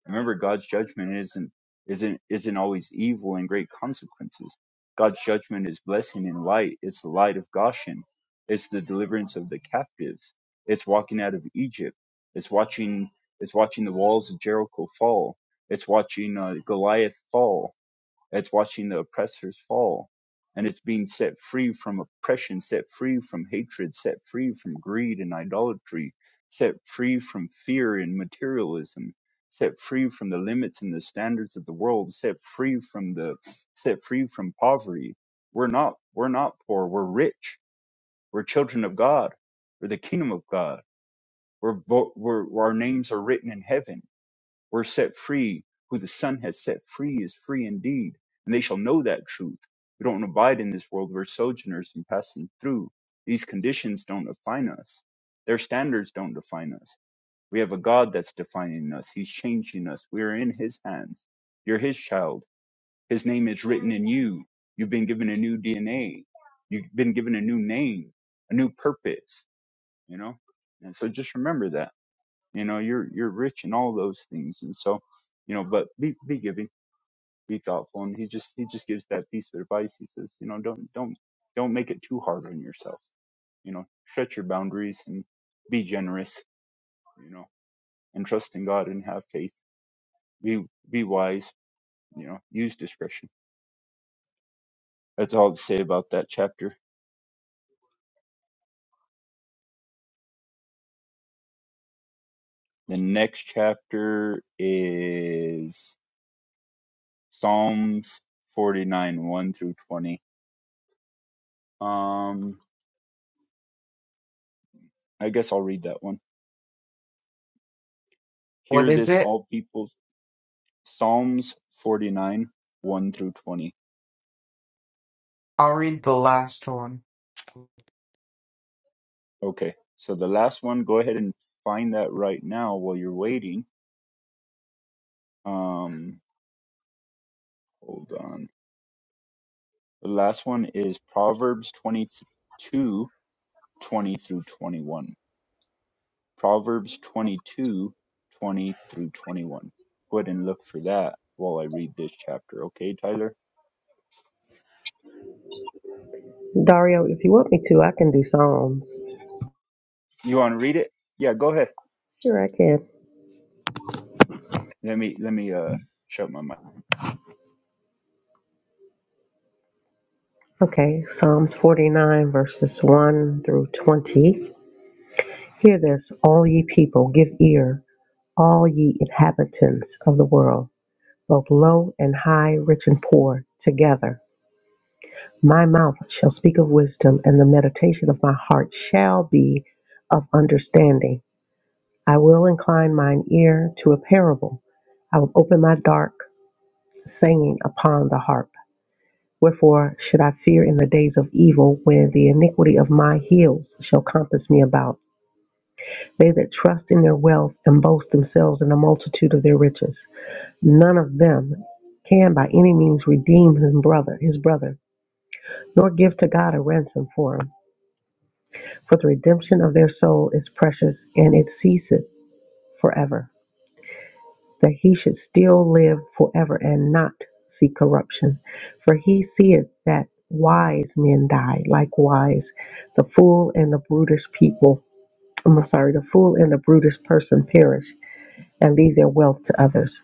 Speaker 1: Remember, God's judgment isn't isn't isn't always evil and great consequences. God's judgment is blessing and light. It's the light of Goshen. It's the deliverance of the captives. It's walking out of Egypt. It's watching it's watching the walls of Jericho fall. It's watching uh, Goliath fall. It's watching the oppressors fall. And it's being set free from oppression, set free from hatred, set free from greed and idolatry, set free from fear and materialism, set free from the limits and the standards of the world, set free from the set free from poverty. We're not we're not poor, we're rich. We're children of God. We're the kingdom of God. We're, bo- we're our names are written in heaven we're set free. Who the Son has set free is free indeed, and they shall know that truth. We don't abide in this world. We're sojourners and passing through. These conditions don't define us. Their standards don't define us. We have a God that's defining us. He's changing us. We are in His hands. You're His child. His name is written in you. You've been given a new DNA. You've been given a new name, a new purpose, you know? And so just remember that you know you're you're rich in all those things and so you know but be be giving be thoughtful and he just he just gives that piece of advice he says you know don't don't don't make it too hard on yourself you know stretch your boundaries and be generous you know and trust in god and have faith be be wise you know use discretion that's all to say about that chapter the next chapter is psalms 49 1 through 20 um i guess i'll read that one
Speaker 4: What
Speaker 1: Hear
Speaker 4: is
Speaker 1: this,
Speaker 4: it?
Speaker 1: all people. Psalms 49, 1 through 20.
Speaker 4: I'll read the last one.
Speaker 1: Okay, so the last one, go ahead and find that right now while you're waiting. Um, hold on. The last one is Proverbs 22, 20 through 21. Proverbs twenty-two, twenty through 21. Go ahead and look for that while I read this chapter. Okay, Tyler?
Speaker 3: Dario, if you want me to, I can do Psalms.
Speaker 1: You want to read it? Yeah, go ahead.
Speaker 3: Sure, I can.
Speaker 1: Let me, let me, uh, shut my mic.
Speaker 3: Okay, Psalms 49, verses 1 through 20. Hear this, all ye people, give ear, all ye inhabitants of the world. both low and high, rich and poor, together. My mouth shall speak of wisdom, and the meditation of my heart shall be of understanding. I will incline mine ear to a parable. I will open my dark saying upon the harp. Wherefore should I fear in the days of evil, when the iniquity of my heels shall compass me about? They that trust in their wealth and boast themselves in the multitude of their riches, none of them can by any means redeem his brother, his brother nor give to God a ransom for them. For the redemption of their soul is precious, and it ceaseth forever, that he should still live forever and not see corruption. For he seeth that wise men die, likewise the fool and the brutish people, um, I'm sorry, the fool and the brutish person perish and leave their wealth to others.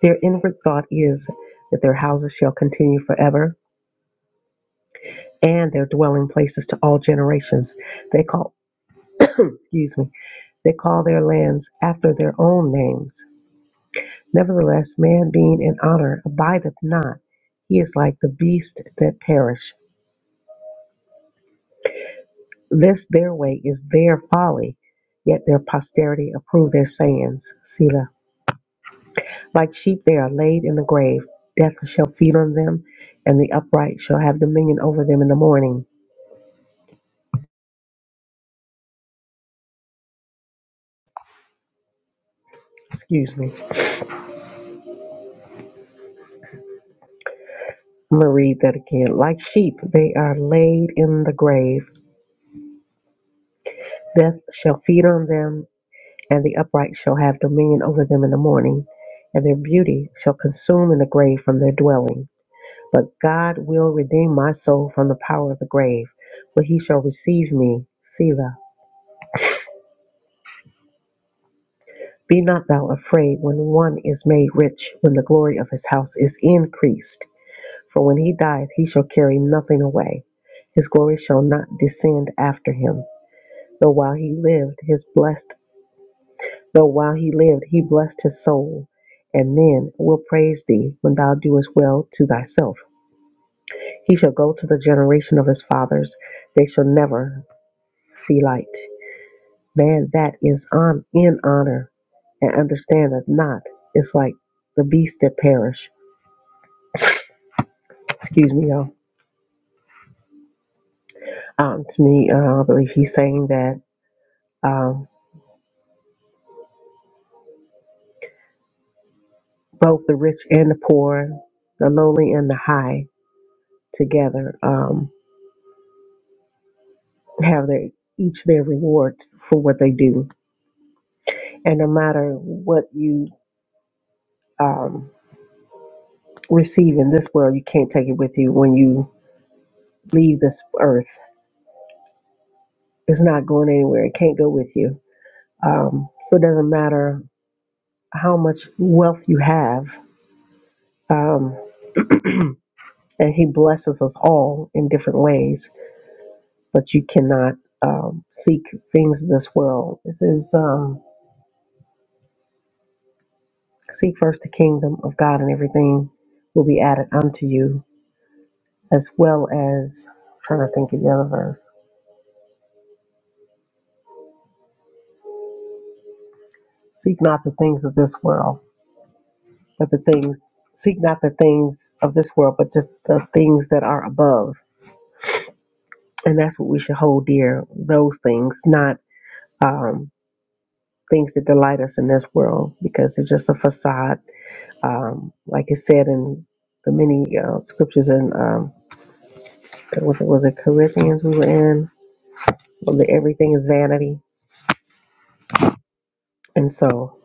Speaker 3: Their inward thought is that their houses shall continue forever and their dwelling places to all generations. They call, excuse me, They call their lands after their own names. Nevertheless, man being in honor abideth not. He is like the beasts that perish. This their way is their folly, yet their posterity approve their sayings. Selah. Like sheep they are laid in the grave. Death shall feed on them, and the upright shall have dominion over them in the morning. Excuse me. I'm going to read that again. Like sheep they are laid in the grave. Death shall feed on them, and the upright shall have dominion over them in the morning, and their beauty shall consume in the grave from their dwelling. But God will redeem my soul from the power of the grave, for he shall receive me, Selah. Be not thou afraid when one is made rich, when the glory of his house is increased. For when he dieth, he shall carry nothing away. His glory shall not descend after him. Though while he lived, his blessed Though while he lived, he blessed his soul. And men will praise thee when thou doest well to thyself. He shall go to the generation of his fathers. They shall never see light. Man that is on, in honor and understandeth not is like the beasts that perish. Excuse me, y'all. Um, to me, uh, I believe he's saying that um, both the rich and the poor, the lowly and the high, together um, have their each their rewards for what they do And no matter what you um, receive in this world, you can't take it with you when you leave this earth. It's not going anywhere. It can't go with you. Um, so it doesn't matter how much wealth you have. Um, and He blesses us all in different ways, but you cannot um, seek things of this world. This is um, seek first the kingdom of God, and everything will be added unto you, as well as I'm trying to think of the other verse Seek not the things of this world, but the things, seek not the things of this world, but just the things that are above. And that's what we should hold dear those things, not um, things that delight us in this world, because they're just a facade. Um, like it said in the many uh, scriptures in, um, what was it, Corinthians we were in, well, the, everything is vanity. And so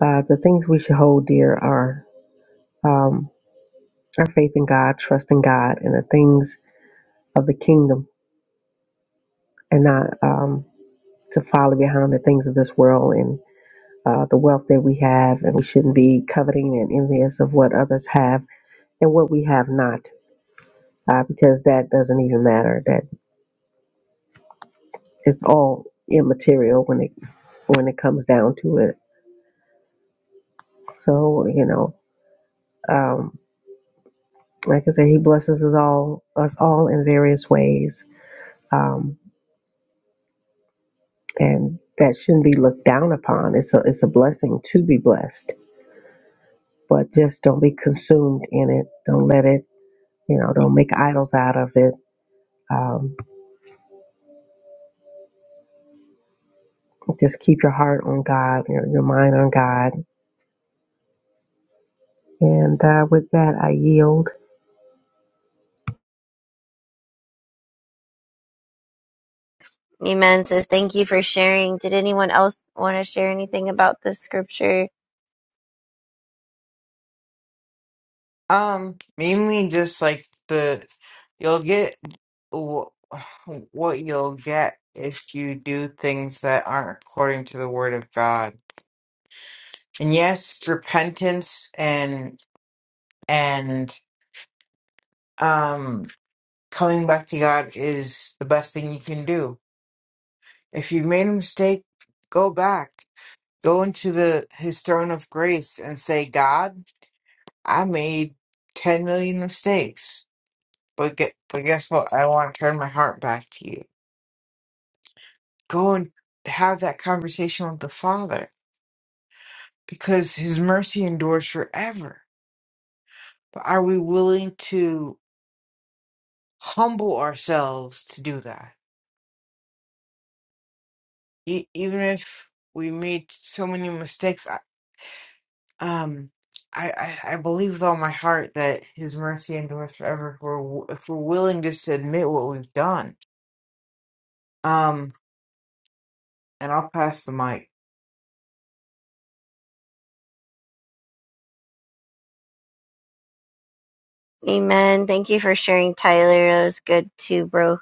Speaker 3: uh, the things we should hold dear are um, our faith in God, trust in God, and the things of the kingdom and not um, to follow behind the things of this world and uh, the wealth that we have. And we shouldn't be coveting and envious of what others have and what we have not, uh, because that doesn't even matter. That it's all immaterial when it when it comes down to it. So you know, um, like I said, He blesses us all us all in various ways, um, and that shouldn't be looked down upon. It's a it's a blessing to be blessed, but just don't be consumed in it. Don't let it You know, don't make idols out of it. Um, just keep your heart on God, your, your mind on God. And uh, with that, I yield.
Speaker 2: Amen says, Thank you for sharing. Did anyone else want to share anything about this scripture?
Speaker 4: Um, mainly just like the, you'll get wh- what you'll get if you do things that aren't according to the word of God. And yes, repentance and and um, coming back to God is the best thing you can do. If you made a mistake, go back, go into the His throne of grace, and say, God, I made ten million mistakes, but get, but guess what? I want to turn my heart back to you. Go and have that conversation with the Father, because His mercy endures forever. But are we willing to humble ourselves to do that? e- even if we made so many mistakes, I, um, I, I, I believe with all my heart that His mercy endures forever if we're, w- if we're willing just to admit what we've done. Um, and I'll pass the mic.
Speaker 2: Amen. Thank you for sharing, Tyler. That was good too, bro.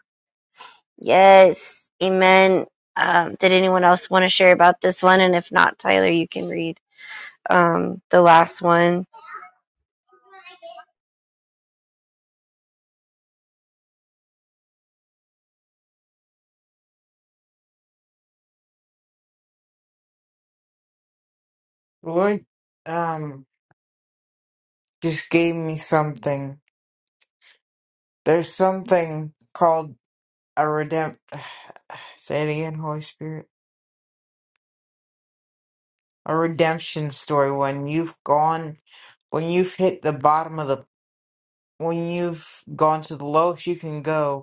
Speaker 2: Yes. Amen. Um, did anyone else want to share about this one? And if not, Tyler, you can read um, the last one.
Speaker 4: Lord, um, just gave me something. There's something called a redemp. Say it again, Holy Spirit. A redemption story when you've gone, when you've hit the bottom of the, when you've gone to the lowest you can go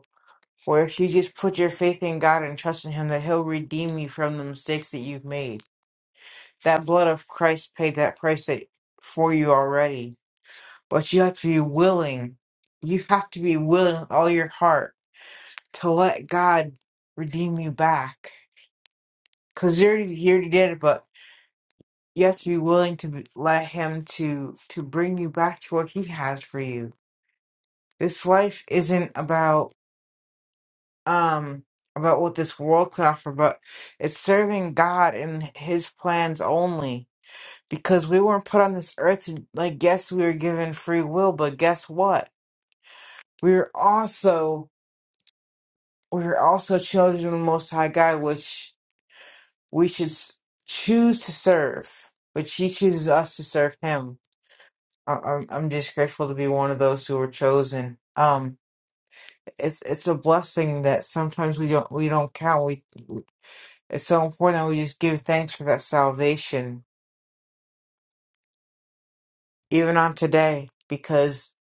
Speaker 4: Or if you just put your faith in God and trust in Him, that He'll redeem you from the mistakes that you've made. That blood of Christ paid that price that, for you already. But you have to be willing. You have to be willing with all your heart to let God redeem you back. Because you already, he already did it, but you have to be willing to be- let Him to to bring you back to what He has for you. This life isn't about. um about what this world could offer, but it's serving God and His plans only. Because we weren't put on this earth to like yes, we were given free will, but guess what? We are also we are also children of the Most High God, which we should s- choose to serve, which He chooses us to serve Him. I- I'm I'm just grateful to be one of those who were chosen. Um, it's it's a blessing that sometimes we don't we don't count. It's so important that we just give thanks for that salvation, even on today, because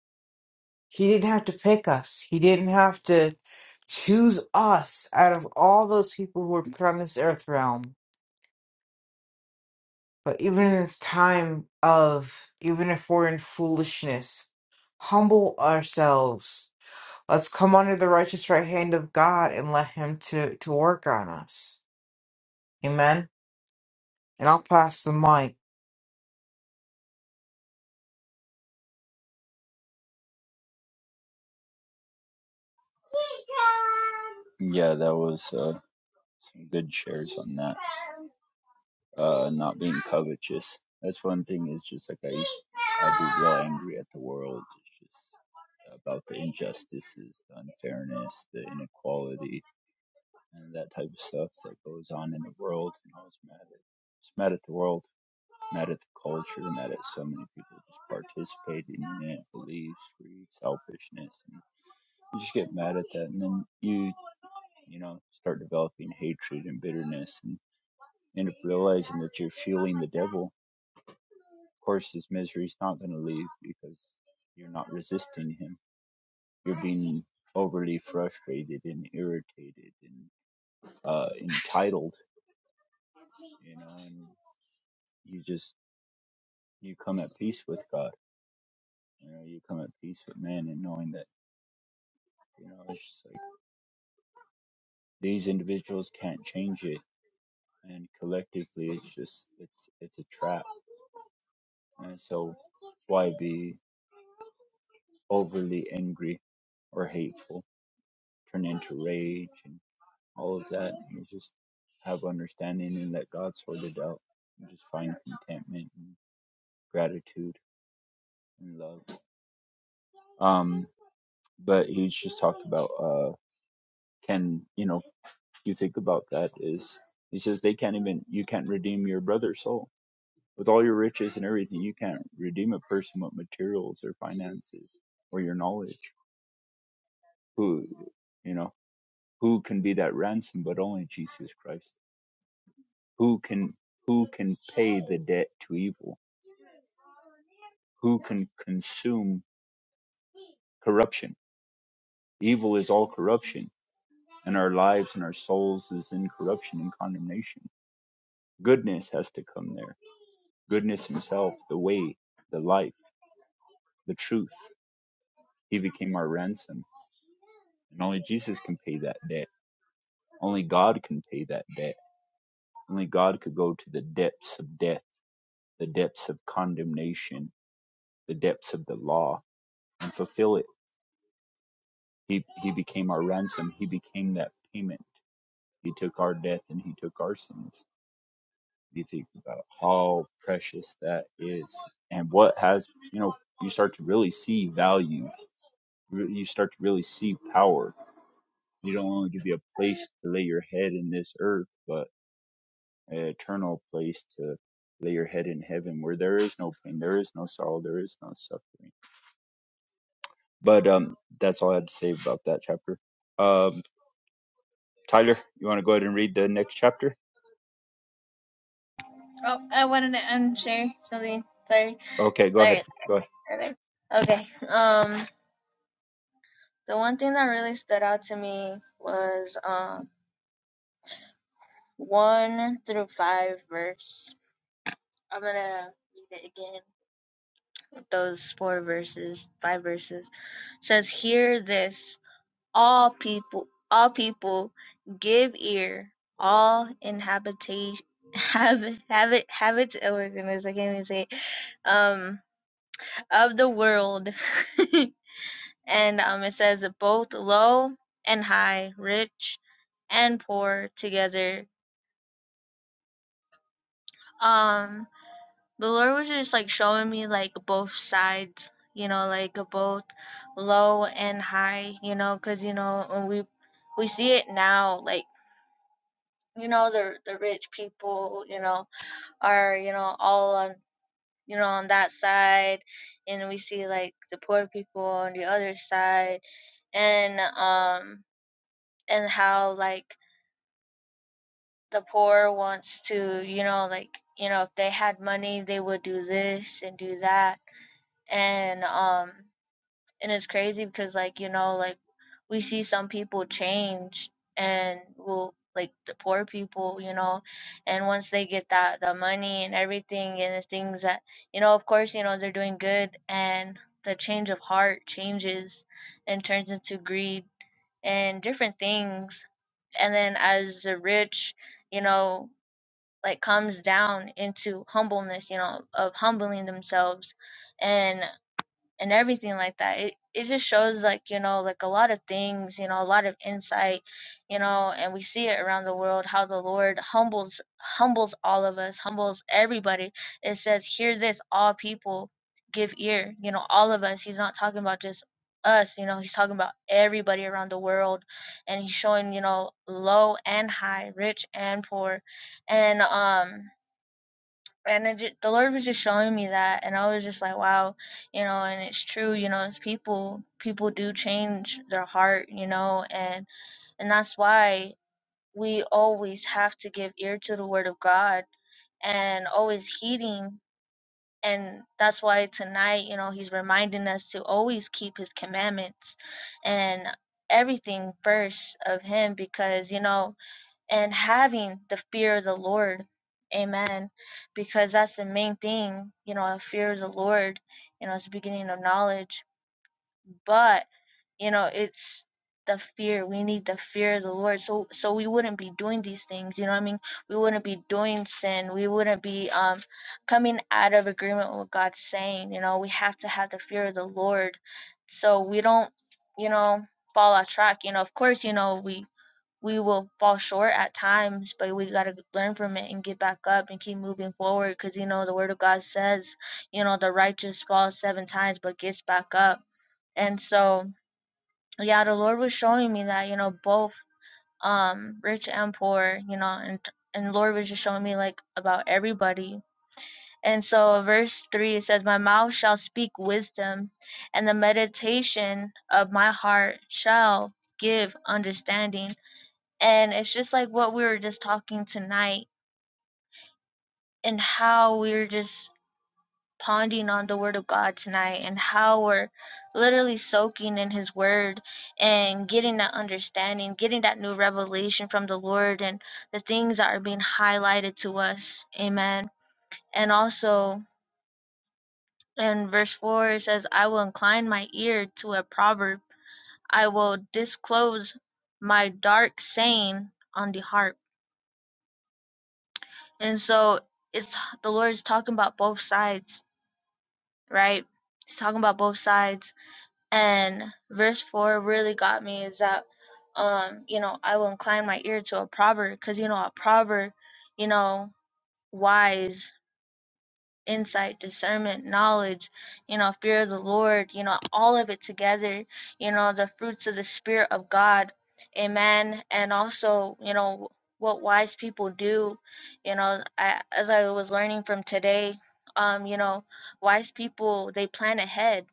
Speaker 4: He didn't have to pick us. He didn't have to choose us out of all those people who were put on this earth realm. But even in this time of, even if we're in foolishness, humble ourselves. Let's come under the righteous right hand of God and let Him to, to work on us. Amen. And I'll pass the mic.
Speaker 1: Yeah, that was. uh some good shares on that. Uh, not being covetous. That's one thing. Is just like I used, I'd be real angry at the world. It's just about the injustices, the unfairness, the inequality, and that type of stuff that goes on in the world. And I was mad at, just mad at the world, mad at the culture, mad at so many people just participating in it, beliefs, greed, selfishness, and you just get mad at that, and then you, you know, start developing hatred and bitterness, and end up realizing that you're fueling the devil. Of course, his misery's not going to leave because you're not resisting him. You're being overly frustrated and irritated and uh, entitled, you know, and you just, you come at peace with God. You know, you come at peace with man and knowing that, you know, it's just like these individuals can't change it. And collectively, it's just, it's, it's a trap. And so why be overly angry or hateful? turn into rage and all of that. You just have understanding and let God sort it out. You just find contentment and gratitude and love. Um, but he's just talked about uh can you know you think about that is he says they can't even you can't redeem your brother's soul with all your riches and everything you can't redeem a person with materials or finances or your knowledge who you know who can be that ransom but only Jesus Christ who can who can pay the debt to evil who can consume corruption evil is all corruption and our lives and our souls is in corruption and condemnation goodness has to come there goodness himself the way the life the truth he became our ransom and only jesus can pay that debt only god can pay that debt only god could go to the depths of death the depths of condemnation the depths of the law and fulfill it He he became our ransom. He became that payment. He took our death and he took our sins. You think about how precious that is and what has, you know, you start to really see value. You start to really see power. You don't only give you a place to lay your head in this earth, but an eternal place to lay your head in heaven where there is no pain, there is no sorrow, there is no suffering. But um that's all I had to say about that chapter. Um Tyler, you want to go ahead and read the next chapter?
Speaker 5: Oh, I wanted to um, share something. Sorry.
Speaker 1: Okay, go ahead.
Speaker 5: Sorry,
Speaker 1: Go ahead.
Speaker 5: earlier. Okay. Um, the one thing that really stood out to me was um one through five verse. I'm gonna read it again. Those four verses, five verses it says, "Hear this, all people, all people, give ear, all inhabitation." Have habit habits. Oh my goodness, I can't even say it. Um, of the world, and um, it says both low and high, rich and poor together. Um, the Lord was just like showing me like both sides, you know, like both low and high, you know, because you know when we we see it now, like you know the the rich people, you know, are you know all on you know on that side, and we see like the poor people on the other side, and um and how like the poor wants to, you know, like, you know, if they had money, they would do this and do that. And um and it's crazy because like, you know, like we see some people change and will like the poor people, you know, and once they get that the money and everything and the things that, you know, of course, you know, they're doing good and the change of heart changes and turns into greed and different things. And then as the rich, you know, like comes down into humbleness you know of humbling themselves and and everything like that. It it just shows like, you know, like a lot of things, you know, a lot of insight, you know, and we see it around the world how the Lord humbles humbles all of us, humbles everybody. It says, Hear this, all people give ear, you know, all of us. He's not talking about just us, you know, he's talking about everybody around the world and he's showing, you know, low and high, rich and poor. And um and it just, the Lord was just showing me that, and I was just like, wow, you know, and it's true, you know, it's people people do change their heart, you know, and and that's why we always have to give ear to the Word of God and always heeding, and that's why tonight, you know, He's reminding us to always keep His commandments and everything first of Him, because you know and having the fear of the Lord. Amen. Because that's the main thing, you know, a fear of the Lord, you know, it's the beginning of knowledge. But, you know, it's the fear. We need the fear of the Lord. So so we wouldn't be doing these things, you know what I mean? We wouldn't be doing sin. We wouldn't be um coming out of agreement with what God's saying. You know, we have to have the fear of the Lord. So we don't, you know, fall off track. You know, of course, you know, we we will fall short at times, but we got to learn from it and get back up and keep moving forward because, you know, the word of God says, you know, the righteous falls seven times but gets back up. And so, yeah, the Lord was showing me that, you know, both um rich and poor, you know, and and Lord was just showing me like about everybody. And so verse 3 it says my mouth shall speak wisdom and the meditation of my heart shall give understanding and it's just like what we were just talking tonight and how we were just pondering on the word of God tonight and how we're literally soaking in his word and getting that understanding, getting that new revelation from the Lord and the things that are being highlighted to us. Amen. And also in verse 4 it says, I will incline my ear to a proverb. I will disclose my dark saying on the harp. And so it's the Lord is talking about both sides, right? He's talking about both sides. And verse four really got me is that, um, you know, I will incline my ear to a proverb because you know a proverb, you know, wise insight, discernment, knowledge, you know, fear of the Lord, you know, all of it together, you know, the fruits of the Spirit of God. Amen. And also, you know, what wise people do, you know, I, as I was learning from today, um, you know, wise people, they plan ahead.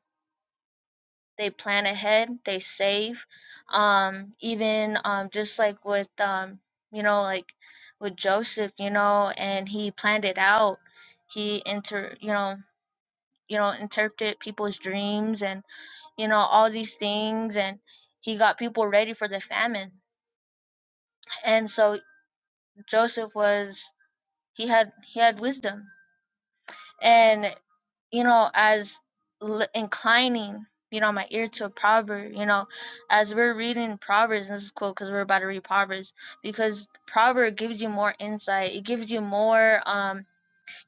Speaker 5: They plan ahead, they save. Um, even um just like with um, you know, like with Joseph, you know, and he planned it out. He enter, you know, you know interpret people's dreams and you know all these things and he got people ready for the famine and so joseph was he had he had wisdom and you know as l- inclining you know my ear to a proverb you know as we're reading proverbs and this is cool because we're about to read proverbs because proverb gives you more insight it gives you more um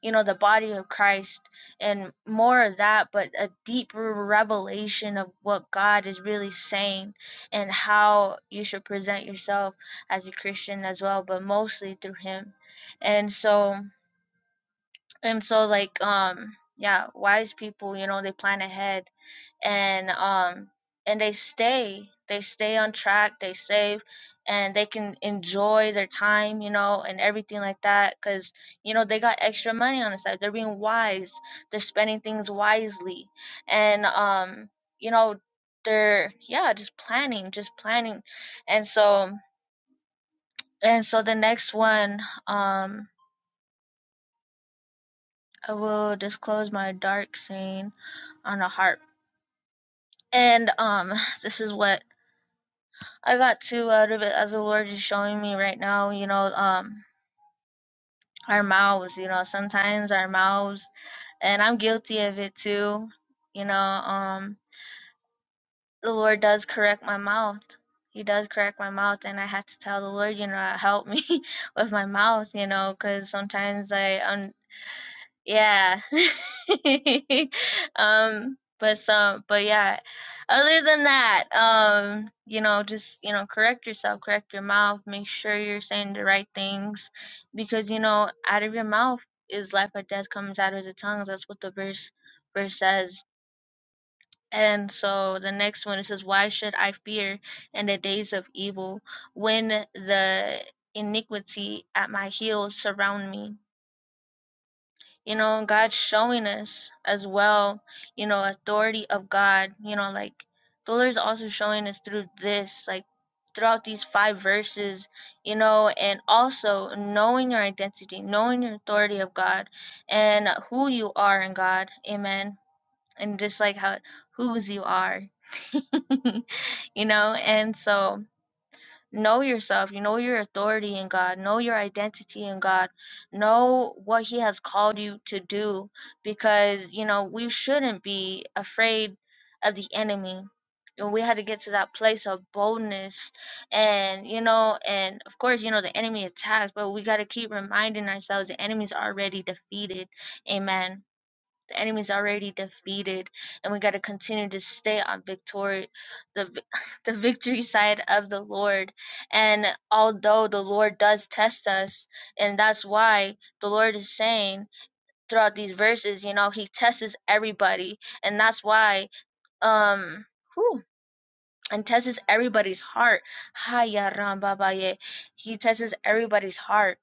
Speaker 5: you know the body of Christ and more of that but a deep revelation of what God is really saying and how you should present yourself as a Christian as well but mostly through him and so and so like um yeah wise people you know they plan ahead and um and they stay they stay on track they save and they can enjoy their time you know and everything like that because you know they got extra money on the side they're being wise they're spending things wisely and um you know they're yeah just planning just planning and so and so the next one um i will disclose my dark scene on a harp and um this is what I got too out of it as the Lord is showing me right now, you know, um, our mouths, you know, sometimes our mouths, and I'm guilty of it too, you know, um, the Lord does correct my mouth. He does correct my mouth, and I had to tell the Lord, you know, help me with my mouth, you know, because sometimes I, un- Yeah. um, but some, but yeah. Other than that, um, you know, just, you know, correct yourself, correct your mouth, make sure you're saying the right things because, you know, out of your mouth is life or death comes out of the tongues. That's what the verse verse says. And so the next one it says, Why should I fear in the days of evil when the iniquity at my heels surround me? you know god's showing us as well you know authority of god you know like the lord's also showing us through this like throughout these five verses you know and also knowing your identity knowing your authority of god and who you are in god amen and just like how whose you are you know and so know yourself you know your authority in god know your identity in god know what he has called you to do because you know we shouldn't be afraid of the enemy and we had to get to that place of boldness and you know and of course you know the enemy attacks but we got to keep reminding ourselves the enemy's already defeated amen the enemy's already defeated, and we got to continue to stay on victory, the the victory side of the Lord. And although the Lord does test us, and that's why the Lord is saying throughout these verses, you know, He tests everybody, and that's why um. whew, and tests everybody's heart. He tests everybody's heart.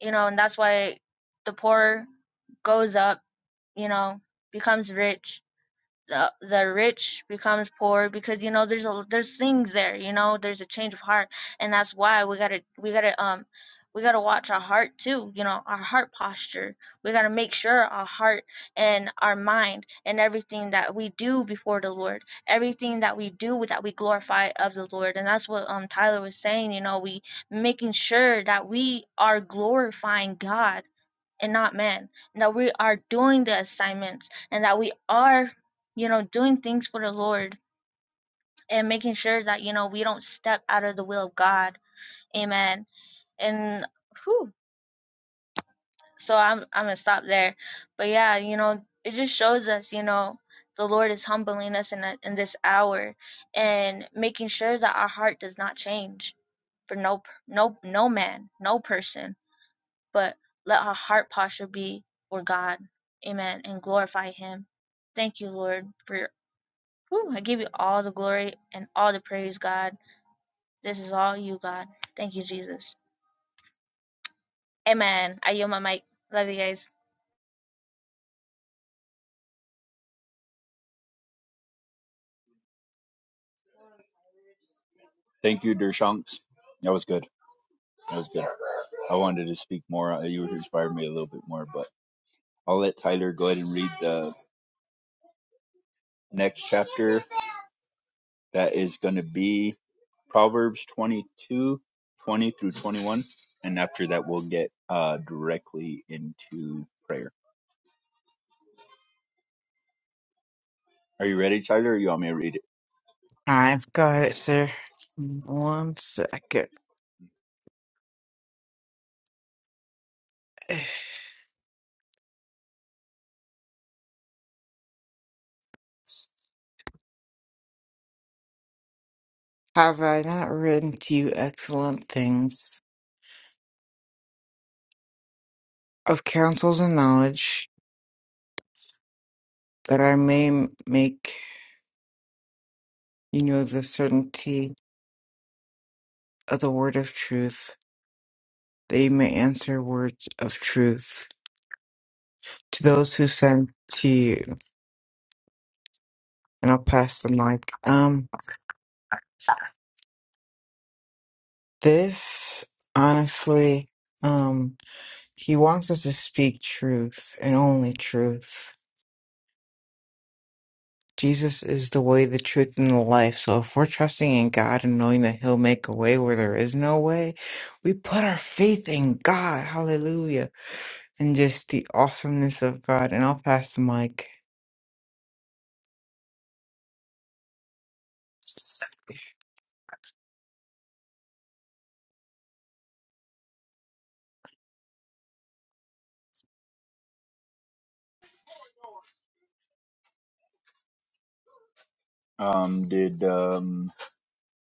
Speaker 5: You know, and that's why the poor goes up, you know, becomes rich, the the rich becomes poor because you know there's a there's things there you know there's a change of heart and that's why we gotta we gotta um we gotta watch our heart too you know our heart posture we gotta make sure our heart and our mind and everything that we do before the lord everything that we do that we glorify of the lord and that's what um tyler was saying you know we making sure that we are glorifying god and not man. and that we are doing the assignments and that we are you know doing things for the lord and making sure that you know we don't step out of the will of god amen and whew, so i'm i'm gonna stop there but yeah you know it just shows us you know the lord is humbling us in, a, in this hour and making sure that our heart does not change for no no no man no person but let our heart posture be for God. Amen. And glorify Him. Thank you, Lord, for your. Whew, I give you all the glory and all the praise, God. This is all you, God. Thank you, Jesus. Amen. I yield my mic. Love you guys.
Speaker 1: Thank you, Dershanks. That was good. That was good. I wanted to speak more. uh, You inspired me a little bit more, but I'll let Tyler go ahead and read the next chapter. That is going to be Proverbs 22, 20 through 21. And after that, we'll get uh, directly into prayer. Are you ready, Tyler, or you want me to read it?
Speaker 4: All right, got it, sir. One second. Have I not written to you excellent things of counsels and knowledge, that I may m- make you know the certainty of the word of truth, that you may answer words of truth to those who send to you? And I'll pass the mic. Um, this honestly, um, he wants us to speak truth and only truth. Jesus is the way, the truth, and the life. So if we're trusting in God and knowing that He'll make a way where there is no way, we put our faith in God. Hallelujah. And just the awesomeness of God. And I'll pass the mic.
Speaker 1: Um, did um,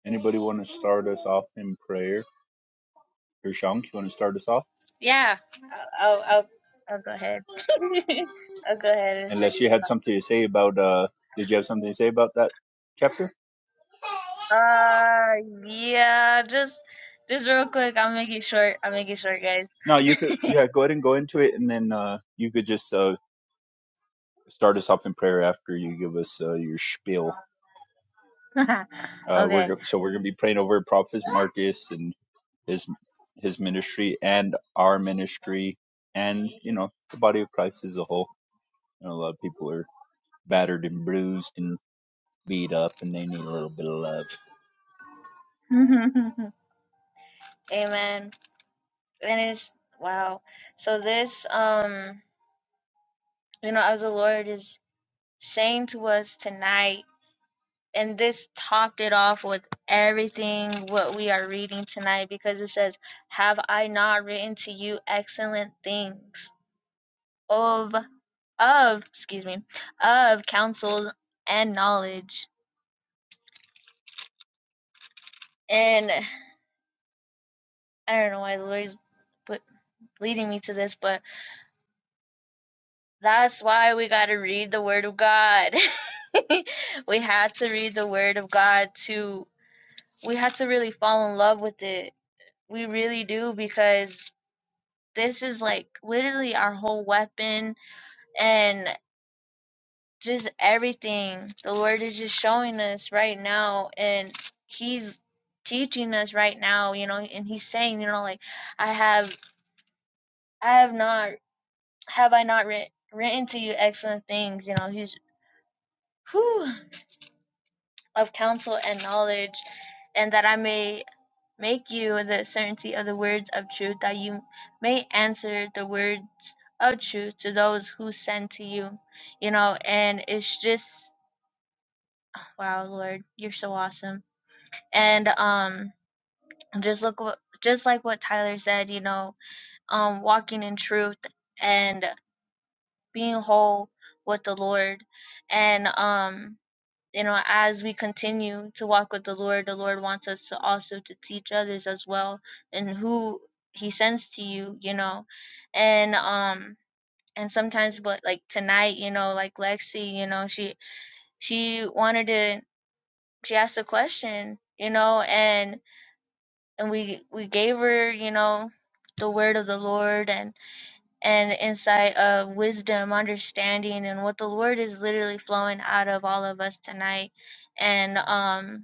Speaker 1: Anybody want to start us off in prayer? Or Shank, you want to start us off?
Speaker 5: Yeah. I'll, I'll, I'll, I'll go ahead. I'll go ahead and show
Speaker 1: Unless
Speaker 5: you.
Speaker 1: you had something to say about, uh, did you have something to say about that chapter?
Speaker 5: Uh, yeah, just, just real quick. I'll make it short. I'll make it short, guys.
Speaker 1: No, you could, yeah, go ahead and go into it, and then uh, you could just uh, start us off in prayer after you give us uh, your spiel. Uh, we're
Speaker 5: okay.
Speaker 1: go- so we're gonna be praying over Prophet Marcus and his his ministry and our ministry, and you know the body of Christ as a whole. You know, a lot of people are battered and bruised and beat up, and they need a little bit of love.
Speaker 5: Amen. and it's wow. So this um you know as the Lord is saying to us tonight and this topped it off with everything what we are reading tonight because it says, Have I not written to you excellent things of of excuse me of counsel and knowledge and I don't know why the Lord's put leading me to this, but. That's why we got to read the Word of God. we had to read the Word of God to, we had to really fall in love with it. We really do because this is like literally our whole weapon and just everything. The Lord is just showing us right now and He's teaching us right now, you know, and He's saying, you know, like, I have, I have not, have I not writ- written to you excellent things, you know, He's, whew, of counsel and knowledge, and that I may make you the certainty of the words of truth, that you may answer the words of truth to those who send to you. You know, and it's just wow, Lord, you're so awesome. And um just look what just like what Tyler said, you know, um walking in truth and being whole with the Lord. And um you know as we continue to walk with the lord the lord wants us to also to teach others as well and who he sends to you you know and um and sometimes but like tonight you know like lexi you know she she wanted to she asked a question you know and and we we gave her you know the word of the lord and and insight of wisdom understanding and what the lord is literally flowing out of all of us tonight and um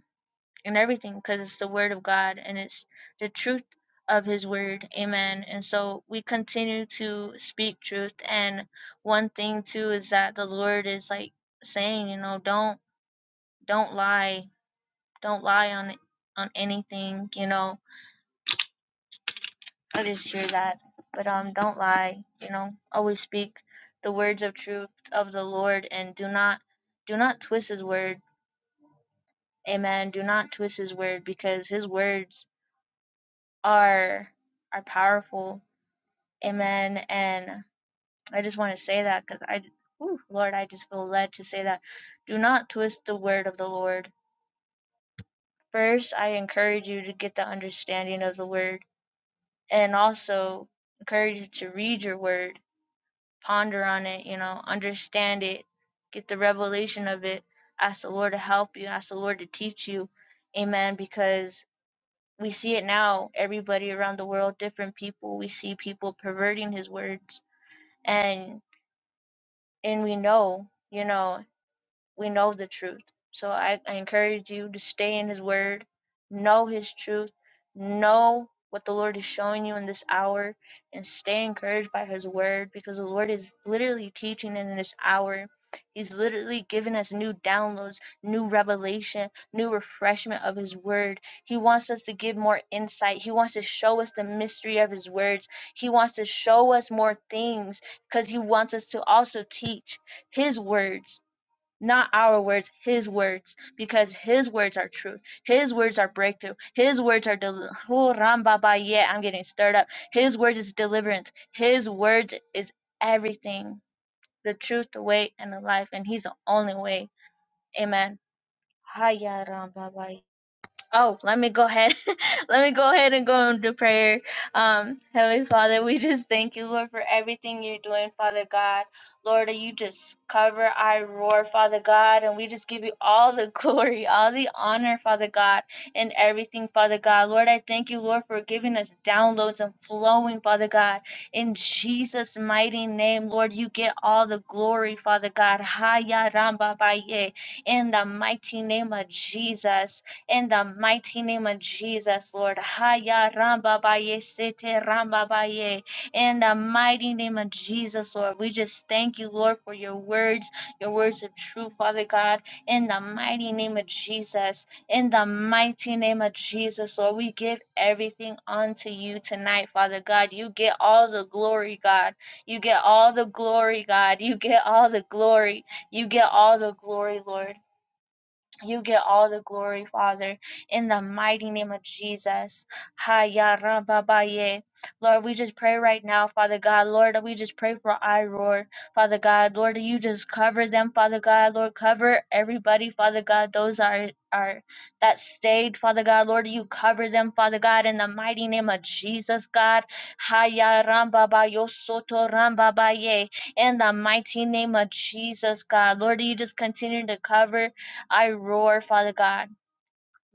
Speaker 5: and everything because it's the word of God and it's the truth of his word. Amen. And so we continue to speak truth and one thing too is that the Lord is like saying, you know, don't don't lie. Don't lie on on anything, you know. I just hear that. But um don't lie, you know. Always speak the words of truth of the Lord and do not do not twist his word. Amen. Do not twist his word because his words are are powerful. Amen. And I just want to say that because I, whew, Lord, I just feel led to say that. Do not twist the word of the Lord. First, I encourage you to get the understanding of the word, and also encourage you to read your word, ponder on it. You know, understand it, get the revelation of it. Ask the Lord to help you. Ask the Lord to teach you. Amen. Because we see it now everybody around the world different people we see people perverting his words and and we know you know we know the truth. So I, I encourage you to stay in His Word, know His truth, know what the Lord is showing you in this hour, and stay encouraged by His Word because the Lord is literally teaching in this hour. He's literally giving us new downloads, new revelation, new refreshment of His Word. He wants us to give more insight. He wants to show us the mystery of His words. He wants to show us more things because He wants us to also teach His words not our words, his words, because his words are truth. His words are breakthrough. His words are del- oh, Rambaba, yeah, I'm getting stirred up. His words is deliverance. His words is everything. The truth, the way, and the life, and he's the only way. Amen. Hiya Rambaba. Oh, let me go ahead Let me go ahead and go into prayer. Um, Heavenly Father, we just thank you, Lord, for everything you're doing, Father God. Lord, you just cover our roar, Father God, and we just give you all the glory, all the honor, Father God, and everything, Father God. Lord, I thank you, Lord, for giving us downloads and flowing, Father God. In Jesus' mighty name, Lord, you get all the glory, Father God. Haya Ramba Baye. In the mighty name of Jesus. In the mighty name of Jesus, Lord. Haya ramba baye sete ramba baye. In the mighty name of Jesus, Lord, we just thank you, Lord, for your words, your words of truth, Father God. In the mighty name of Jesus, in the mighty name of Jesus, Lord, we give everything unto you tonight, Father God. You get all the glory, God. You get all the glory, God. You get all the glory. You get all the glory, Lord. You get all the glory, Father, in the mighty name of Jesus. Ha Haya rababaye. Lord, we just pray right now, Father God. Lord, we just pray for Iroar, Father God. Lord, you just cover them, Father God. Lord, cover everybody, Father God. Those are are that stayed, Father God. Lord, you cover them, Father God, in the mighty name of Jesus, God. Ha Haya rambabayo soto rambabaye. In the mighty name of Jesus, God. Lord, you just continue to cover. I roar, Father God.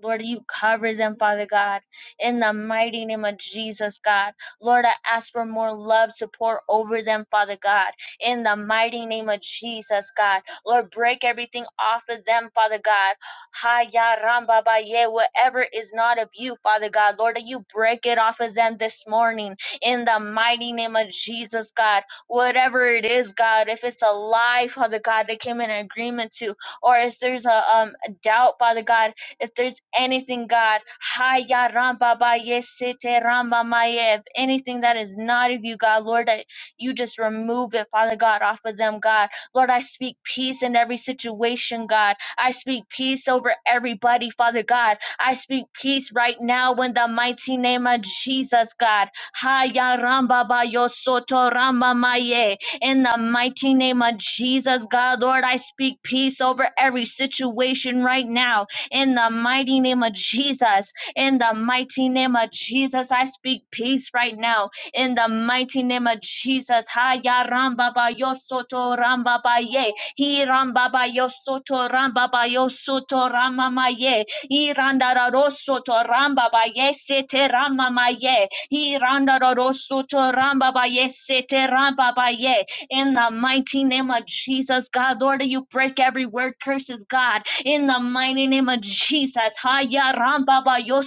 Speaker 5: Lord, you cover them, Father God, in the mighty name of Jesus, God. Lord, I ask for more love to pour over them, Father God, in the mighty name of Jesus, God. Lord, break everything off of them, Father God. Ha ya ram ba ba ye, whatever is not of you, Father God. Lord, that you break it off of them this morning, in the mighty name of Jesus, God. Whatever it is, God, if it's a lie, Father God, they came in agreement to, or if there's a um doubt, Father God if there's anything, God, Haya Ramba ba sete Ramba maye, if anything that is not of you, God, Lord, that you just remove it, Father God, off of them, God. Lord, I speak peace in every situation, God. I speak peace over everybody, Father God. I speak peace right now in the mighty name of Jesus, God. Haya Ramba ba soto Ramba maye. In the mighty name of Jesus, God, Lord, I speak peace over every situation right now in the mighty name of Jesus. In the mighty name of Jesus, I speak peace right now. In the mighty name of Jesus, Haya Ramba ba yo soto Ramba ba ye, He Ramba ba yo soto Ramba ba yo soto Rama ma ye, He Randa ra ro soto Ramba ba ye sete Rama ma ye, He Randa ra ro soto Ramba ba ye sete Ramba ba ye. In the mighty name of Jesus, God, Lord, you break every word curses, God in the mighty name of Jesus. Haya ramba ba yo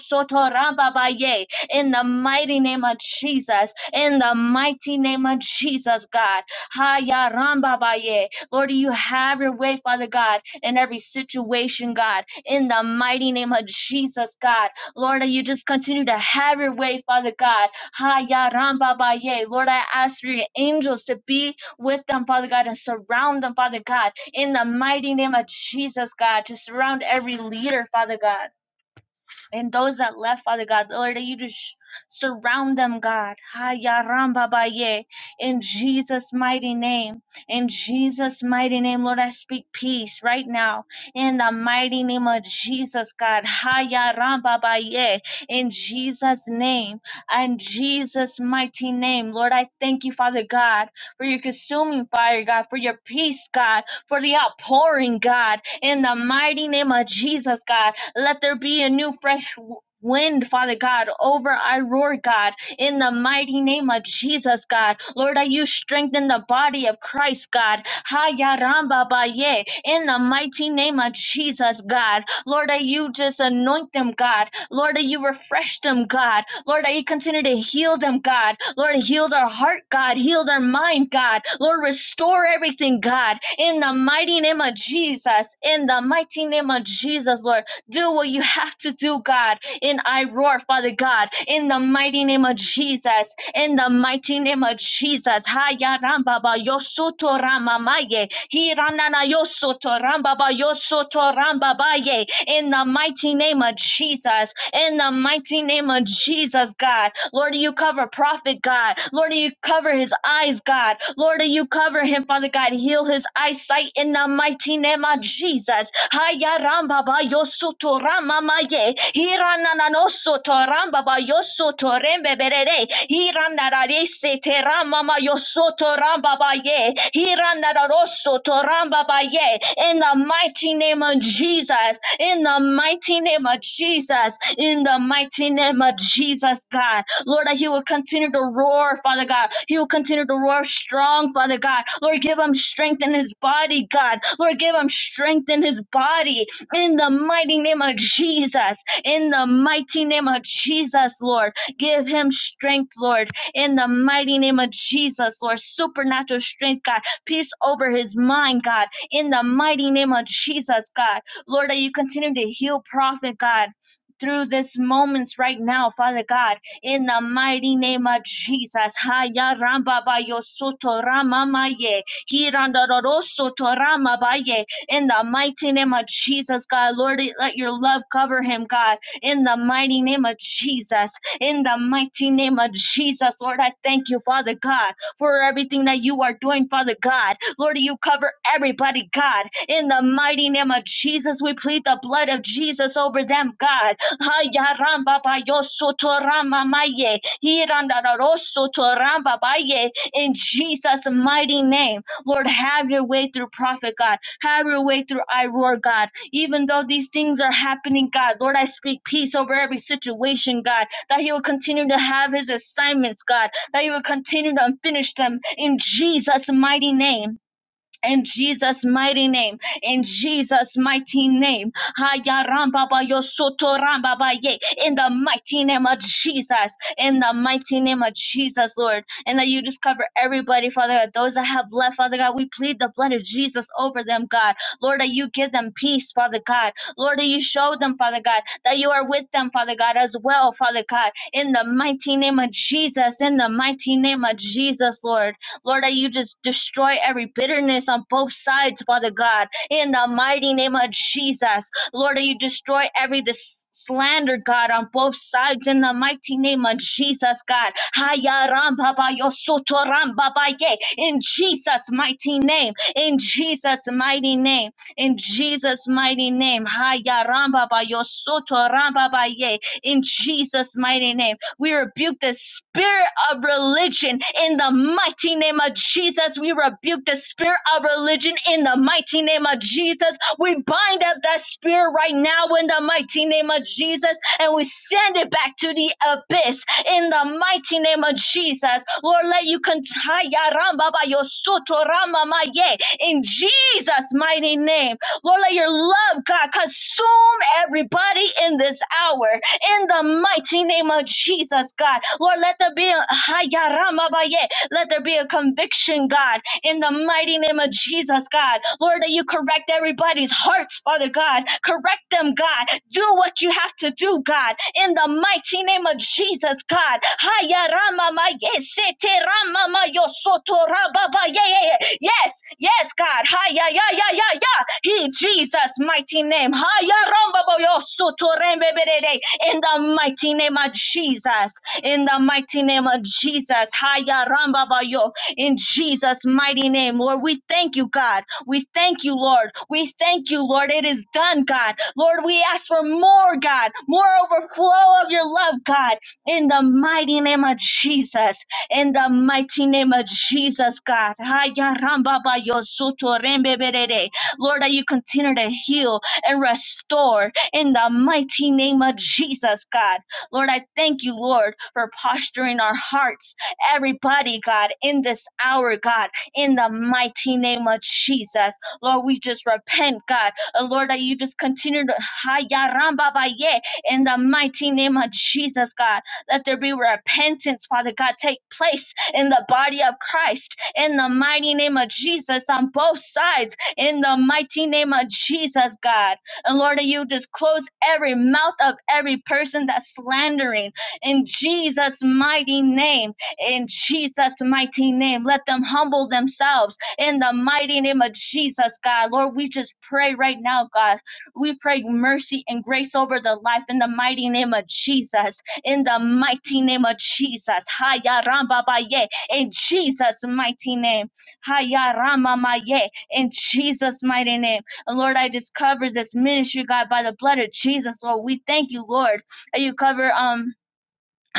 Speaker 5: ye. In the mighty name of Jesus. In the mighty name of Jesus, God. Haya ramba ba ye. Lord, you have your way, Father God, in every situation, God. In the mighty name of Jesus, God. Lord, you just continue to have your way, Father God. Haya ramba ba ye. Lord, I ask for your angels to be with them, Father God, and surround them, Father God in the mighty name of Jesus, God, to surround every leader, Father God. And those that left, Father God, Lord, that you just surround them, God. Ha, ya, ram, ba, ba, ye. In Jesus' mighty name. In Jesus' mighty name, Lord, I speak peace right now. In the mighty name of Jesus, God. Ha, ya, ram, ba, ba, ye. In Jesus' name. In Jesus' mighty name, Lord, I thank you, Father God, for your consuming fire, God, for your peace, God, for the outpouring, God. In the mighty name of Jesus, God. Let there be a new fresh wind, Father God, over our Lord God, in the mighty name of Jesus, God. Lord, that you strengthen the body of Christ, God. Haya ramba ba ye, In the mighty name of Jesus, God. Lord, that you just anoint them, God. Lord, that you refresh them, God. Lord, that you continue to heal them, God. Lord, heal their heart, God. Heal their mind, God. Lord, restore everything, God. In the mighty name of Jesus. In the mighty name of Jesus, Lord. Do what you have to do, God. And I roar, Father God, in the mighty name of Jesus. In the mighty name of Jesus. Haya rambaba yosoto ramamaye. Hiranana yosoto rambaba yosoto rambabaye in the mighty name of Jesus. In the mighty name of Jesus, God. Lord, you cover prophet, God. Lord, you cover his eyes, God. Lord, you cover him, Father God. Heal his eyesight in the mighty name of Jesus. Haya ramba ba yo soto rama ma ye. Ananano soto ba yo berere. Hiranda rare se te rama ma yo soto ramba ba ye. Hiranda raro ba ye. In the mighty name of Jesus. In the mighty name of Jesus. In the mighty name of Jesus, God. Lord, that he will continue to roar, Father God. He will continue to roar strong, Father God. Lord, give him strength in his body, God. Lord, give him strength in his body in the mighty name of Jesus in the mighty name of Jesus, Lord. Give him strength, Lord, in the mighty name of Jesus, Lord. Supernatural strength, God. Peace over his mind, God, in the mighty name of Jesus, God. Lord, that you continue to heal prophet, God. Through this moments right now, Father God, in the mighty name of Jesus, Haya Ramba Bayo Soto Rama Maye, Hiranda Roro Soto Rama Baye, in the mighty name of Jesus, God, Lord, let your love cover him, God. In the mighty name of Jesus, in the mighty name of Jesus, Lord, I thank you, Father God, for everything that you are doing, Father God. Lord, you cover everybody, God. In the mighty name of Jesus, we plead the blood of Jesus over them, God. Haya ramba ba yo soto rama maye. Hiranda da ro soto ramba ba In Jesus' mighty name, Lord, have your way through prophet God. Have your way through I roar, God. Even though these things are happening, God, Lord, I speak peace over every situation, God, that He will continue to have His assignments, God, that He will continue to finish them in Jesus' mighty name in Jesus' mighty name, in Jesus' mighty name, Haya in the mighty name of Jesus, in the mighty name of Jesus, Lord, and that you just cover everybody, Father God, those that have left, Father God, we plead the blood of Jesus over them, God, Lord, that you give them peace, Father God, Lord, that you show them, Father God, that you are with them, Father God, as well, Father God, in the mighty name of Jesus, in the mighty name of Jesus, Lord. Lord, that you just destroy every bitterness on both sides, Father God, in the mighty name of Jesus. Lord, that you destroy every dis- slander, God, on both sides in the mighty name of Jesus, God. Haya ram baba yo soto ram baba ye. In Jesus' mighty name, in Jesus' mighty name, in Jesus' mighty name. Haya ram baba yo soto ram baba ye. In Jesus' mighty name. We rebuke the spirit of religion in the mighty name of Jesus. We rebuke the spirit of religion in the mighty name of Jesus. We bind up that spirit right now in the mighty name of Jesus and we send it back to the abyss in the mighty name of Jesus. Lord, let you contaya ramba in Jesus' mighty name. Lord, let your love, God, consume everybody in this hour in the mighty name of Jesus, God. Lord, let there be a Hayaramabaye. let there be a conviction, God, in the mighty name of Jesus, God. Lord, that you correct everybody's hearts, Father God. Correct them, God. Do what you have to do, God, in the mighty name of Jesus, God. Hayaramamaye, seteramamayosotorababaye. Yes, yes, God. Haya, ya, ya, ya, ya. In Jesus' mighty name. Haya, romba, in the mighty name of Jesus. In the mighty name of Jesus. Haya ramba bayo. In Jesus' mighty name, Lord, we thank you, God. We thank you, Lord. We thank you, Lord. It is done, God. Lord, we ask for more, God, more overflow of your love, God. In the mighty name of Jesus. In the mighty name of Jesus, God. Haya ramba bayo soto rembe berere. Lord, that you continue to heal and restore in the mighty name of Jesus, God. Lord, I thank you, Lord, for posturing our hearts, everybody, God, in this hour, God, in the mighty name of Jesus. Lord, we just repent, God. Uh, Lord, that you just continue to Haya ramba ba in the mighty name of Jesus, God. Let there be repentance, Father God, take place in the body of Christ, in the mighty name of Jesus, on both sides, in the mighty name of Jesus, God. And Lord, that you just close every mouth of every person that's slandering in Jesus' mighty name. In Jesus' mighty name, let them humble themselves in the mighty name of Jesus, God. Lord, we just pray right now, God. We pray mercy and grace over the life in the mighty name of Jesus. In the mighty name of Jesus. Haya ramba ba ye. In Jesus' mighty name. Haya rama ma ye. In Jesus' mighty name. And Lord, I just cover this ministry, God, by the blood of Jesus, Lord. We thank you, Lord, that you cover um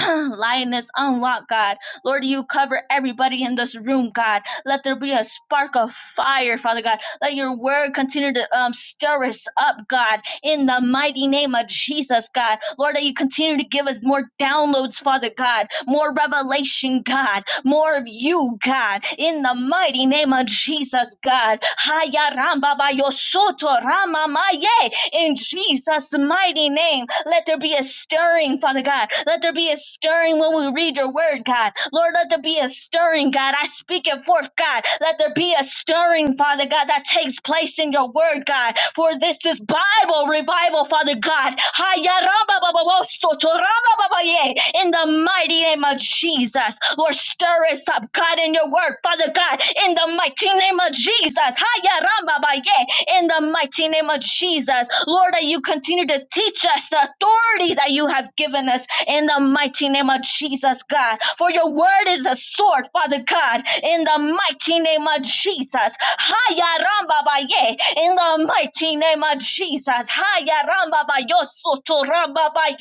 Speaker 5: Lioness unlock, God. Lord, you cover everybody in this room, God. Let there be a spark of fire, Father God. Let your word continue to um, stir us up, God, in the mighty name of Jesus, God. Lord, that you continue to give us more downloads, Father God, more revelation, God, more of you, God, in the mighty name of Jesus, God. Haya ramba ba yo soto rama maye in Jesus' mighty name. Let there be a stirring, Father God. Let there be a stirring when we read your word, God. Lord, let there be a stirring, God. I speak it forth, God. Let there be a stirring, Father God, that takes place in your word, God. For this is Bible revival, Father God. Ha-ya-ra-ba-ba-ba-wo-so-to-ra-ba-ba-ba-ye. In the mighty name of Jesus, Lord, stir us up, God, in your word, Father God. In the mighty name of Jesus. Ha-ya-ra-ba-ba-ye in the mighty name of Jesus. Lord, that you continue to teach us the authority that you have given us in the mighty name of Jesus, God. For your word is a sword, Father God, in the mighty name of Jesus. Haya ramba Baye. In the mighty name of Jesus. Haya ramba Bayo soto ramba Baye.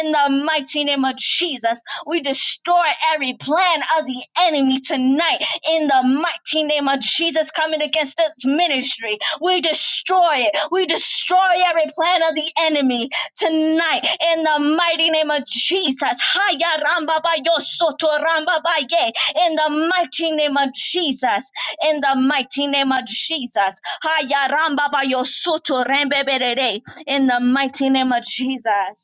Speaker 5: In the mighty name of Jesus. We destroy every plan of the enemy tonight in the mighty name of Jesus coming against this ministry we destroy it. We destroy every plan of the enemy tonight in the mighty name of Jesus. Haya ramba ba yo soto ramba ba ye. In the mighty name of Jesus. In the mighty name of Jesus. Haya ramba ba yo soto rembe berere. In the mighty name of Jesus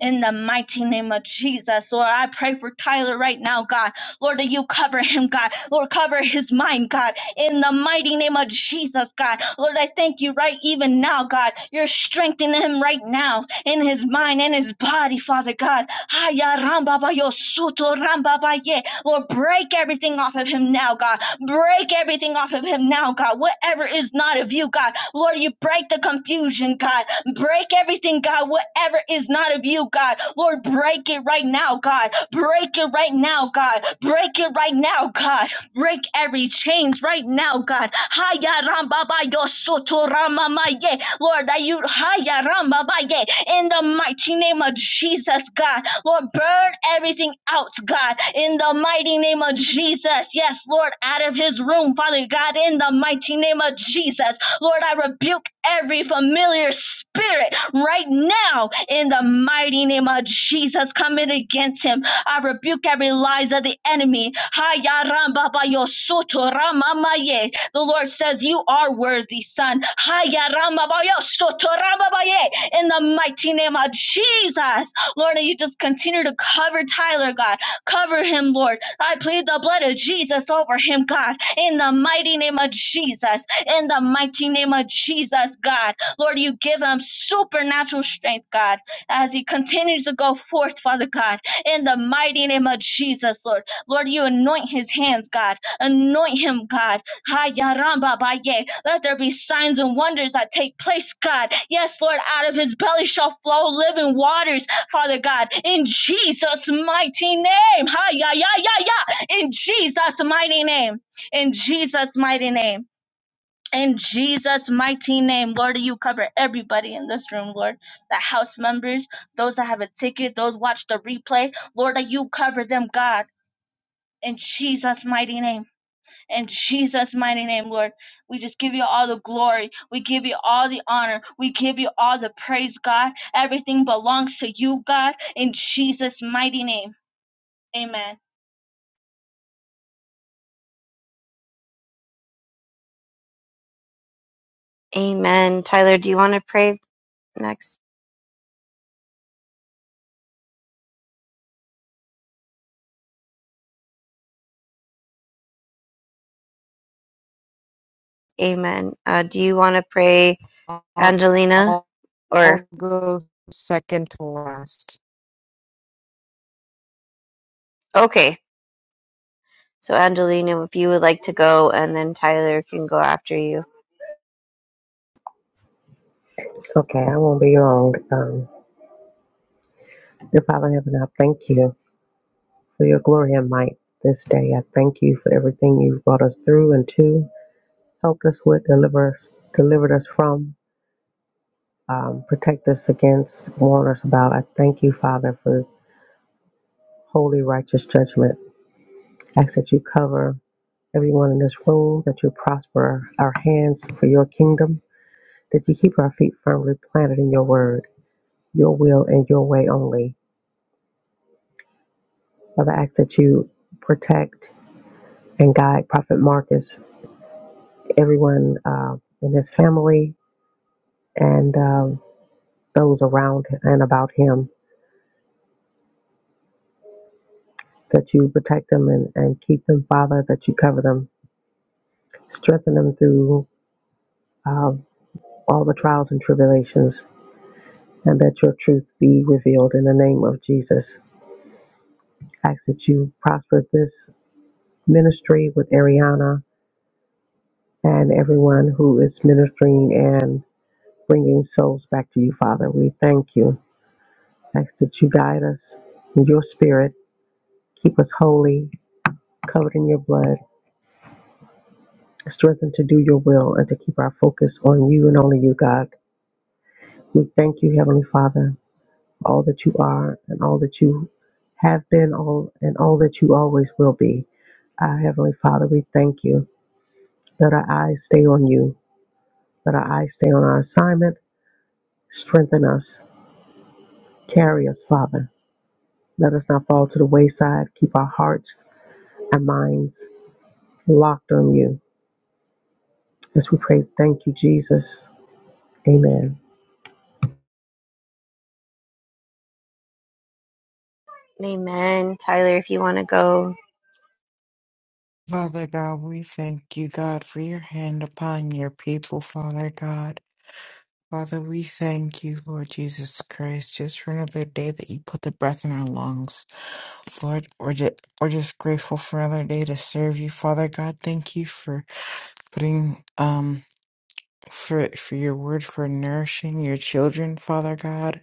Speaker 5: in the mighty name of Jesus. Lord, I pray for Tyler right now, God. Lord, that you cover him, God. Lord, cover his mind, God. In the mighty name of Jesus, God. Lord, I thank you right even now, God. You're strengthening him right now in his mind and his body, Father God. Haya ramba ba yo suto ramba ba ye. Lord, break everything off of him now, God. Break everything off of him now, God. Whatever is not of you, God. Lord, you break the confusion, God Break everything, God. Whatever is not of you, God. Lord, break it right now, God. Break it right now, God. Break it right now, God. Break every chains right now, God. Haya ramba ba yo soto rama ma ye. Lord, that you haya ramba ba ye. in the mighty name of Jesus, God. Lord, burn everything out, God, in the mighty name of Jesus. Yes, Lord, out of his room, Father God, in the mighty name of Jesus. Lord, I rebuke every familiar spirit right now in the mighty name of Jesus coming against him. I rebuke every lies of the enemy. The Lord says, You are worthy, son. In the mighty name of Jesus. Lord, and you just continue to cover Tyler, God. Cover him, Lord. I plead the blood of Jesus over him, God. In the mighty name of Jesus in the mighty name of Jesus, God. Lord, you give him supernatural strength, God, as he continues to go forth, Father God, in the mighty name of Jesus, Lord. Lord, you anoint his hands, God. Anoint him, God. Ha, ya, ram, Let there be signs and wonders that take place, God. Yes, Lord, out of his belly shall flow living waters, Father God, in Jesus' mighty name. Ha, ya, ya, ya. In Jesus' mighty name. In Jesus' mighty name. In Jesus' mighty name, Lord, you cover everybody in this room, Lord. The house members, those that have a ticket, those watch the replay, Lord, that you cover them, God. In Jesus' mighty name. In Jesus' mighty name, Lord. We just give you all the glory. We give you all the honor. We give you all the praise, God. Everything belongs to you, God. In Jesus' mighty name. Amen.
Speaker 2: Amen. Tyler, do you want to pray next? Amen. Uh, do you want to pray,
Speaker 4: I'll,
Speaker 2: Angelina?
Speaker 4: I'll,
Speaker 2: or
Speaker 4: I'll go second to last.
Speaker 2: Okay. So Angelina, if you would like to go, and then Tyler can go after you.
Speaker 3: Okay, I won't be long. Um, dear Father in Heaven, I thank you for your glory and might this day. I thank you for everything you've brought us through and to, helped us with, deliver us, delivered us from, um, protect us against, warn us about. I thank you, Father, for holy, righteous judgment. I ask that you cover everyone in this room, that you prosper our hands for your kingdom, that you keep our feet firmly planted in your word, your will, and your way only. Father, I ask that you protect and guide Prophet Marcus, everyone uh, in his family, and um those around and about him, that you protect them and, and keep them, Father, that you cover them, strengthen them through um all the trials and tribulations, and that your truth be revealed in the name of Jesus. ask that you prosper this ministry with Ariana and everyone who is ministering and bringing souls back to you, Father. We thank you. Ask that you guide us in your spirit, keep us holy, covered in your blood, strengthen to do your will, and to keep our focus on you and only you, God. We thank you, Heavenly Father, for all that you are and all that you have been all and all that you always will be. Our Heavenly Father, we thank you. Let our eyes stay on you. Let our eyes stay on our assignment. Strengthen us. Carry us, Father. Let us not fall to the wayside. Keep our hearts and minds locked on you. As we pray, thank you, Jesus. Amen.
Speaker 2: Amen. Tyler, if you want to go.
Speaker 4: Father God, we thank you, God, for your hand upon your people, Father God. Father, we thank you, Lord Jesus Christ, just for another day that you put the breath in our lungs. Lord, we're just, we're just grateful for another day to serve you. Father God, thank you for putting, um, for, for your word, for nourishing your children, Father God.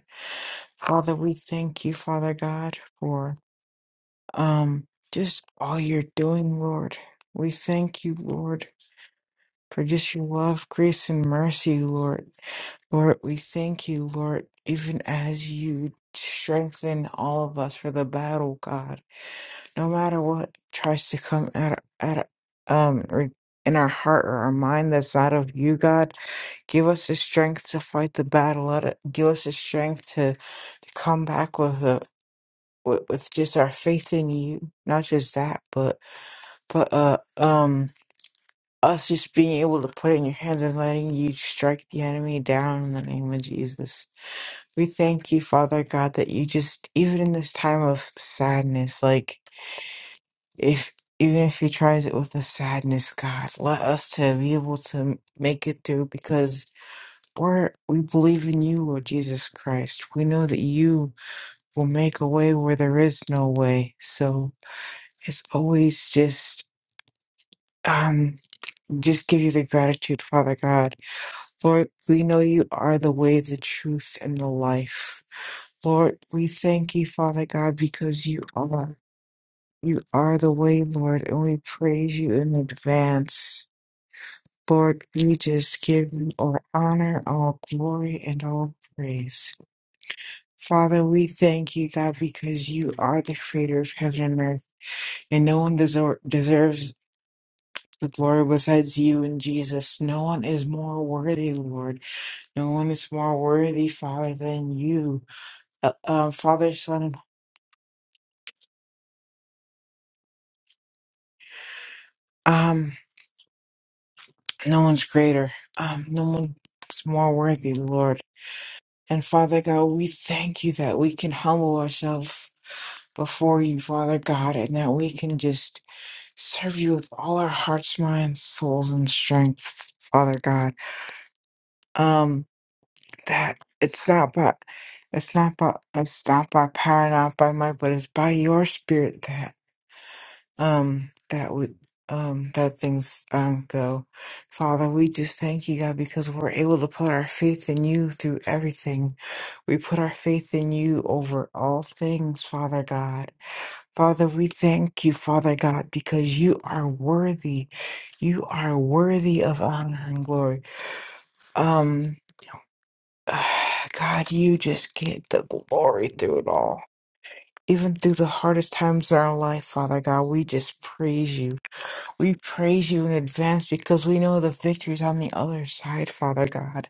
Speaker 4: Father, we thank you, Father God, for, um, just all you're doing, Lord. We thank you, Lord. For just your love, grace, and mercy, Lord. Lord, we thank you, Lord, even as you strengthen all of us for the battle, God. No matter what tries to come at at um re- in our heart or our mind that's out of you, God, give us the strength to fight the battle. Let it, give us the strength to, to come back with a with, with just our faith in you. Not just that, but but uh um us just being able to put it in your hands and letting you strike the enemy down in the name of Jesus. We thank you, Father God, that you just, even in this time of sadness, like if even if he tries it with a sadness, God, let us to be able to make it through because we're we believe in you, Lord Jesus Christ. We know that you will make a way where there is no way. So it's always just um just give you the gratitude, Father God Lord, we know you are the way, the truth, and the life. Lord, we thank you, Father God, because you are. You are the way, Lord, and we praise you in advance. Lord, we just give you all honor, all glory, and all praise. Father, we thank you, God, because you are the creator of heaven and earth, and no one deser- deserves the glory besides you and Jesus. No one is more worthy, Lord. No one is more worthy, Father, than you. Uh, um, Father, Son, um, no one's greater. Um, no one's more worthy, Lord. And Father God, we thank you that we can humble ourselves before you, Father God, and that we can just serve you with all our hearts, minds, souls, and strengths, Father God. Um, that it's not by, it's not by, it's not by power, not by might, but it's by your spirit that um that would um that things um go father we just thank you god because we're able to put our faith in you through everything we put our faith in you over all things father god father we thank you father god because you are worthy you are worthy of honor and glory um god you just get the glory through it all even through the hardest times in our life father god we just praise you we praise you in advance because we know the victory is on the other side, Father God.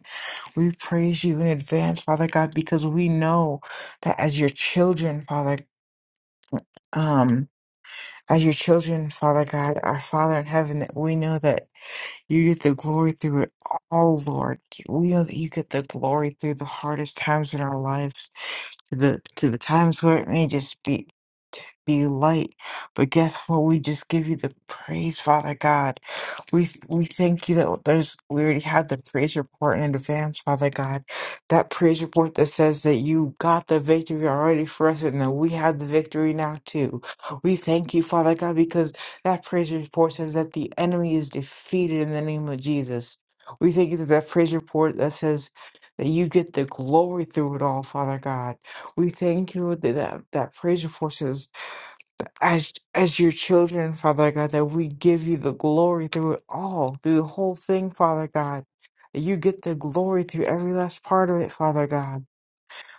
Speaker 4: We praise you in advance, Father God, because we know that as your children, Father, um, as your children, Father God, our Father in heaven, that we know that you get the glory through it all, Lord. We know that you get the glory through the hardest times in our lives, to the to the times where it may just be be light. But guess what? We just give you the praise, Father God. We we thank you that there's we already had the praise report in advance, Father God. That praise report that says that you got the victory already for us and that we have the victory now too. We thank you, Father God, because that praise report says that the enemy is defeated in the name of Jesus. We thank you that that praise report that says that you get the glory through it all, Father God. We thank you that that, that praise report says as as your children, Father God, that we give you the glory through it all, through the whole thing, Father God. That you get the glory through every last part of it, Father God.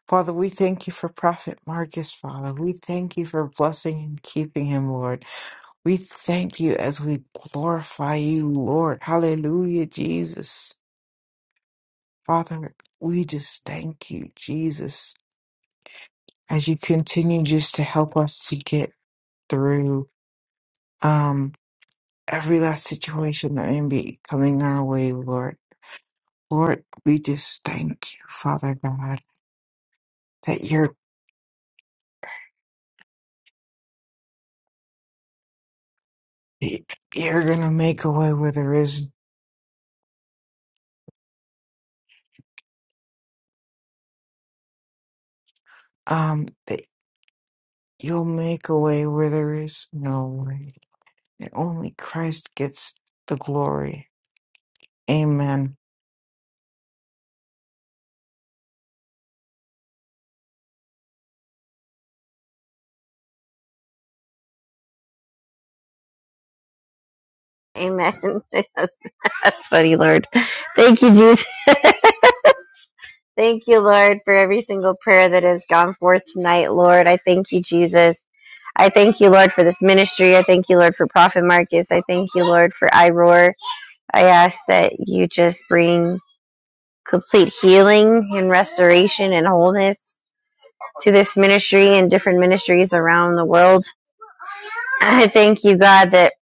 Speaker 4: Father, we thank you for Prophet Marcus, Father. We thank you for blessing and keeping him, Lord. We thank you as we glorify you, Lord. Hallelujah, Jesus. Father, we just thank you, Jesus, as you continue just to help us to get through. um, every last situation that may be coming our way, Lord. Lord, we just thank you, Father God, that you're you're gonna make a way where there is um that you'll make a way where there is no way. And only Christ gets the glory. Amen.
Speaker 2: Amen. that's, that's funny, Lord. Thank you, Jesus. Thank you, Lord, for every single prayer that has gone forth tonight, Lord. I thank you, Jesus. I thank you, Lord, for this ministry. I thank you, Lord, for Prophet Marcus. I thank you, Lord, for iRoar. I ask that you just bring complete healing and restoration and wholeness to this ministry and different ministries around the world. I thank you, God, that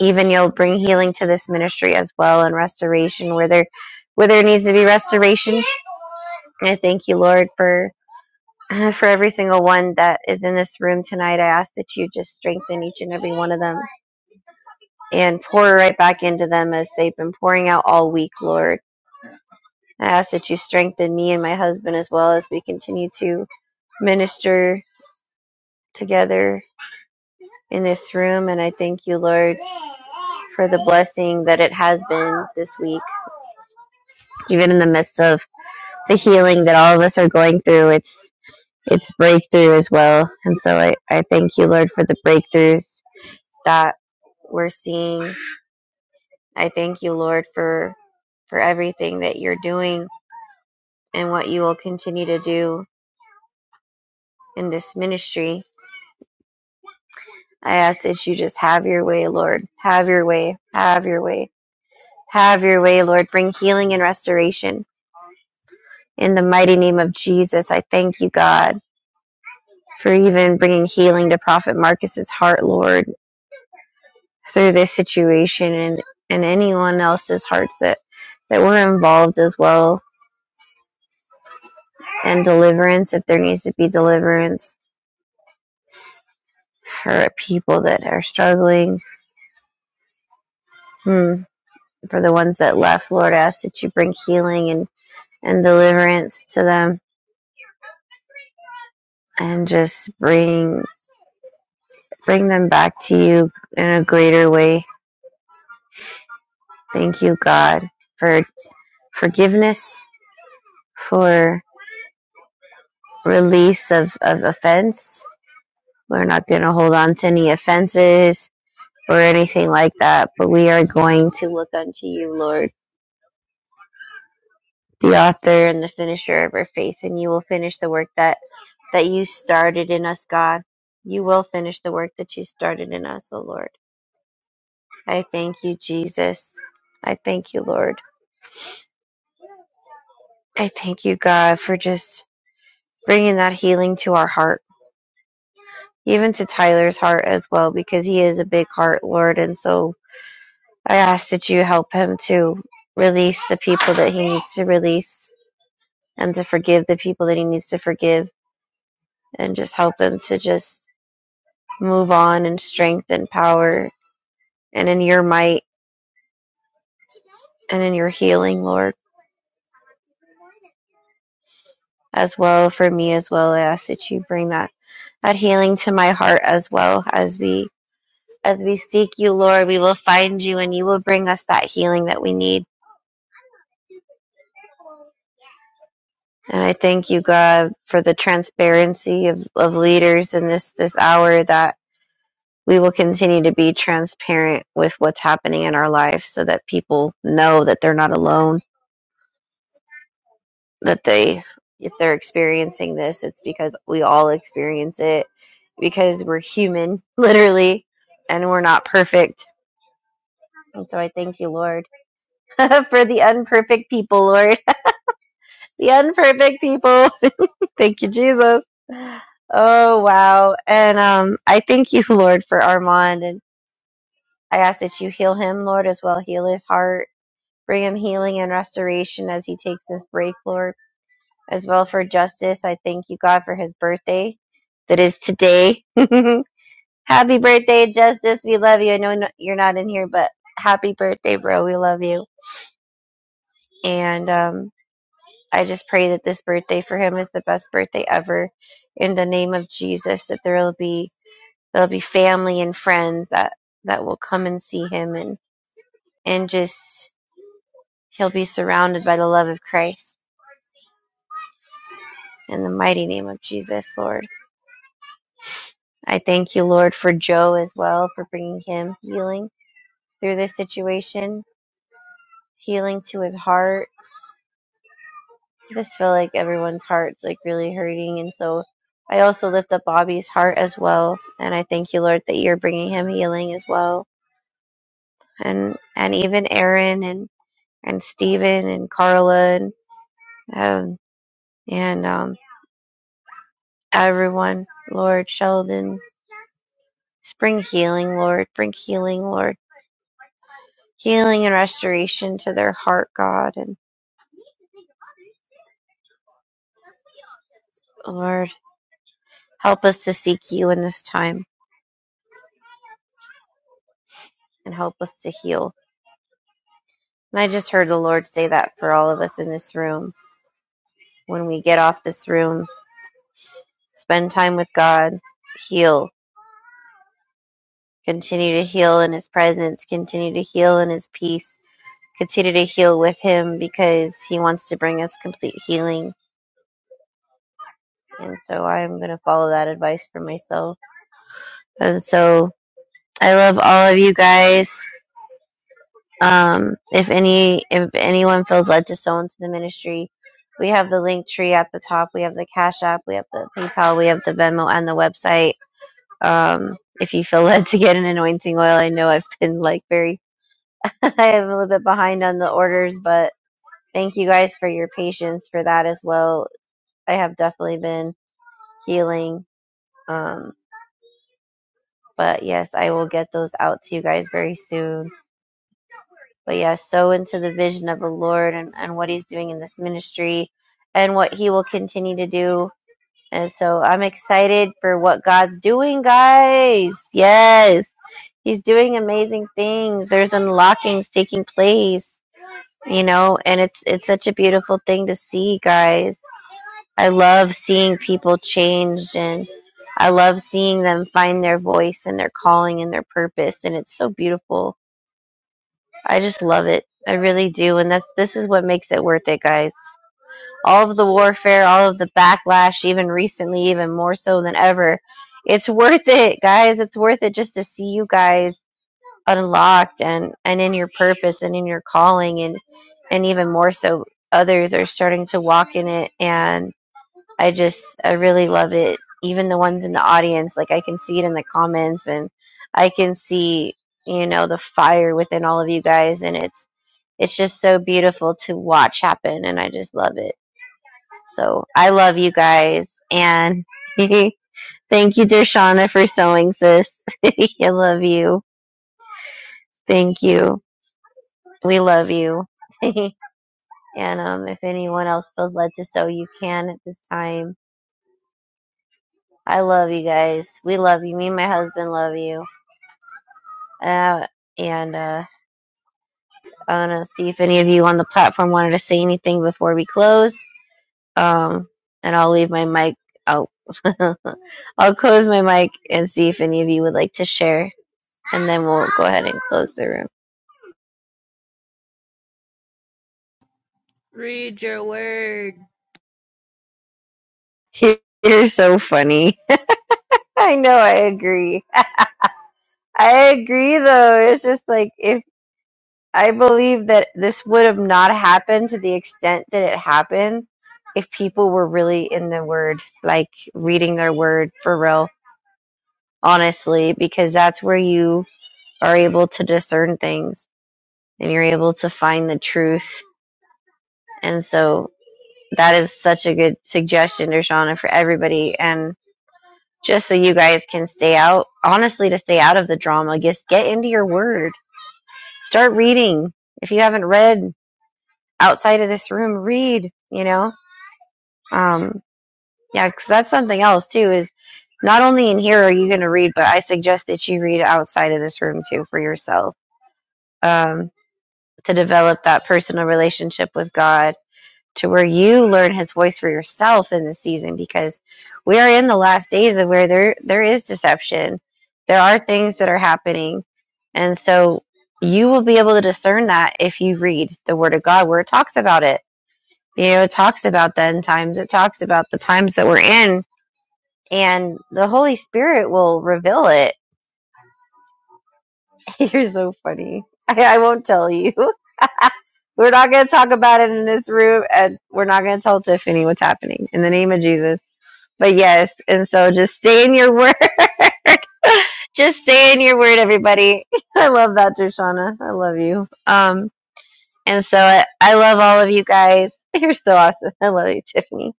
Speaker 2: even you'll bring healing to this ministry as well and restoration where there where there needs to be restoration. I thank you, Lord, for for every single one that is in this room tonight. I ask that you just strengthen each and every one of them and pour right back into them as they've been pouring out all week, Lord. I ask that you strengthen me and my husband as well as we continue to minister together in this room. And I thank you, Lord, for the blessing that it has been this week. Even in the midst of the healing that all of us are going through, it's it's breakthrough as well. And so I, I thank you, Lord, for the breakthroughs that we're seeing. I thank you, Lord, for for everything that you're doing and what you will continue to do in this ministry. I ask that you just have your way, Lord. Have your way. Have your way Have your way, Lord. Bring healing and restoration. In the mighty name of Jesus, I thank you, God, for even bringing healing to Prophet Marcus's heart, Lord, through this situation and, and anyone else's hearts that, that were involved as well. And deliverance, if there needs to be deliverance for people that are struggling. Hmm. For the ones that left, Lord, I ask that you bring healing and, and deliverance to them and just bring bring them back to you in a greater way. Thank you, God, for forgiveness, for release of, of offense. We're not going to hold on to any offenses or anything like that, but we are going to look unto you, Lord, the author and the finisher of our faith, and you will finish the work that, that you started in us, God. You will finish the work that you started in us, O Lord. I thank you, Jesus. I thank you, Lord. I thank you, God, for just bringing that healing to our heart, even to Tyler's heart as well, because he is a big heart, Lord. And so I ask that you help him to release the people that he needs to release and to forgive the people that he needs to forgive and just help him to just move on in strength and power and in your might and in your healing, Lord, as well for me as well. I ask that you bring that, that healing to my heart as well as we as we seek you, Lord, we will find you and you will bring us that healing that we need And I thank you, God, for the transparency of, of leaders in this, this hour that we will continue to be transparent with what's happening in our life so that people know that they're not alone, that they, if they're experiencing this, it's because we all experience it because we're human, literally, and we're not perfect. And so I thank you, Lord, for the unperfect people, Lord, the unperfect people. Thank you, Jesus. Oh, wow. And um, I thank you, Lord, for Armand. And I ask that you heal him, Lord, as well. Heal his heart. Bring him healing and restoration as he takes this break, Lord. As well for Justice, I thank you, God, for his birthday that is today. happy birthday, Justice. We love you. I know no- you're not in here, but happy birthday, bro. We love you. And um, I just pray that this birthday for him is the best birthday ever in the name of Jesus, that there will be there'll be family and friends that that will come and see him and and just he'll be surrounded by the love of Christ in the mighty name of Jesus Lord I thank you Lord for Joe as well for bringing him healing through this situation healing to his heart I just feel like everyone's heart's like really hurting and so I also lift up Bobby's heart as well and I thank you Lord that you're bringing him healing as well and and even Aaron and and Stephen and Carla and um, and um, everyone, Lord Sheldon. Spring healing, Lord. Bring healing, Lord. Healing and restoration to their heart, God. And Lord, help us to seek you in this time and help us to heal. And I just heard the Lord say that for all of us in this room. When we get off this room, spend time with God, heal, continue to heal in His presence, continue to heal in His peace. continue to heal with him because he wants to bring us complete healing. And so I'm going to follow that advice for myself. And so I love all of you guys. Um, if any, if anyone feels led to sow into the ministry, we have the link tree at the top. We have the Cash App. We have the PayPal. We have the Venmo and the website. Um, if you feel led to get an anointing oil, I know I've been like very, I am a little bit behind on the orders, but thank you guys for your patience for that as well. I have definitely been healing. Um, but yes, I will get those out to you guys very soon. But yeah, so into the vision of the Lord and, and what He's doing in this ministry and what He will continue to do. And so I'm excited for what God's doing, guys. Yes. He's doing amazing things. There's unlockings taking place, you know, and it's it's such a beautiful thing to see, guys. I love seeing people changed and I love seeing them find their voice and their calling and their purpose and it's so beautiful. I just love it. I really do and that's this is what makes it worth it, guys. All of the warfare, all of the backlash even recently even more so than ever. It's worth it, guys. It's worth it just to see you guys unlocked and and in your purpose and in your calling and and even more so others are starting to walk in it and I just I really love it. Even the ones in the audience, like I can see it in the comments and I can see, you know, the fire within all of you guys and it's it's just so beautiful to watch happen and I just love it. So I love you guys and thank you Dershana for sewing sis. I love you. Thank you. We love you. And um, if anyone else feels led to so, you can at this time. I love you guys. We love you. Me and my husband love you. Uh, and uh, I want to see if any of you on the platform wanted to say anything before we close. Um, and I'll leave my mic out. I'll close my mic and see if any of you would like to share. And then we'll go ahead and close the
Speaker 5: Read your word.
Speaker 2: room. You're so funny. I know, I agree. I agree, though. It's just like if I believe that this would have not happened to the extent that it happened if people were really in the word, like reading their word for real, honestly, because that's where you are able to discern things and you're able to find the truth. And so that is such a good suggestion, Dershana, for everybody. And just so you guys can stay out, honestly, to stay out of the drama, just get into your word. Start reading. If you haven't read outside of this room, read, you know? Um, yeah, because that's something else too. Is not only in here are you going to read, but I suggest that you read outside of this room too for yourself um, to develop that personal relationship with God to where you learn His voice for yourself in this season because we are in the last days of where there there is deception, there are things that are happening, and so you will be able to discern that if you read the Word of God where it talks about it. You know, it talks about the end times. It talks about the times that we're in and the Holy Spirit will reveal it. You're so funny. I, I won't tell you. We're not going to talk about it in this room, and we're not going to tell Tiffany what's happening in the name of Jesus. But yes, and so just stay in your word. just stay in your word, everybody. I love that, Dershana. I love you. Um, and so I, I love all of you guys. You're so awesome. I love you, Tiffany.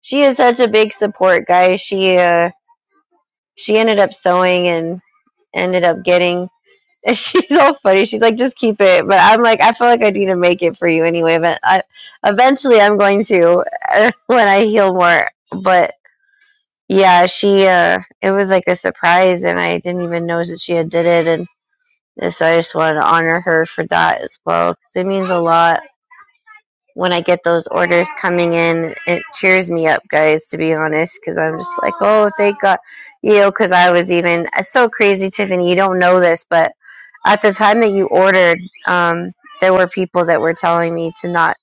Speaker 2: She is such a big support, guys. She uh, she ended up sewing and ended up getting. And she's all funny. She's like, just keep it. But I'm like, I feel like I need to make it for you anyway. But I, eventually, I'm going to when I heal more. But yeah, she. uh It was like a surprise, and I didn't even know that she had did it. And so I just wanted to honor her for that as well because it means a lot when I get those orders coming in, it cheers me up, guys, to be honest, because I'm just like, oh, thank God. You know, because I was even, it's so crazy, Tiffany, you don't know this, but at the time that you ordered, um, there were people that were telling me to not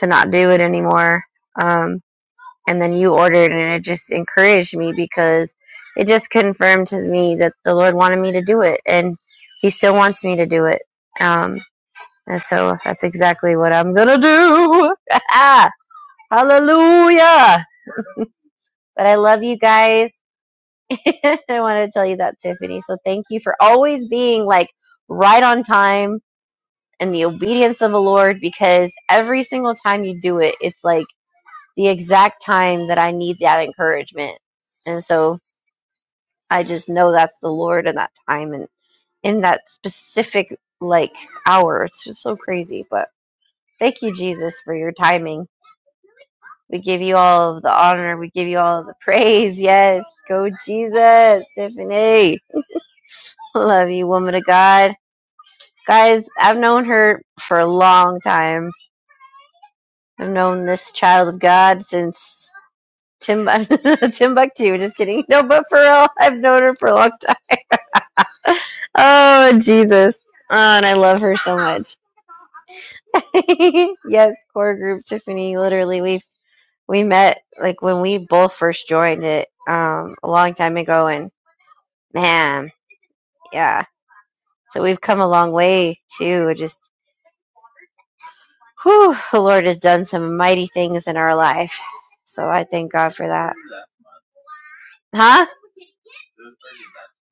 Speaker 2: to not do it anymore. Um, and then you ordered, and it just encouraged me because it just confirmed to me that the Lord wanted me to do it, and He still wants me to do it. Um, and so that's exactly what I'm gonna do. Hallelujah. But I love you guys. I want to tell you that, Tiffany. So thank you for always being like right on time and the obedience of the Lord because every single time you do it, it's like the exact time that I need that encouragement. And so I just know that's the Lord in that time and in that specific like hour. It's just so crazy. But thank you, Jesus, for your timing We give you all of the honor. We give you all of the praise. Yes. Go Jesus, Tiffany. Love you, woman of God. Guys, I've known her for a long time. I've known this child of God since Timbu- Timbuktu. Just kidding. No, but for real, I've known her for a long time. Oh, Jesus. Oh, and I love her so much. yes, core group Tiffany. Literally, we we met like when we both first joined it um, a long time ago, and man Yeah. So we've come a long way too. Just whew, the Lord has done some mighty things in our life. So I thank God for that. Huh?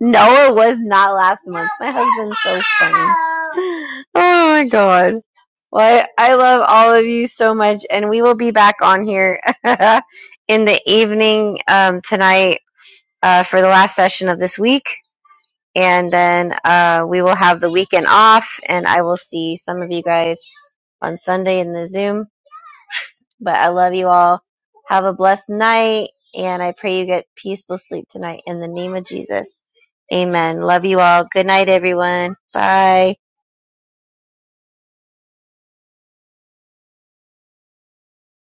Speaker 2: No, it was not last month. My husband's so funny. Oh my god. Well, I, I love all of you so much, and we will be back on here in the evening um, tonight uh, for the last session of this week. And then uh, we will have the weekend off, and I will see some of you guys on Sunday in the Zoom. But I love you all. Have a blessed night. And I pray you get peaceful sleep tonight in the name of Jesus. Amen. Love you all. Good night, everyone. Bye.